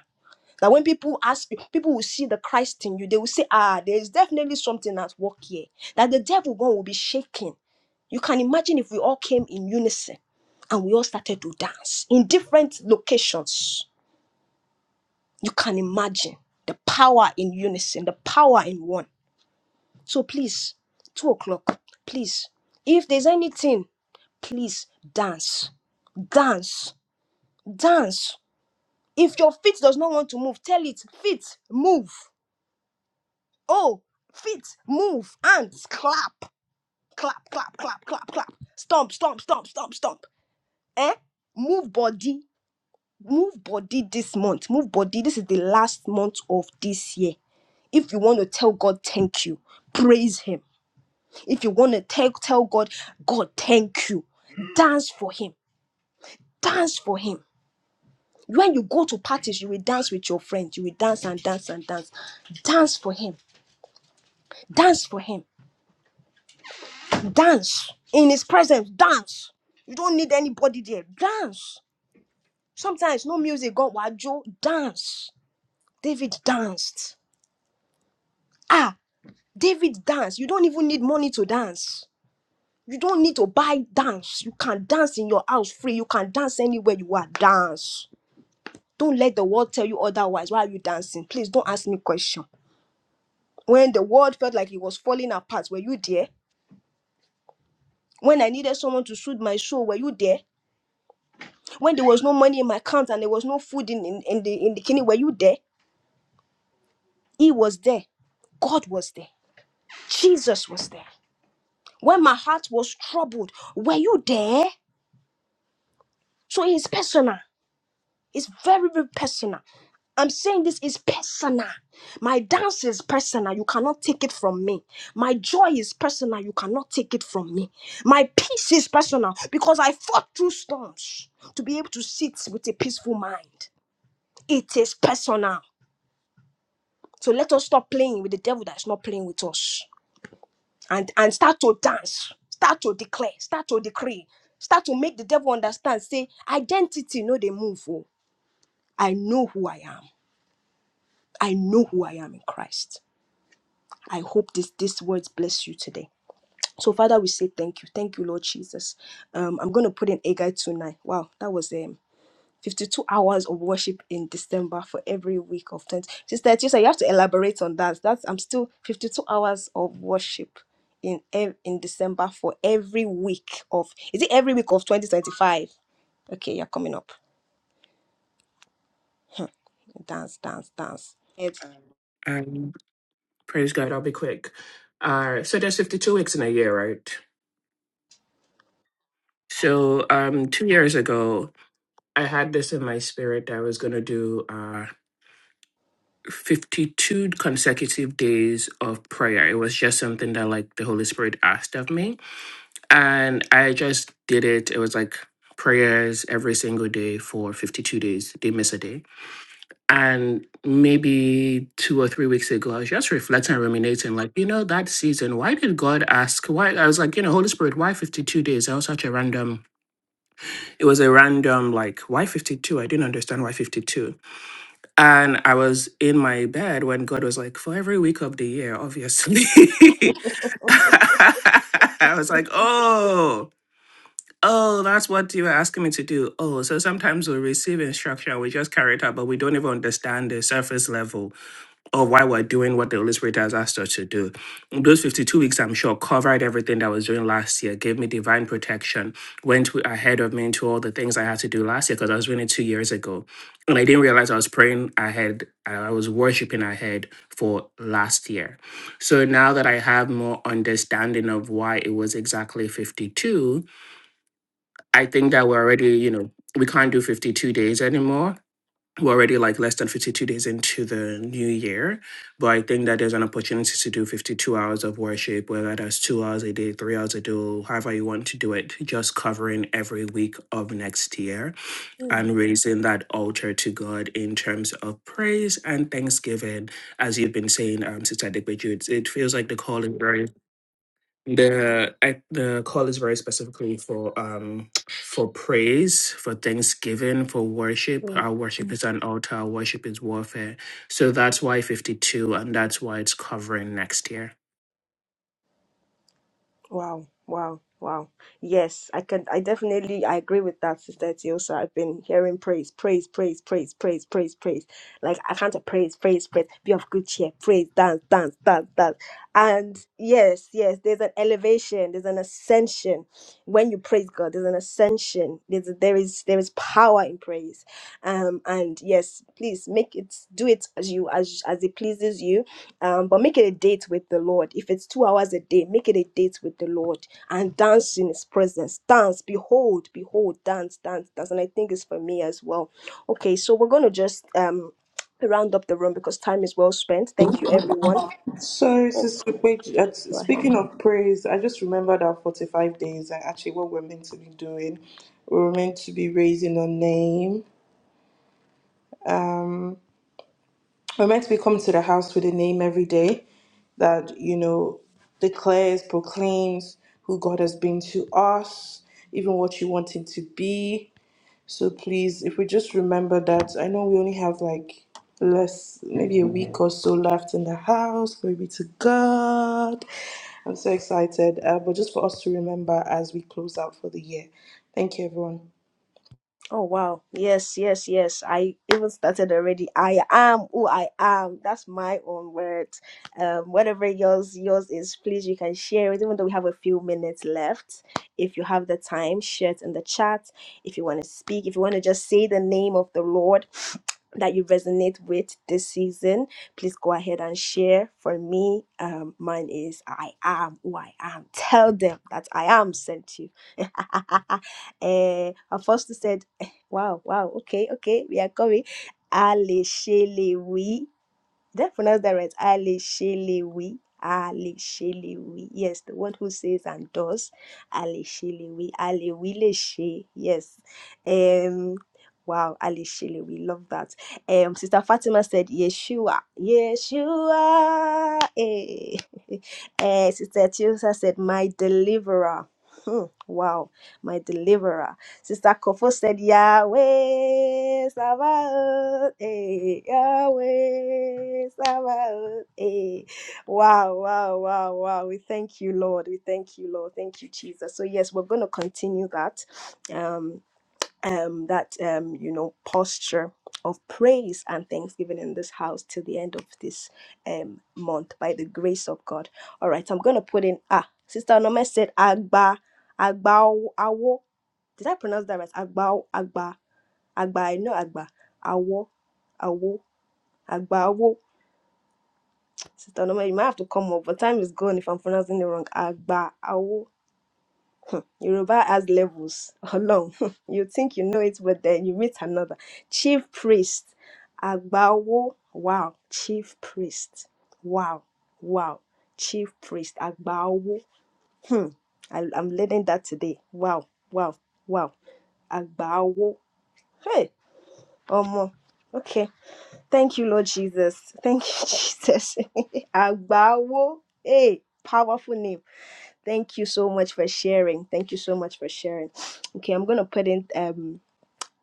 [SPEAKER 1] That when people ask you, people will see the Christ in you. They will say, ah, there is definitely something at work here. That the devil one will be shaking. You can imagine if we all came in unison and we all started to dance in different locations. You can imagine the power in unison, the power in one. So please, two o'clock, please. If there's anything, please dance, dance, dance. If your feet does not want to move, tell it, feet, move. Oh, feet, move, hands, clap, clap, clap, clap, clap, clap. Stomp, stomp, stomp, stomp, stomp. Eh? Move body, move body this month. Move body. This is the last month of this year. If you want to tell God thank you, praise Him If you want to tell, tell God, God, thank you. Dance for Him. Dance for Him. When you go to parties, you will dance with your friends. You will dance and dance and dance. Dance for Him. Dance for Him. Dance in His presence. Dance. You don't need anybody there. Dance. Sometimes no music. God, wajo. Dance. David danced. Ah, David danced. You don't even need money to dance. You don't need to buy dance. You can dance in your house free. You can dance anywhere you are. Dance. Don't let the world tell you otherwise. Why are you dancing? Please don't ask me question. When the world felt like it was falling apart, were you there? When I needed someone to soothe my soul, were you there? When there was no money in my account and there was no food in, in, in the in the kitchen, were you there? He was there. God was there. Jesus was there. When my heart was troubled, were you there? So it's personal. It's very, very personal. I'm saying this is personal. My dance is personal. You cannot take it from me. My joy is personal. You cannot take it from me. My peace is personal because I fought through storms to be able to sit with a peaceful mind. It is personal. So let us stop playing with the devil that's not playing with us and, and start to dance, start to declare, start to decree, start to make the devil understand. Say, identity, no, they move. Oh, I know who I am. I know who I am in Christ. I hope this these words bless you today. So, Father, we say thank you. Thank you, Lord Jesus. Um, I'm going to put in Agai tonight. Wow, that was um 52 hours of worship in December for every week of 20. Sister Tisa, you have to elaborate on that. That's I'm still 52 hours of worship in ev- in December for every week of is it every week of 2025? Okay, you're coming up. Huh. Dance, dance, dance.
[SPEAKER 5] Um, praise God, I'll be quick. Uh, so there's 52 weeks in a year, right? So um, two years ago, I had this in my spirit that I was going to do uh, 52 consecutive days of prayer. It was just something that like the Holy Spirit asked of me. And I just did it. It was like prayers every single day for 52 days. They miss a day And maybe two or three weeks ago, I was just reflecting and ruminating, like, you know, that season, why did God ask? Why? I was like, you know, Holy Spirit, why 52 days? That was such a random, it was a random, like, why 52? I didn't understand why 52. And I was in my bed when God was like, for every week of the year, obviously. <laughs> I was like, oh. Oh, that's what you were asking me to do. Oh, so sometimes we receive instruction, we just carry it out, but we don't even understand the surface level or why we're doing what the Holy Spirit has asked us to do. Those 52 weeks, I'm sure, covered everything that I was doing last year, gave me divine protection, went w- ahead of me into all the things I had to do last year because I was doing it two years ago. And I didn't realize I was praying ahead, I was worshiping ahead for last year. So now that I have more understanding of why it was exactly 52, I think that we're already, you know, we can't do 52 days anymore we're already like less than 52 days into the new year but i think that there's an opportunity to do 52 hours of worship whether that's two hours a day three hours a day however you want to do it just covering every week of next year and raising that altar to god in terms of praise and thanksgiving as you've been saying um sister Adepeju, it feels like the call is very the I, the call is very specifically for um for praise, for thanksgiving, for worship.
[SPEAKER 1] Yes.
[SPEAKER 5] Our worship is an altar. Our worship is warfare. So that's why fifty two, and that's why it's covering next year.
[SPEAKER 1] Wow, wow, wow. Yes, I can I definitely I agree with that, Sister Tiosa. I've been hearing praise, praise, praise, praise, praise, praise, praise. Like I can't praise, praise, praise, be of good cheer, praise, dance, dance, dance, dance. And yes, yes, there's an elevation, there's an ascension. When you praise God, there's an ascension. There's there is there is power in praise. Um and yes, please make it do it as you as as it pleases you um, but make it a date with the Lord. If it's two hours a day, make it a date with the Lord and dance in His presence. Dance, behold, behold, dance, dance, dance. And I think it's for me as well. Okay, so we're going to just um, round up the room because time is well spent. Thank you, everyone.
[SPEAKER 4] So, Sister Page, uh,
[SPEAKER 1] Go ahead.
[SPEAKER 4] speaking of praise, I just remembered our 45 days and actually what we're meant to be doing. We're meant to be raising our name. Um, We're meant to be coming to the house with a name every day that, you know, declares, proclaims who God has been to us, even what you want Him to be. So please, if we just remember that, I know we only have like less, maybe a week or so left in the house. Glory be to God. I'm so excited. Uh, but just for us to remember as we close out for the year. Thank you, everyone.
[SPEAKER 1] Oh wow. Yes, yes, yes. I even started already. I am who I am. That's my own words. Um, whatever yours yours is, please you can share it. Even though we have a few minutes left. If you have the time, share it in the chat. If you want to speak, if you want to just say the name of the Lord <sniffs> that you resonate with this season, please go ahead and share. For me, um, mine is I am who I am. Tell them that I am sent you. <laughs> uh, Apostle said Wow, wow. Okay, okay. We are coming. Aleshelewi. Did I pronounce that right? Aleshelewi. Aleshelewi. Yes, the one who says and does. Aleshelewi. Alewileshe. Yes. Um. Wow, Aleshelewi. Love that. Um. Sister Fatima said Yeshua. Yeshua. Hey. <laughs> Eh, Sister Tiosa said my deliverer. Hmm, Wow, my deliverer. Sister Kofo said, Yahweh Sabaoth, eh, Yahweh Sabaoth, eh. Wow, wow, wow, wow. We thank you, Lord. We thank you, Lord. Thank you, Jesus. So, yes, we're going to continue that, um, um, that, um, you know, posture of praise and thanksgiving in this house till the end of this um, month by the grace of God. All right, I'm going to put in, ah, Sister Nome said, Agba, Agba, Awo. Did I pronounce that right? Agba, Agba, Agba. No, Agba. Awo, Awo, Agba, Awo. Sister Norma, you might have to come up, but time is gone if I'm pronouncing it wrong. Agba, Awo. Hmm. Yoruba has levels. Along. <laughs> you think you know it, but then you meet another. Chief priest. Agba, Wow. Chief priest. Wow. Wow. Chief priest. Agba, Hmm. I, I'm learning that today. Wow. Wow. Wow. Agba, Hey. or more. Okay. Thank you, Lord Jesus. Thank you, <laughs> Jesus. <laughs> Agbawo. Hey, powerful name. Thank you so much for sharing. Thank you so much for sharing. Okay, I'm gonna put in um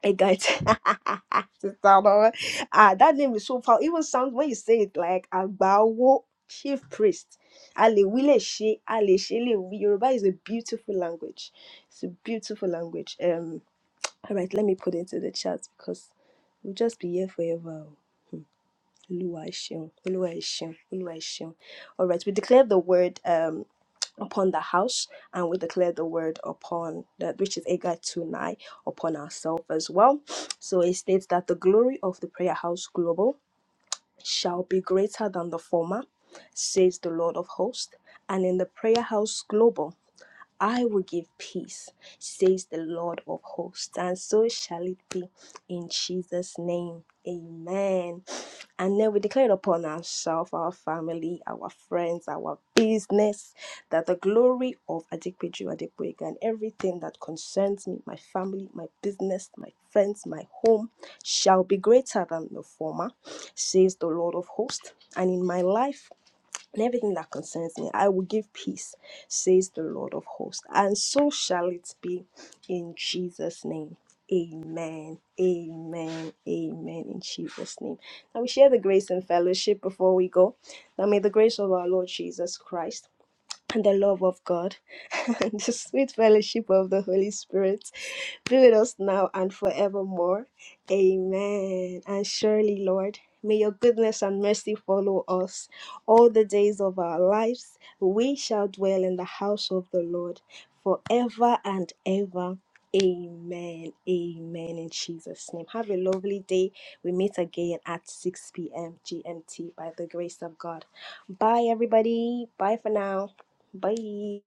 [SPEAKER 1] a guide. <laughs> Sister Laura. ah, that name is so powerful. Even sounds when you say it like Agbawo, chief priest. Ale wile she, ale she le wi. Yoruba is a beautiful language. It's a beautiful language. Um. All right, let me put it into the chat because we'll just be here forever. Oluwaseun, Oluwaseun, Oluwaseun. All right, we declare the word um, upon the house, and we declare the word upon that which is Agai Tunai upon ourselves as well. So it states that the glory of the prayer house global shall be greater than the former, says the Lord of hosts. And in the prayer house global, I will give peace, says the Lord of hosts, and so shall it be in Jesus' name. Amen. And then we declare upon ourselves, our family, our friends, our business, that the glory of Adikpeju Adepoega and everything that concerns me, my family, my business, my friends, my home, shall be greater than the former, says the Lord of hosts. And in my life, and everything that concerns me, I will give peace, says the Lord of hosts. And so shall it be in Jesus' name. Amen. Amen. Amen. In Jesus' name. Now we share the grace and fellowship before we go. Now may the grace of our Lord Jesus Christ and the love of God <laughs> and the sweet fellowship of the Holy Spirit be with us now and forevermore. Amen. And surely, Lord, may your goodness and mercy follow us all the days of our lives. We shall dwell in the house of the Lord forever and ever. Amen. Amen. In Jesus' name. Have a lovely day. We meet again at 6 p.m. GMT by the grace of God. Bye, everybody. Bye for now. Bye.